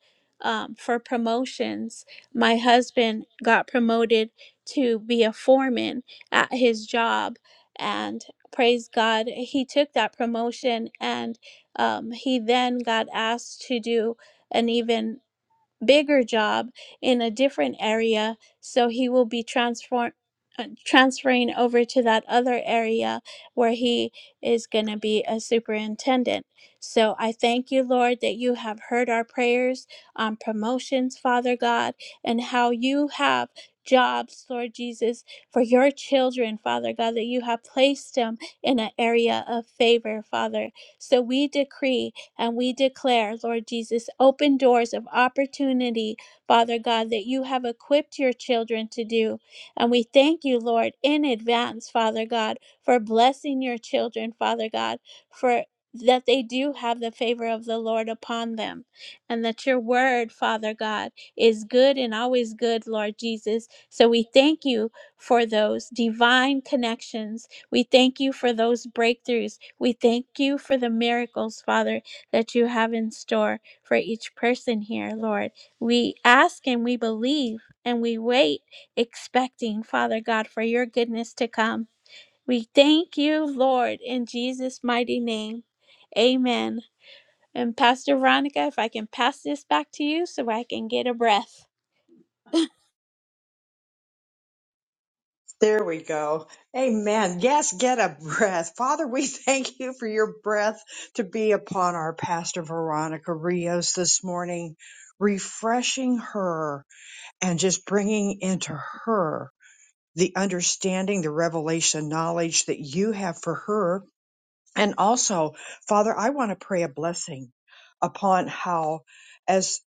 Speaker 2: um, for promotions. My husband got promoted to be a foreman at his job, and praise God, he took that promotion and um, he then got asked to do an even bigger job in a different area so he will be transform uh, transferring over to that other area where he is going to be a superintendent so i thank you lord that you have heard our prayers on promotions father god and how you have jobs lord jesus for your children father god that you have placed them in an area of favor father so we decree and we declare, Lord Jesus, open doors of opportunity, Father God, that you have equipped your children to do. And we thank you, Lord, in advance, Father God, for blessing your children, Father God, for that they do have the favor of the Lord upon them. And that your word, Father God, is good and always good, Lord Jesus. So we thank you for those divine connections. We thank you for those breakthroughs. We thank you for the miracles, Father that you have in store for each person here, Lord. We ask and we believe and we wait, expecting, Father God, for your goodness to come. We thank you, Lord, in Jesus' mighty name. Amen. And Pastor Veronica, if I can pass this back to you so I can get a breath.
Speaker 1: There we go. Amen. Yes, get a breath. Father, we thank you for your breath to be upon our Pastor Veronica Rios this morning, refreshing her and just bringing into her the understanding, the revelation knowledge that you have for her. And also, Father, I want to pray a blessing upon how, as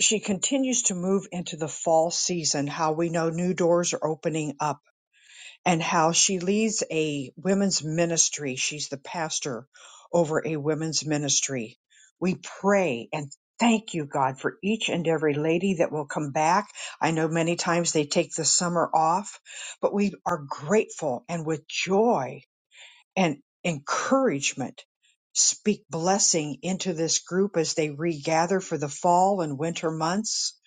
Speaker 1: she continues to move into the fall season, how we know new doors are opening up and how she leads a women's ministry. She's the pastor over a women's ministry. We pray and thank you, God, for each and every lady that will come back. I know many times they take the summer off, but we are grateful and with joy and encouragement. Speak blessing into this group as they regather for the fall and winter months.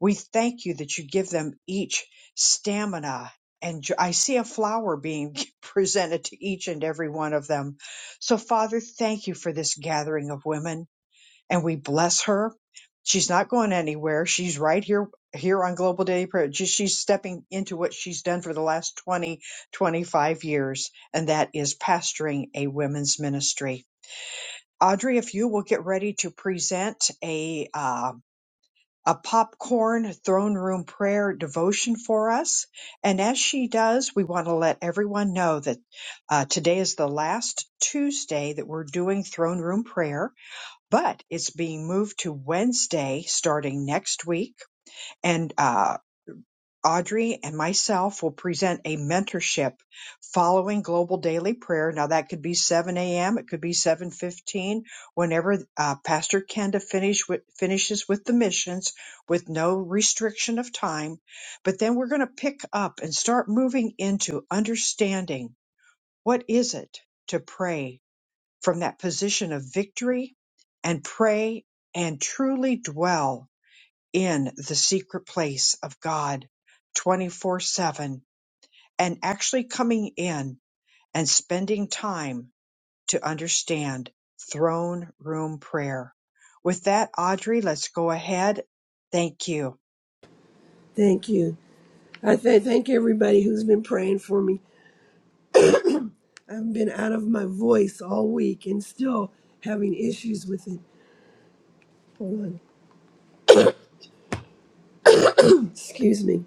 Speaker 1: We thank you that you give them each stamina. And jo- I see a flower being presented to each and every one of them. So, Father, thank you for this gathering of women and we bless her. She's not going anywhere. She's right here here on Global Daily Prayer. Just she's stepping into what she's done for the last 20, 25 years, and that is pastoring a women's ministry. Audrey, if you will get ready to present a uh, a popcorn throne room prayer devotion for us. And as she does, we want to let everyone know that uh, today is the last Tuesday that we're doing throne room prayer but it's being moved to Wednesday starting next week. And uh, Audrey and myself will present a mentorship following Global Daily Prayer. Now that could be 7 a.m. It could be 7:15. Whenever uh, Pastor Kenda finish with, finishes with the missions, with no restriction of time. But then we're going to pick up and start moving into understanding what is it to pray from that position of victory and pray and truly dwell in the secret place of God 24 7 and actually coming in and spending time to understand throne room prayer. With that, Audrey, let's go ahead. Thank you.
Speaker 10: Thank you. I th- thank everybody who's been praying for me. I've been out of my voice all week and still having issues with it. Hold on. Excuse me.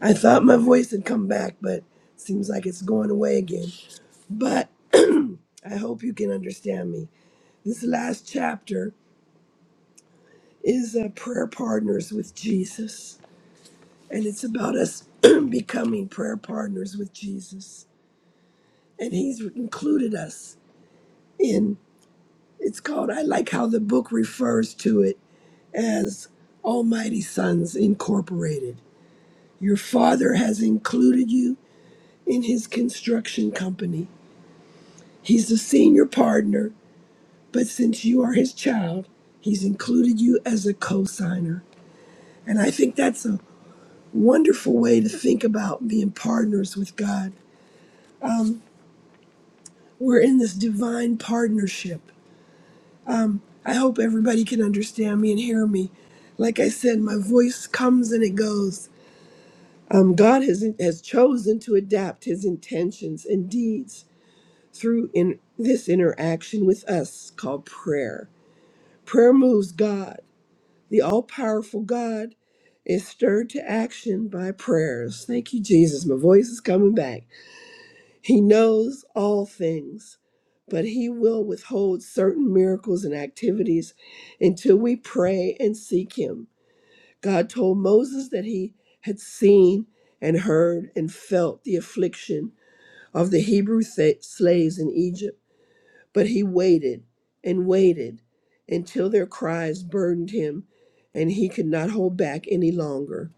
Speaker 10: I thought my voice had come back, but seems like it's going away again. But I hope you can understand me. This last chapter is uh, Prayer Partners with Jesus, and it's about us becoming prayer partners with Jesus. And He's included us in. It's called, I like how the book refers to it as Almighty Sons Incorporated. Your father has included you in his construction company. He's a senior partner, but since you are his child, he's included you as a co signer. And I think that's a wonderful way to think about being partners with God. We're in this divine partnership. Um, I hope everybody can understand me and hear me. Like I said, my voice comes and it goes Um, God has, has chosen to adapt his intentions and deeds through in this interaction with us called prayer. Prayer moves God. The all powerful God is stirred to action by prayers. Thank you, Jesus. My voice is coming back. He knows all things, but he will withhold certain miracles and activities until we pray and seek him. God told Moses that he had seen and heard and felt the affliction of the Hebrew sa- slaves in Egypt, but he waited and waited until their cries burdened him and he could not hold back any longer.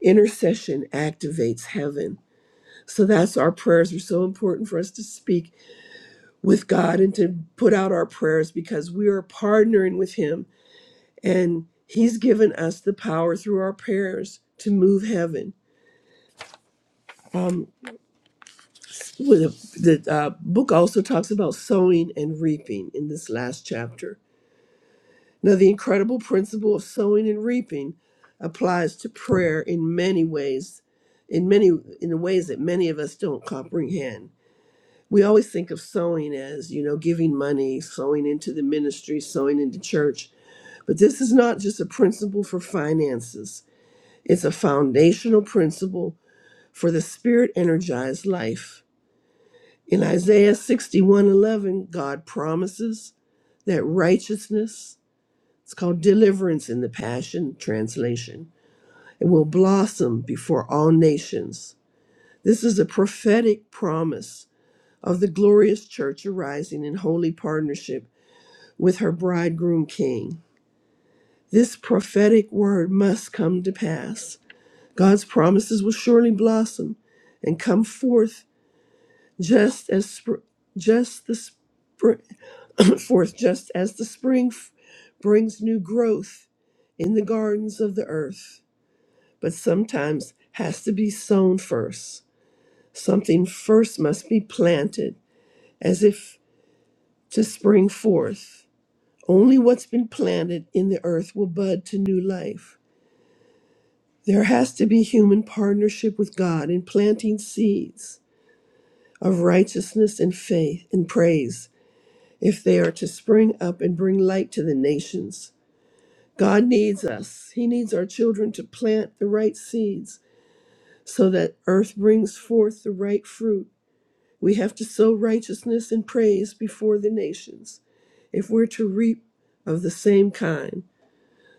Speaker 10: Intercession activates heaven. So that's our prayers are so important for us to speak with God and to put out our prayers because we are partnering with him and he's given us the power through our prayers to move heaven Um, with the, the uh, book also talks about sowing and reaping in this last chapter. Now, the incredible principle of sowing and reaping applies to prayer in many ways, in many in the ways that many of us don't comprehend. We always think of sowing as you know giving money, sowing into the ministry, sowing into church, but this is not just a principle for finances. It's a foundational principle for the spirit energized life. In Isaiah 61 11, God promises that righteousness, it's called deliverance in the Passion Translation, it will blossom before all nations. This is a prophetic promise of the glorious church arising in holy partnership with her bridegroom king. This prophetic word must come to pass. God's promises will surely blossom and come forth just as spr- just the spring. forth just as the spring f- brings new growth in the gardens of the earth, but sometimes has to be sown first. Something first must be planted as if to spring forth. Only what's been planted in the earth will bud to new life. There has to be human partnership with God in planting seeds of righteousness and faith and praise if they are to spring up and bring light to the nations. God needs us. He needs our children to plant the right seeds so that earth brings forth the right fruit. We have to sow righteousness and praise before the nations if we're to reap of the same kind.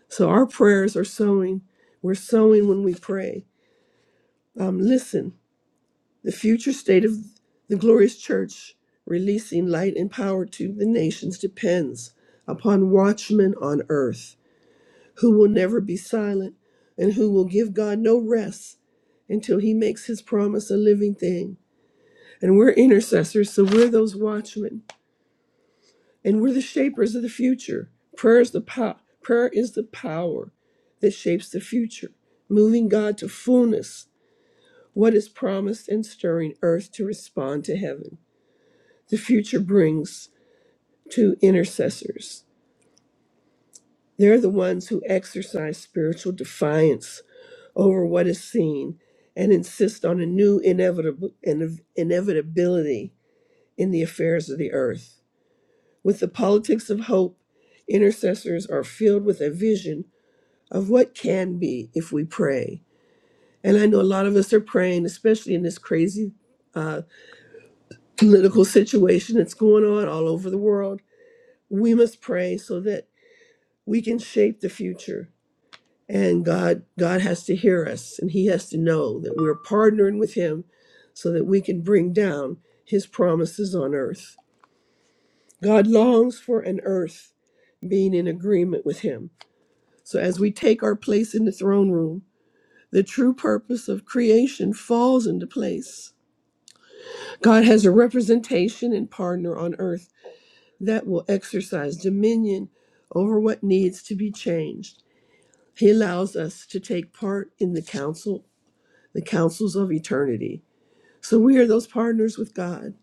Speaker 10: So our prayers are sowing. We're sowing when we pray. Um, listen, the future state of the glorious church releasing light and power to the nations depends upon watchmen on earth. who will never be silent and who will give God no rest until he makes his promise a living thing. And we're intercessors, so we're those watchmen and we're the shapers of the future. Prayer is the power. Prayer is the power that shapes the future, moving God to fullness, what is promised and stirring earth to respond to heaven. The future brings to intercessors. They're the ones who exercise spiritual defiance over what is seen and insist on a new inevitable inev- inevitability in the affairs of the earth. With the politics of hope, intercessors are filled with a vision of what can be if we pray. And I know a lot of us are praying, especially in this crazy uh, political situation that's going on all over the world. We must pray so that we can shape the future and God God has to hear us and he has to know that we're partnering with him so that we can bring down his promises on earth. God longs for an earth being in agreement with him. So as we take our place in the throne room, the true purpose of creation falls into place. God has a representation and partner on earth that will exercise dominion over what needs to be changed. He allows us to take part in the council the counsels of eternity. So we are those partners with God.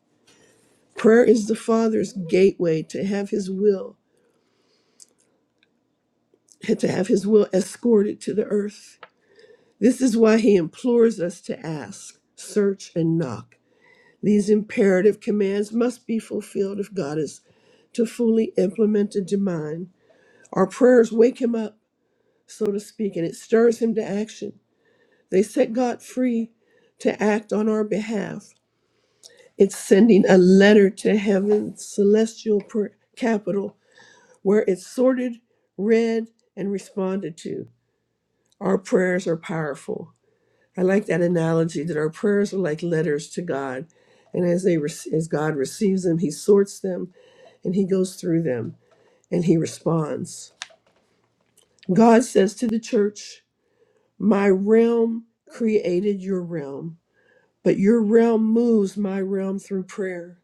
Speaker 10: Prayer is the Father's gateway to have his will, to have his will escorted to the earth. This is why he implores us to ask, search, and knock. These imperative commands must be fulfilled if God is to fully implement and divine. Our prayers wake him up, so to speak, and it stirs him to action. They set God free to act on our behalf. It's sending a letter to heaven's celestial per- capital where it's sorted, read, and responded to. Our prayers are powerful. I like that analogy that our prayers are like letters to God. And as, they, rec- as God receives them, He sorts them and He goes through them and He responds. God says to the church, My realm created your realm, but your realm moves my realm through prayer.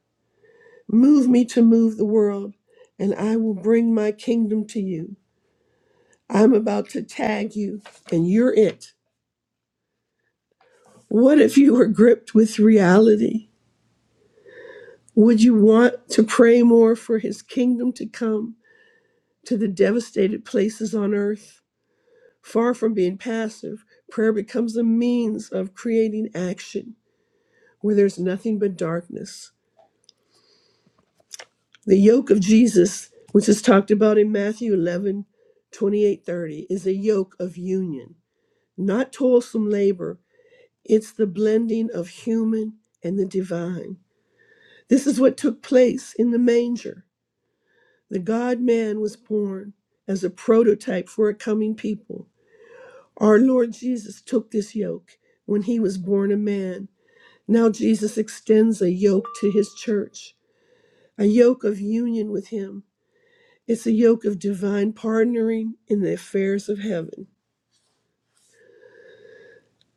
Speaker 10: Move me to move the world, and I will bring my kingdom to you. I'm about to tag you, and you're it. What if you were gripped with reality? Would you want to pray more for his kingdom to come to the devastated places on earth? Far from being passive, prayer becomes a means of creating action where there's nothing but darkness. The yoke of Jesus, which is talked about in Matthew 11, 28, 30, is a yoke of union. not toilsome labor. It's the blending of human and the divine. This is what took place in the manger. The God man was born as a prototype for a coming people. Our Lord Jesus took this yoke when he was born a man. Now Jesus extends a yoke to his church, a yoke of union with him. It's a yoke of divine partnering in the affairs of heaven.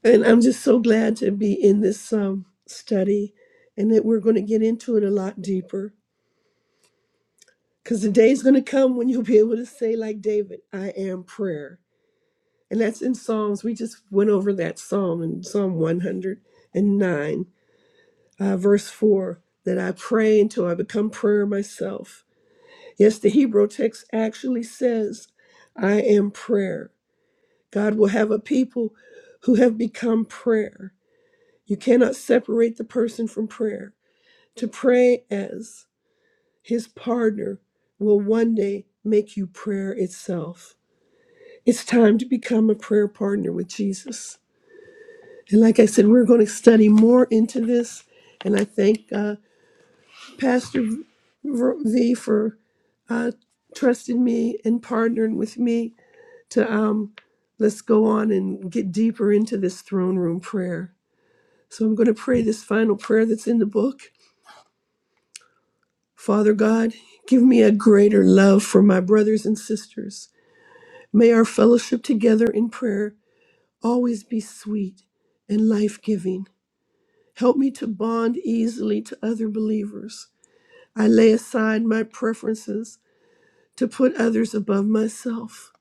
Speaker 10: And I'm just so glad to be in this um, study and that we're going to get into it a lot deeper because the day's going to come when you'll be able to say, like David, I am prayer. And that's in Psalms. We just went over that psalm in Psalm 109, uh, verse 4, that I pray until I become prayer myself. Yes, the Hebrew text actually says, I am prayer. God will have a people who have become prayer. You cannot separate the person from prayer. To pray as his partner will one day make you prayer itself. It's time to become a prayer partner with Jesus. And like I said, we're going to study more into this. And I thank uh, Pastor V for uh, trusting me and partnering with me to um, let's go on and get deeper into this throne room prayer. So I'm going to pray this final prayer that's in the book. Father God, give me a greater love for my brothers and sisters. May our fellowship together in prayer always be sweet and life giving. Help me to bond easily to other believers. I lay aside my preferences to put others above myself.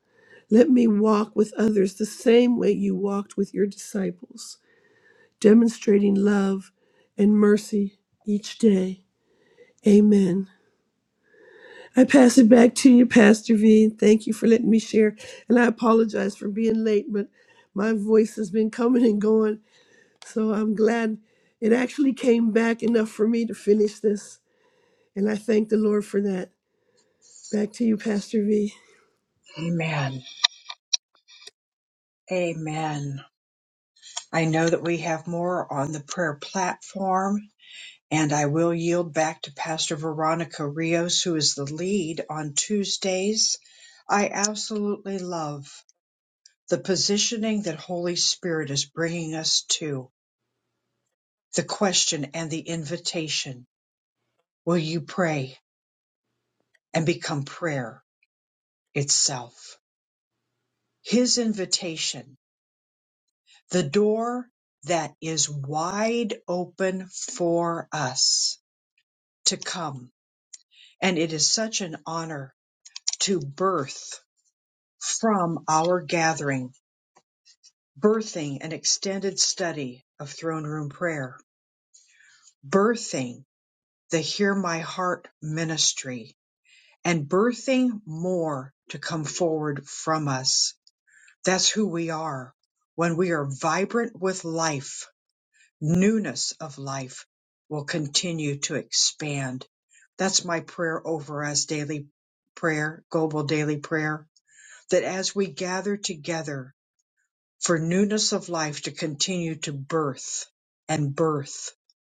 Speaker 10: Let me walk with others the same way you walked with your disciples, demonstrating love and mercy each day. Amen. I pass it back to you, Pastor V. Thank you for letting me share. And I apologize for being late, but my voice has been coming and going. So I'm glad it actually came back enough for me to finish this. And I thank the Lord for that. Back to you, Pastor V.
Speaker 1: Amen. Amen. I know that we have more on the prayer platform And I will yield back to Pastor Veronica Rios, who is the lead on Tuesdays. I absolutely love the positioning that Holy Spirit is bringing us to, the question and the invitation. Will you pray and become prayer itself? His invitation, the door that is wide open for us to come. And it is such an honor to birth. from our gathering, birthing an extended study of throne room prayer, birthing the Hear My Heart ministry, and birthing more to come forward from us. That's who we are. When we are vibrant with life, newness of life will continue to expand. That's my prayer over us daily prayer, global daily prayer, that as we gather together for newness of life to continue to birth and birth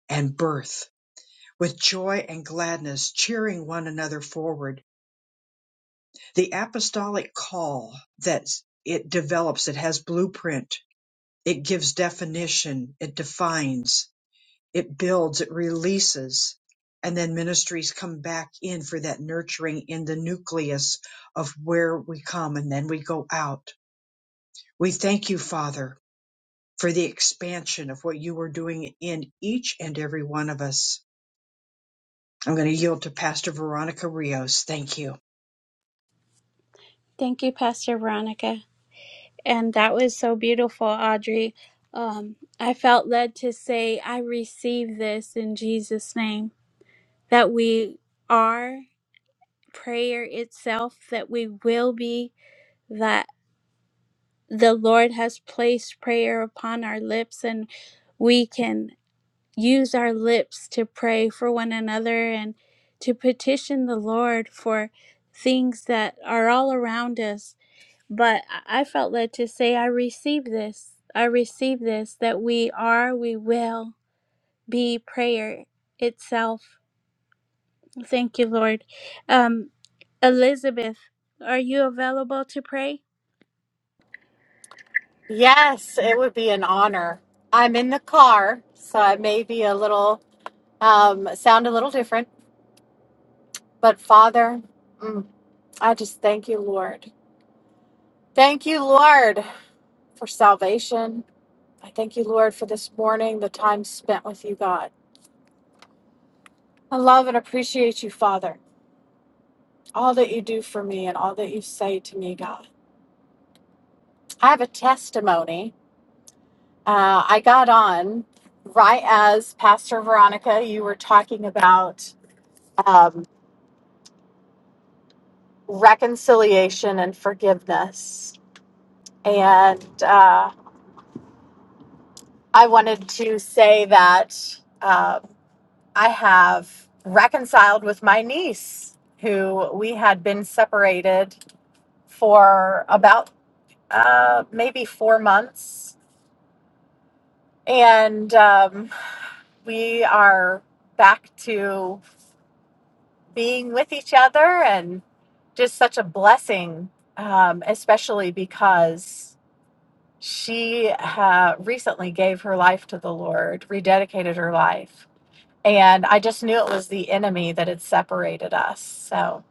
Speaker 1: and birth with joy and gladness, cheering one another forward. The apostolic call that it develops, it has blueprint, it gives definition, it defines, it builds, it releases. And then ministries come back in for that nurturing in the nucleus of where we come and then we go out. We thank you, Father, for the expansion of what you are doing in each and every one of us. I'm going to yield to Pastor Veronica Rios. Thank you.
Speaker 2: Thank you, Pastor Veronica. And that was so beautiful, Audrey. Um, I felt led to say, I receive this in Jesus' name, that we are prayer itself that we will be that the Lord has placed prayer upon our lips and we can use our lips to pray for one another and to petition the Lord for things that are all around us. But I I felt led to say, I receive this. I receive this that we are, we will be prayer itself. Thank you, Lord. Um, Elizabeth, are you available to pray?
Speaker 11: Yes, it would be an honor. I'm in the car, so I may be a little, um, sound a little different. But Father, mm, I just thank you, Lord. Thank you, Lord, for salvation. I thank you, Lord, for this morning, the time spent with you, God. I love and appreciate you, Father, all that you do for me and all that you say to me, God. I have a testimony. Uh, I got on right as Pastor Veronica, you were talking about. Um, reconciliation and forgiveness. And uh, I wanted to say that uh, I have reconciled with my niece, who we had been separated for about uh, maybe four months. And um, we are back to being with each other and just such a blessing, um, especially because. she ha- recently gave her life to the Lord, rededicated her life. And I just knew it was the enemy that had separated us. So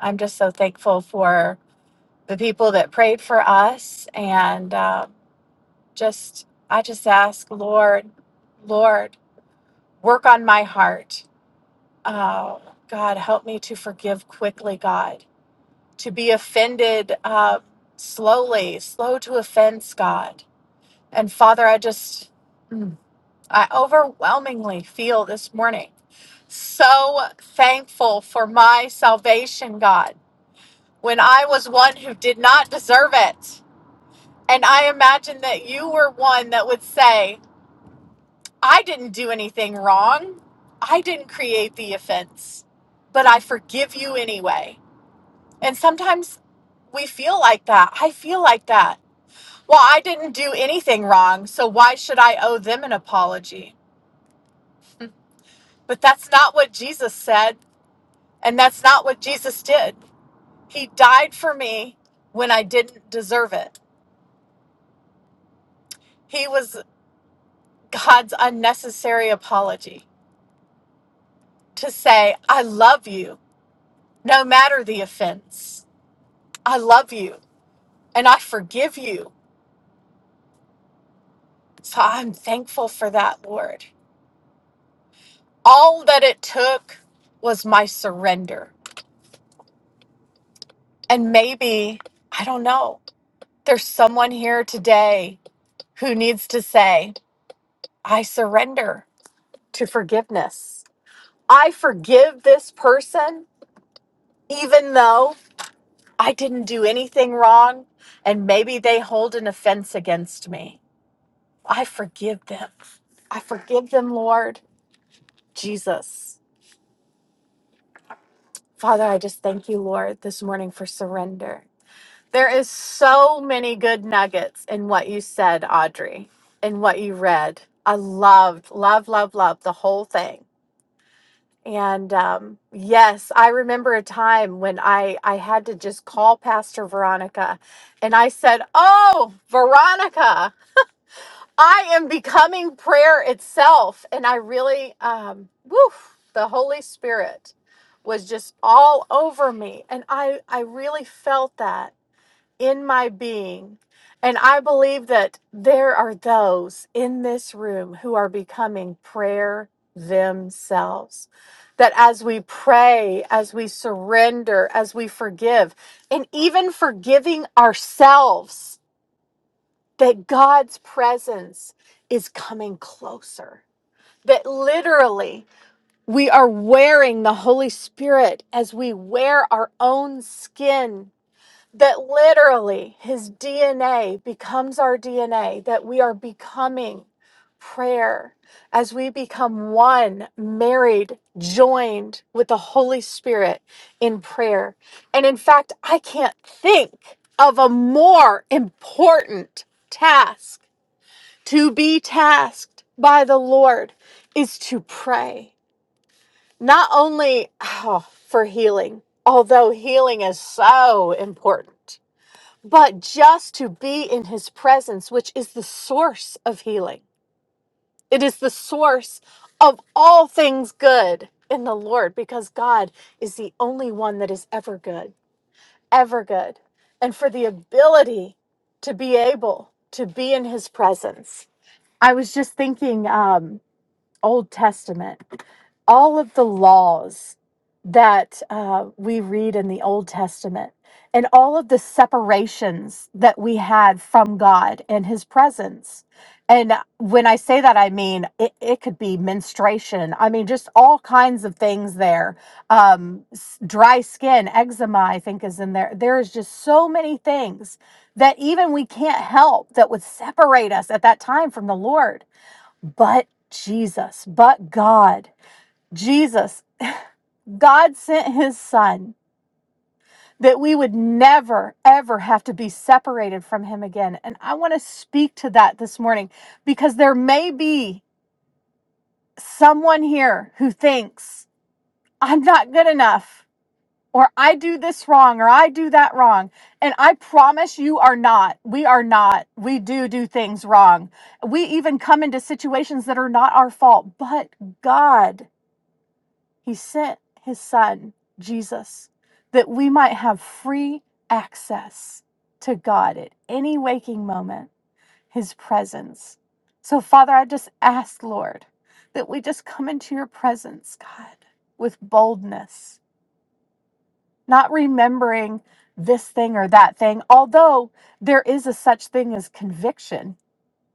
Speaker 11: I'm just so thankful for the people that prayed for us. And uh, just, I just ask, Lord, Lord, work on my heart. Oh, God, help me to forgive quickly, God, to be offended uh, slowly, slow to offense, God. And Father, I just. mm, I overwhelmingly feel this morning. So thankful for my salvation, God, when I was one who did not deserve it. And I imagine that you were one that would say, I didn't do anything wrong. I didn't create the offense, but I forgive you anyway. And sometimes we feel like that. I feel like that. Well, I didn't do anything wrong, so why should I owe them an apology? But that's not what Jesus said. And that's not what Jesus did. He died for me when I didn't deserve it. He was God's unnecessary apology to say, I love you no matter the offense. I love you and I forgive you. So I'm thankful for that, Lord. All that it took was my surrender. And maybe, I don't know, there's someone here today who needs to say, I surrender to forgiveness. I forgive this person even though I didn't do anything wrong and maybe they hold an offense against me. I forgive them. I forgive them, Lord Jesus. Father, I just thank you, Lord, this morning for surrender. There is so many good nuggets in what you said, Audrey, in what you read. I loved, love, love, love the whole thing. And um, yes, I remember a time when I I had to just call Pastor Veronica, and I said, "Oh, Veronica, I am becoming prayer itself." And I really, um, woof, the Holy Spirit was just all over me, and I I really felt that in my being. And I believe that there are those in this room who are becoming prayer themselves. That as we pray, as we surrender, as we forgive, and even forgiving ourselves, that God's presence is coming closer. That literally we are wearing the Holy Spirit as we wear our own skin that literally his DNA becomes our DNA, that we are becoming prayer as we become one, married, joined with the Holy Spirit in prayer. And in fact, I can't think of a more important task to be tasked by the Lord is to pray. Not only oh, for healing, although healing is so important but just to be in his presence, which is the source of healing. It is the source of all things good in the Lord because God is the only one that is ever good, ever good. And for the ability to be able to be in his presence. I was just thinking um Old Testament all of the laws that uh, we read in the Old Testament and all of the separations that we had from God and His presence. And uh, when I say that, I mean it, it could be menstruation. I mean, just all kinds of things there. Um, s- dry skin, eczema, I think, is in there. There is just so many things that even we can't help that would separate us at that time from the Lord. But Jesus, but God. Jesus, God sent his son that we would never, ever have to be separated from him again. And I want to speak to that this morning because there may be someone here who thinks, I'm not good enough, or I do this wrong, or I do that wrong. And I promise you are not. We are not. We do do things wrong. We even come into situations that are not our fault, but God. He sent his son, Jesus, that we might have free access to God at any waking moment, his presence. So, Father, I just ask, Lord, that we just come into your presence, God, with boldness, not remembering this thing or that thing, although there is a such thing as conviction.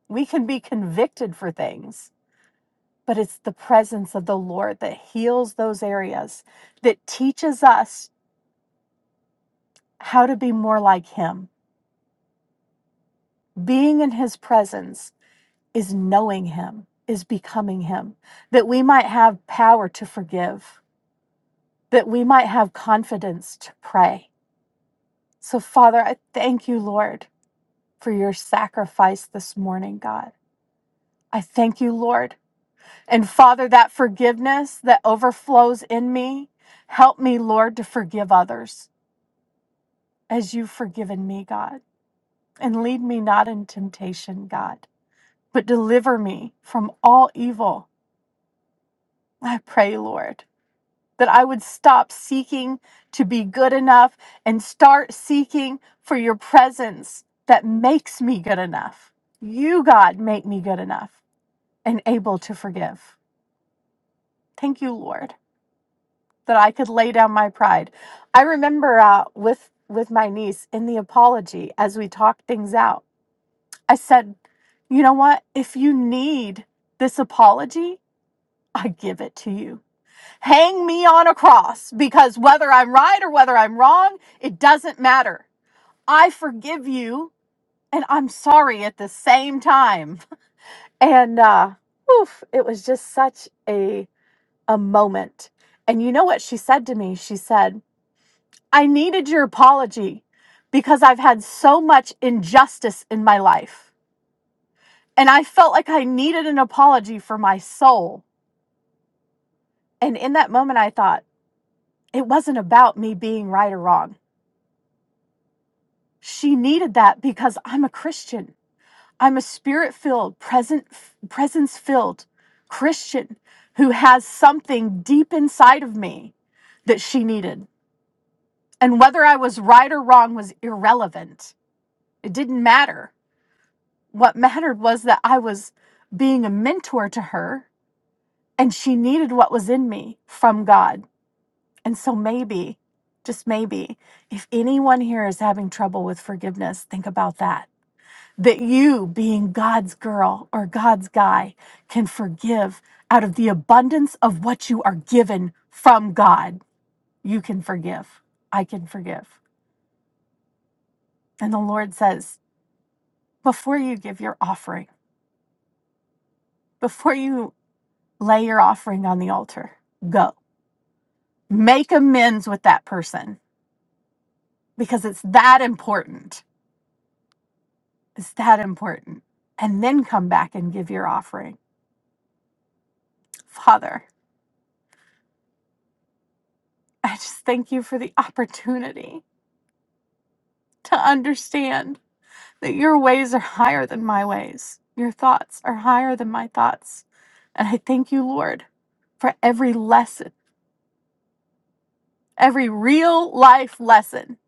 Speaker 11: We can be convicted for things, but it's the presence of the Lord that heals those areas, that teaches us how to be more like him. Being in his presence is knowing him, is becoming him, that we might have power to forgive, that we might have confidence to pray. So, Father, I thank you, Lord, for your sacrifice this morning, God. I thank you, Lord. And Father, that forgiveness that overflows in me, help me, Lord, to forgive others as you've forgiven me, God. And lead me not in temptation, God but deliver me from all evil. I pray, Lord, that I would stop seeking to be good enough and start seeking for your presence that makes me good enough. You, God, make me good enough and able to forgive. Thank you, Lord, that I could lay down my pride. I remember uh, with with my niece in the apology as we talked things out. I said, "You know what? If you need this apology, I give it to you." Hang me on a cross because whether I'm right or whether I'm wrong, it doesn't matter. I forgive you and I'm sorry at the same time. And uh oof, it was just such a a moment. And you know what she said to me? She said, "I needed your apology because I've had so much injustice in my life. And I felt like I needed an apology for my soul." And in that moment I thought, it wasn't about me being right or wrong. She needed that because I'm a Christian. I'm a spirit-filled, present presence-filled Christian who has something deep inside of me that she needed. And whether I was right or wrong was irrelevant. It didn't matter. What mattered was that I was being a mentor to her and she needed what was in me from God. And so maybe, just maybe, if anyone here is having trouble with forgiveness, think about that that you, being God's girl or God's guy, can forgive out of the abundance of what you are given from God. You can forgive. I can forgive. And the Lord says, before you give your offering, before you lay your offering on the altar, go make amends with that person because it's that important. It's that important. And then come back and give your offering. Father, I just thank you for the opportunity to understand that your ways are higher than my ways. Your thoughts are higher than my thoughts. And I thank you, Lord, for every lesson, every real life lesson,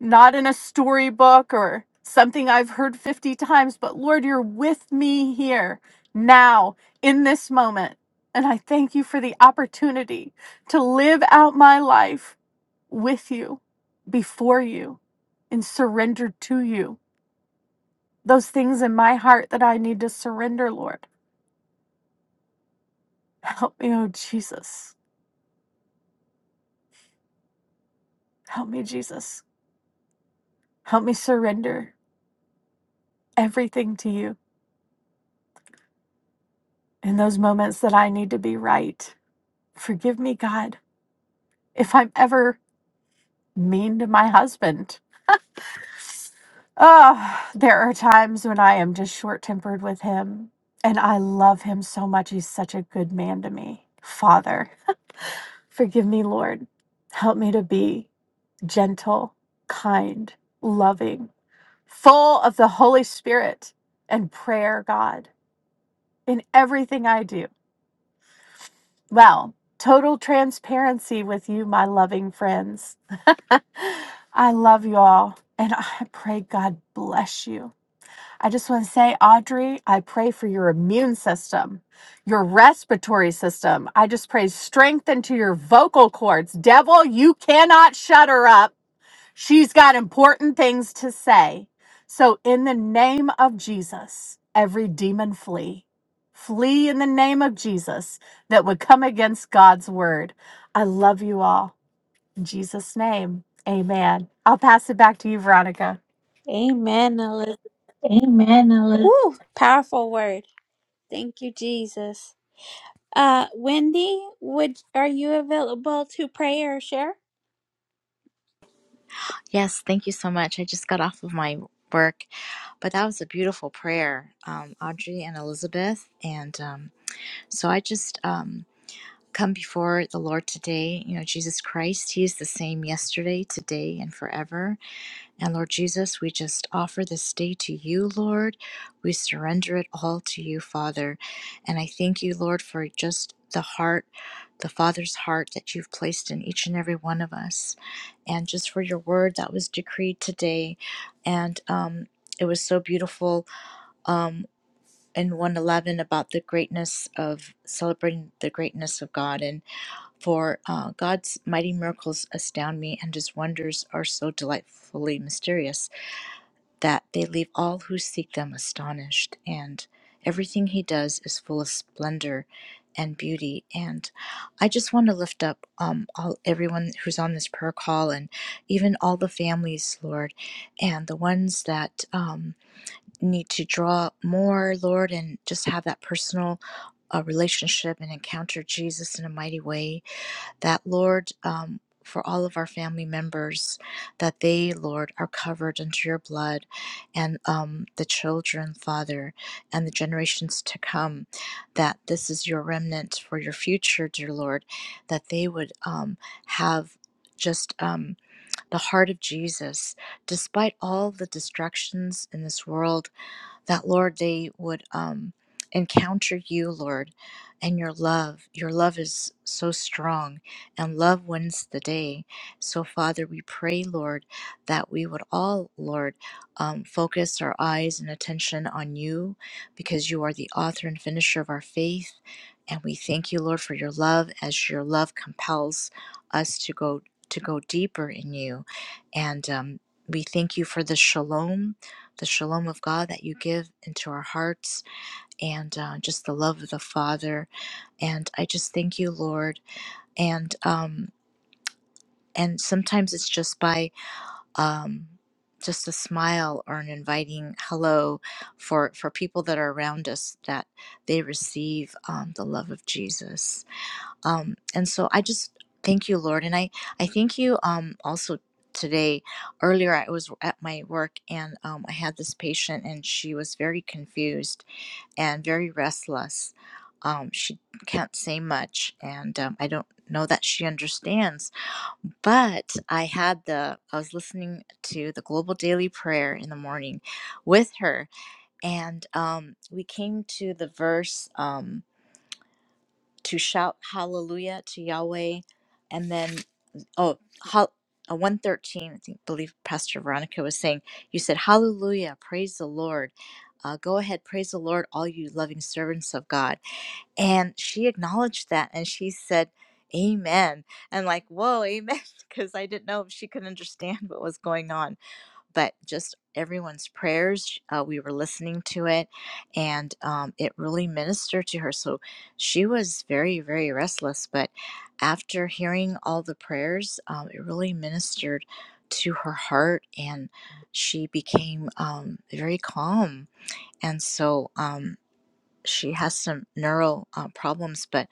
Speaker 11: not in a storybook or something I've heard 50 times, but Lord, you're with me here now in this moment. And I thank you for the opportunity to live out my life with you, before you, and surrendered to you. those things in my heart that I need to surrender, Lord. Help me, oh Jesus. Help me, Jesus. Help me surrender everything to you in those moments that I need to be right. Forgive me, God, if I'm ever mean to my husband. Ah, there are times when I am just short tempered with him, and I love him so much. He's such a good man to me. Father, forgive me, Lord. Help me to be gentle, kind, loving, full of the Holy Spirit and prayer, God, in everything I do. Well, total transparency with you, my loving friends. I love you all. And I pray God bless you. I just want to say, Audrey, I pray for your immune system, your respiratory system. I just pray strength into your vocal cords. Devil, you cannot shut her up. She's got important things to say. So, in the name of Jesus, every demon flee. Flee in the name of Jesus that would come against God's word. I love you all. In Jesus' name, amen. I'll pass it back to you, Veronica.
Speaker 2: Amen, Elizabeth. Woo! Powerful word. Thank you, Jesus. Uh, Wendy, would are you available to pray or share?
Speaker 12: Yes, thank you so much. I just got off of my work, but that was a beautiful prayer, um, Audrey and Elizabeth. And um, so I just um, come before the Lord today. You know, Jesus Christ, He is the same yesterday, today, and forever. And Lord Jesus, we just offer this day to you, Lord. We surrender it all to you, Father. And I thank you, Lord, for just the heart, the Father's heart that you've placed in each and every one of us. And just for your word that was decreed today. And um, it was so beautiful um, in 111 about the greatness of celebrating the greatness of God. And for uh, God's mighty miracles astound me, and his wonders are so delightfully mysterious that they leave all who seek them astonished, and everything he does is full of splendor and beauty. And I just want to lift up um, all everyone who's on this prayer call, and even all the families, Lord, and the ones that um, need to draw more, Lord, and just have that personal. uh relationship and encounter Jesus in a mighty way that, Lord, um, for all of our family members, that they, Lord, are covered under your blood and um, the children, Father, and the generations to come, that this is your remnant for your future, dear Lord, that they would um, have just um, the heart of Jesus, despite all the distractions in this world that Lord, they would um, encounter you, Lord, and your love. Your love is so strong, and love wins the day. So, Father, we pray, Lord, that we would all, Lord, um, focus our eyes and attention on you because you are the author and finisher of our faith. And we thank you, Lord, for your love as your love compels us to go. To go deeper in you. And um, we thank you for the shalom the shalom of God that you give into our hearts and uh, just the love of the Father. And I just thank you, Lord. And um, and sometimes it's just by um, just a smile or an inviting hello for for people that are around us that they receive um, the love of Jesus um and so i just thank you lord and i i thank you um also today earlier i was at my work and um, i had this patient and she was very confused and very restless um, she can't say much and um, i don't know that she understands but i had the i was listening to the global daily prayer in the morning with her and um, we came to the verse Um, to shout hallelujah to Yahweh, and then oh, hal- uh, one thirteen. I think believe Pastor Veronica was saying you said hallelujah, praise the Lord. Uh, go ahead, praise the Lord, all you loving servants of God. And she acknowledged that, and she said, "Amen." And like, whoa, amen, because I didn't know if she could understand what was going on but just everyone's prayers. Uh, we were listening to it, and um, it really ministered to her. So she was very, very restless. But after hearing all the prayers, um, it really ministered to her heart, and she became um, very calm. And so, um, she has some neural uh, problems, but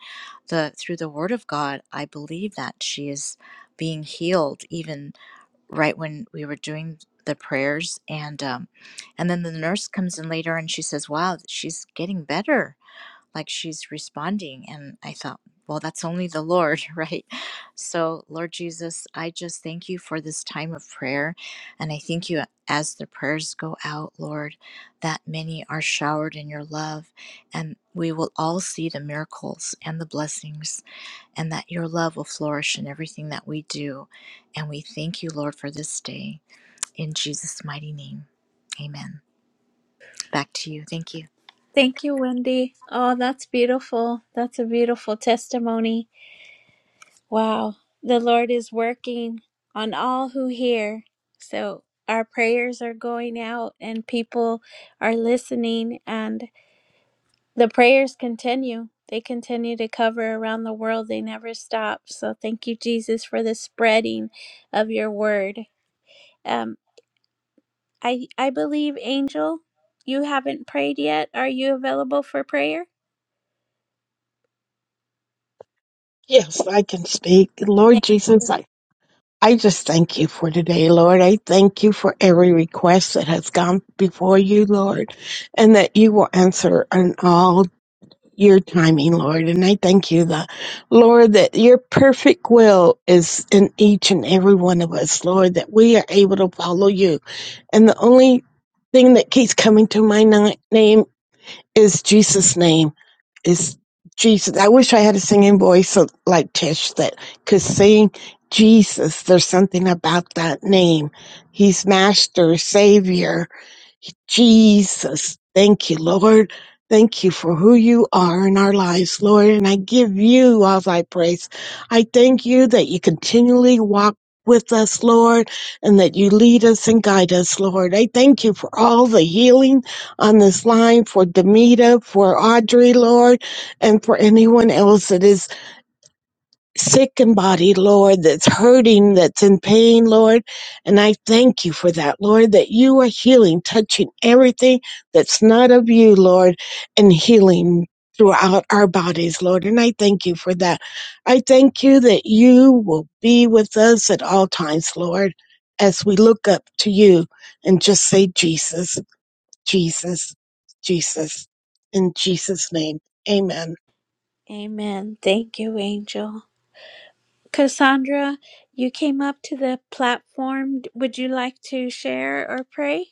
Speaker 12: the through the Word of God, I believe that she is being healed even right when we were doing the prayers and um, and then the nurse comes in later and she says wow she's getting better like she's responding. And I thought, well, that's only the Lord, right? So, Lord Jesus, I just thank you for this time of prayer. And I thank you as the prayers go out, Lord, that many are showered in your love. And we will all see the miracles and the blessings, and that your love will flourish in everything that we do. And we thank you, Lord, for this day. In Jesus' mighty name, amen. Back to you. Thank you.
Speaker 2: Thank you, Wendy. Oh, that's beautiful. That's a beautiful testimony. Wow. The Lord is working on all who hear. So our prayers are going out and people are listening. And The prayers continue. They continue to cover around the world. They never stop. So thank you, Jesus, for the spreading of your word. Um, I I believe, Angel, you haven't prayed yet. Are you available for prayer?
Speaker 13: Yes, I can speak. Lord
Speaker 2: Thank
Speaker 13: Jesus,
Speaker 2: you.
Speaker 13: I, I just thank you for today, Lord. I thank you for every request that has gone before you, Lord, and that you will answer in all your timing, Lord. And I thank you, the, Lord, that your perfect will is in each and every one of us, Lord, that we are able to follow you. And the only thing that keeps coming to my ni- name it's Jesus' name. It's Jesus. I wish I had a singing voice so- like Tish that could sing Jesus. There's something about that name. He's Master, Savior. Jesus, thank you, Lord. Thank you for who you are in our lives, Lord. And I give you all thy praise. I thank you that you continually walk with us, Lord, and that you lead us and guide us, Lord. I thank you for all the healing on this line for Demita, for Audrey, Lord, and for anyone else that is sickened body, Lord, that's hurting, that's in pain, Lord. And I thank you for that, Lord, that you are healing, touching everything that's not of you, Lord, and healing throughout our bodies, Lord. And I thank you for that. I thank you that you will be with us at all times, Lord, as we look up to you and just say, Jesus, Jesus, Jesus. In Jesus' name, amen.
Speaker 2: Amen. Thank you, Angel. Cassandra, you came up to the platform. Would you like to share or pray?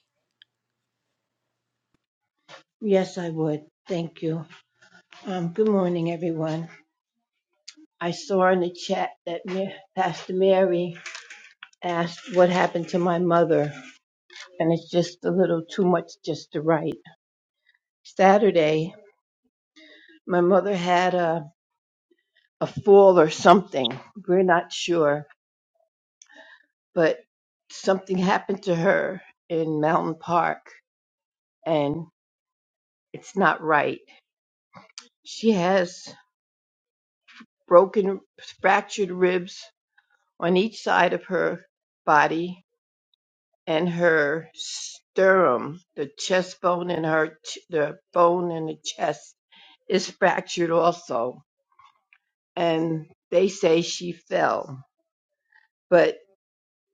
Speaker 14: Yes, I would. Thank you. Um, good morning, everyone. I saw in the chat that Ma- Pastor Mary asked what happened to my mother, and it's just a little too much just to write. Saturday, my mother had a, a fall or something. We're not sure, but something happened to her in Mountain Park, and it's not right. She has broken, fractured ribs on each side of her body and her sternum, the chest bone in her, ch- the bone in the chest is fractured also. And they say she fell, but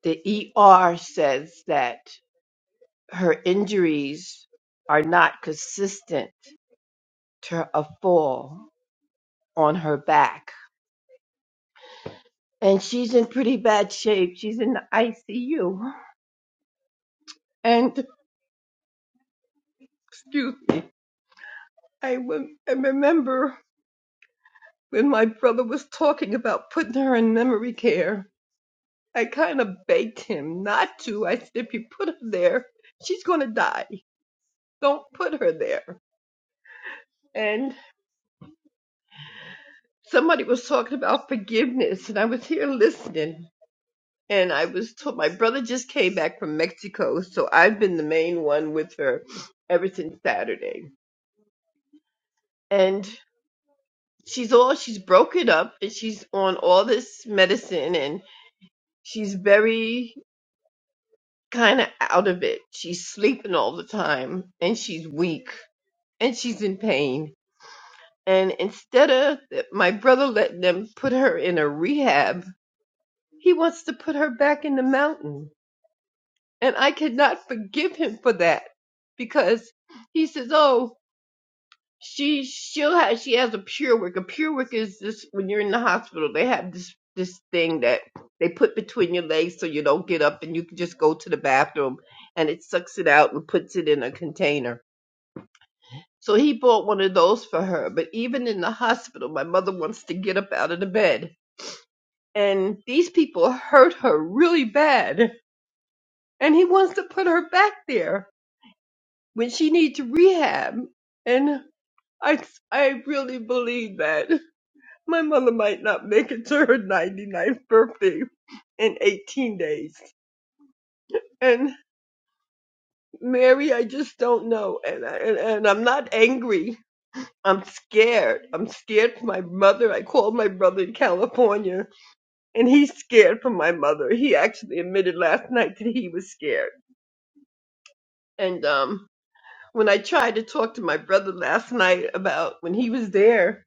Speaker 14: the ER says that her injuries are not consistent to a fall on her back. And she's in pretty bad shape. She's in the ICU. And excuse me, I, w- I remember when my brother was talking about putting her in memory care, I kind of begged him not to. I said, if you put her there, she's going to die. Don't put her there. And somebody was talking about forgiveness, and I was here listening. And I was told my brother just came back from Mexico, so I've been the main one with her ever since Saturday. And she's all she's broken up and she's on all this medicine and she's very kind of out of it. She's sleeping all the time and she's weak and she's in pain. And instead of th- my brother letting them put her in a rehab, he wants to put her back in the mountain. And I cannot forgive him for that because he says, Oh, she she'll have she has a pure work. A pure work is this when you're in the hospital, they have this this thing that they put between your legs so you don't get up and you can just go to the bathroom and it sucks it out and puts it in a container. So he bought one of those for her. But even in the hospital, my mother wants to get up out of the bed. And these people hurt her really bad. And he wants to put her back there when she needs rehab. And I, I really believe that. My mother might not make it to her 99th birthday in 18 days. And Mary, I just don't know. And, I, and, and I'm not angry. I'm scared. I'm scared for my mother. I called my brother in California and he's scared for my mother. He actually admitted last night that he was scared. And, um, when I tried to talk to my brother last night about when he was there,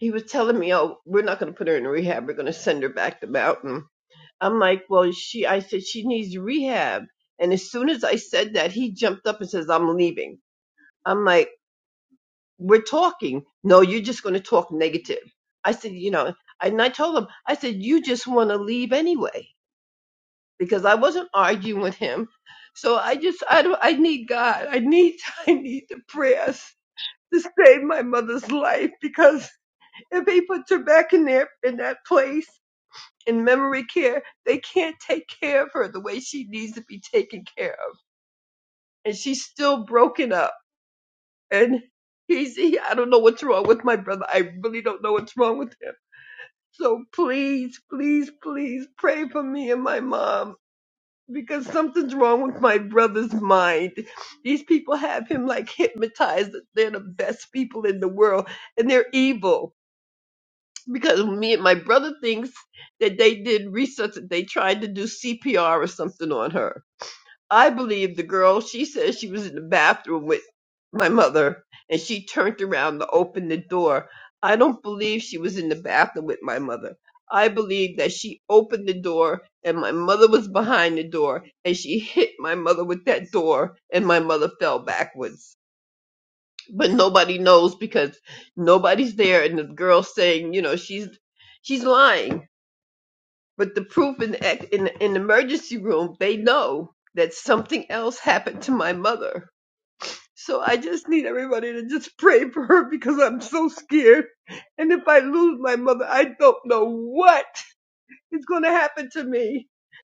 Speaker 14: he was telling me, "Oh, we're not going to put her in rehab. We're going to send her back to Mountain." I'm like, well, she, I said, she needs rehab. And as soon as I said that, he jumped up and says, I'm leaving. I'm like, we're talking. No, you're just going to talk negative. I said, you know, and I told him, I said, you just want to leave anyway, because I wasn't arguing with him. So I just, I don't, I need God. I need, I need the prayers to save my mother's life because if he puts her back in there, in that place, in memory care, they can't take care of her the way she needs to be taken care of. And she's still broken up. And he's, he, I don't know what's wrong with my brother. I really don't know what's wrong with him. So please, please, please pray for me and my mom because something's wrong with my brother's mind. These people have him like hypnotized. that They're the best people in the world and they're evil because me and my brother thinks that they did research that they tried to do CPR or something on her. I believe the girl, she says she was in the bathroom with my mother and she turned around to open the door. I don't believe she was in the bathroom with my mother. I believe that she opened the door and my mother was behind the door and she hit my mother with that door and my mother fell backwards but nobody knows because nobody's there and the girl's saying you know she's she's lying but the proof in the ex- in, in the emergency room they know that something else happened to my mother so i just need everybody to just pray for her because i'm so scared and if i lose my mother i don't know what is going to happen to me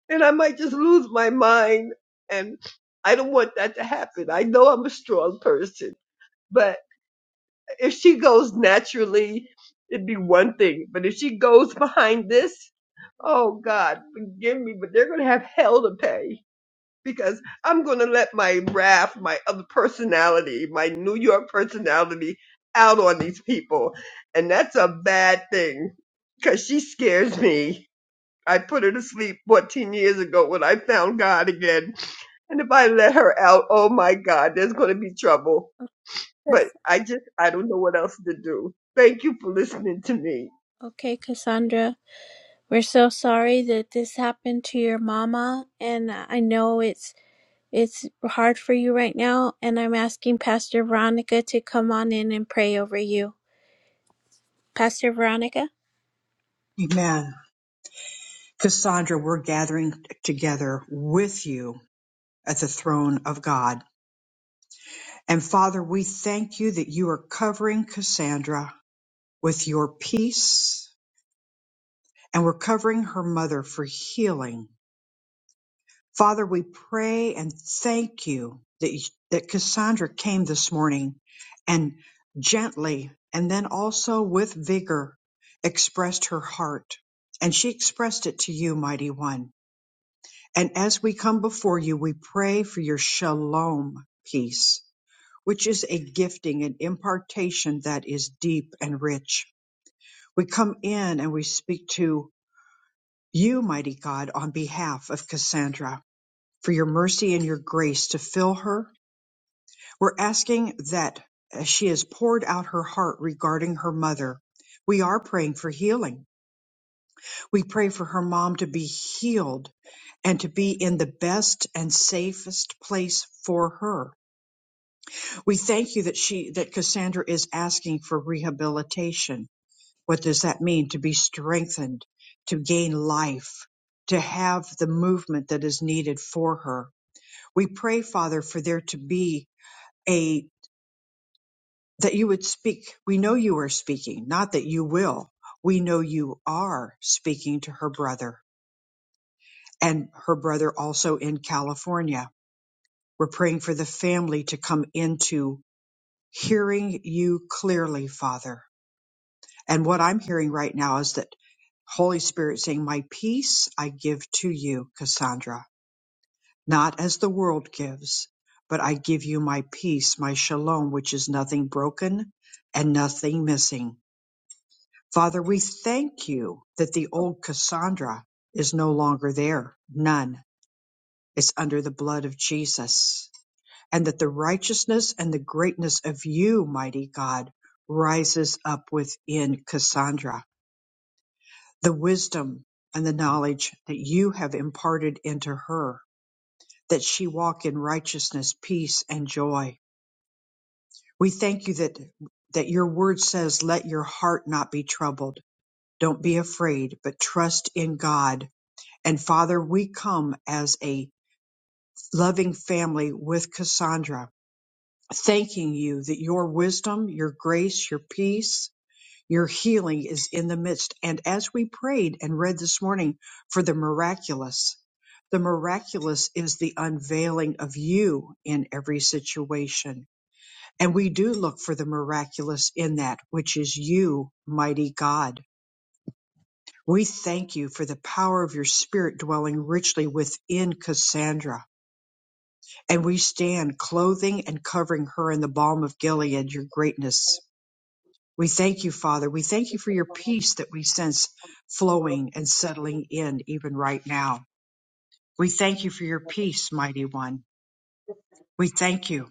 Speaker 14: and i might just lose my mind and i don't want that to happen i know i'm a strong person but. If she goes naturally, it'd be one thing. But if she goes behind this, oh God, forgive me, but they're going to have hell to pay because I'm going to let my wrath, my other personality, my New York personality out on these people. And that's a bad thing because she scares me. I put her to sleep 14 years ago when I found God again. And if I let her out, oh my God, there's going to be trouble.
Speaker 2: Yes.
Speaker 14: But I just, I don't know what else to do. Thank you for listening to me.
Speaker 2: Okay, Cassandra. We're so sorry that this happened to your mama, and I know it's it's hard for you right now, and I'm asking Pastor Veronica to come on in and pray over you. Pastor Veronica?
Speaker 1: Amen. Cassandra, we're gathering together with you at the throne of God. And Father, we thank you that you are covering Cassandra with your peace and we're covering her mother for healing Father, we pray and thank you that, you- that Cassandra came this morning and gently and then also with vigor expressed her heart. And she expressed it to you, mighty one. And as we come before you, we pray for your shalom peace, which is a gifting and impartation that is deep and rich. We come in and we speak to you, mighty God, on behalf of Cassandra for your mercy and your grace to fill her. We're asking that as she has poured out her heart regarding her mother, we are praying for healing. We pray for her mom to be healed and to be in the best and safest place for her. We thank you that she, that Cassandra is asking for rehabilitation. What does that mean? To be strengthened, to gain life, to have the movement that is needed for her. We pray, Father, for there to be a that you would speak. We know you are speaking, not that you will. We know you are speaking to her brother and her brother also in California. We're praying for the family to come into hearing you clearly, Father. And what I'm hearing right now is that Holy Spirit saying, My peace I give to you, Cassandra, not as the world gives, but I give you my peace, my shalom, which is nothing broken and nothing missing. Father, we thank you that the old Cassandra is no longer there. None. It's under the blood of Jesus. And that the righteousness and the greatness of you, mighty God, rises up within Cassandra. The wisdom and the knowledge that you have imparted into her, that she walk in righteousness, peace, and joy. We thank you that, that your word says, let your heart not be troubled. Don't be afraid, but trust in God And Father, we come as a loving family with Cassandra, thanking you that your wisdom, your grace, your peace, your healing is in the midst. And as we prayed and read this morning for the miraculous, the miraculous is the unveiling of you in every situation. And we do look for the miraculous in that, which is you, mighty God. We thank you for the power of your spirit dwelling richly within Cassandra And we stand clothing and covering her in the balm of Gilead, your greatness. We thank you, Father. We thank you for your peace that we sense flowing and settling in even right now. We thank you for your peace, mighty one. We thank you.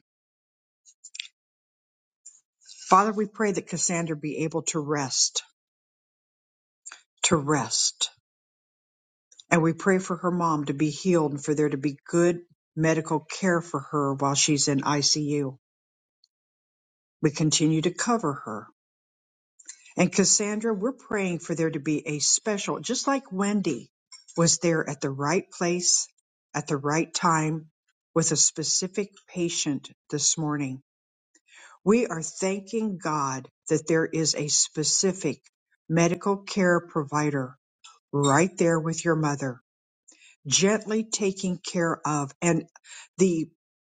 Speaker 1: Father, we pray that Cassandra be able to rest, to rest. And we pray for her mom to be healed and for there to be good medical care for her while she's in ICU. We continue to cover her. And Cassandra, we're praying for there to be a special, just like Wendy was there at the right place at the right time with a specific patient this morning. We are thanking God that there is a specific medical care provider right there with your mother, gently taking care of and the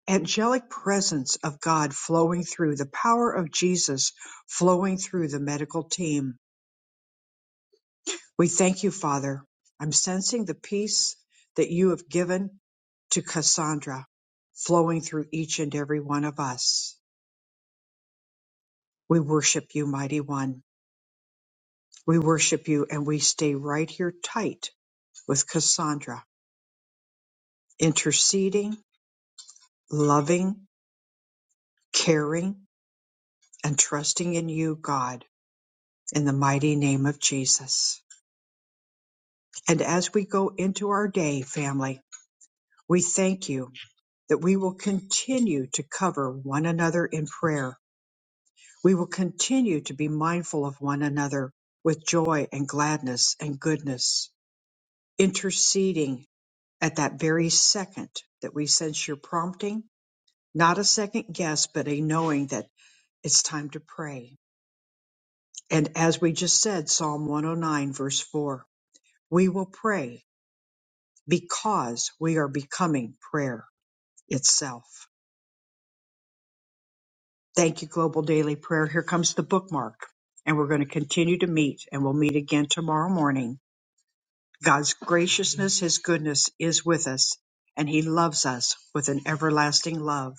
Speaker 1: angelic presence of God flowing through the power of Jesus flowing through the medical team We thank you, Father. I'm sensing the peace that you have given to Cassandra flowing through each and every one of us. We worship you, mighty one. We worship you and we stay right here tight with Cassandra, interceding, loving, caring, and trusting in you, God, in the mighty name of Jesus. And as we go into our day, family, we thank you that we will continue to cover one another in prayer we will continue to be mindful of one another with joy and gladness and goodness, interceding at that very second that we sense your prompting, not a second guess, but a knowing that it's time to pray. And as we just said, Psalm 109, verse 4, we will pray because we are becoming prayer itself. Thank you, Global Daily Prayer. Here comes the bookmark. And we're going to continue to meet, and we'll meet again tomorrow morning God's graciousness, His goodness is with us, and He loves us with an everlasting love.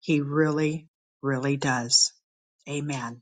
Speaker 1: He really, really does. Amen.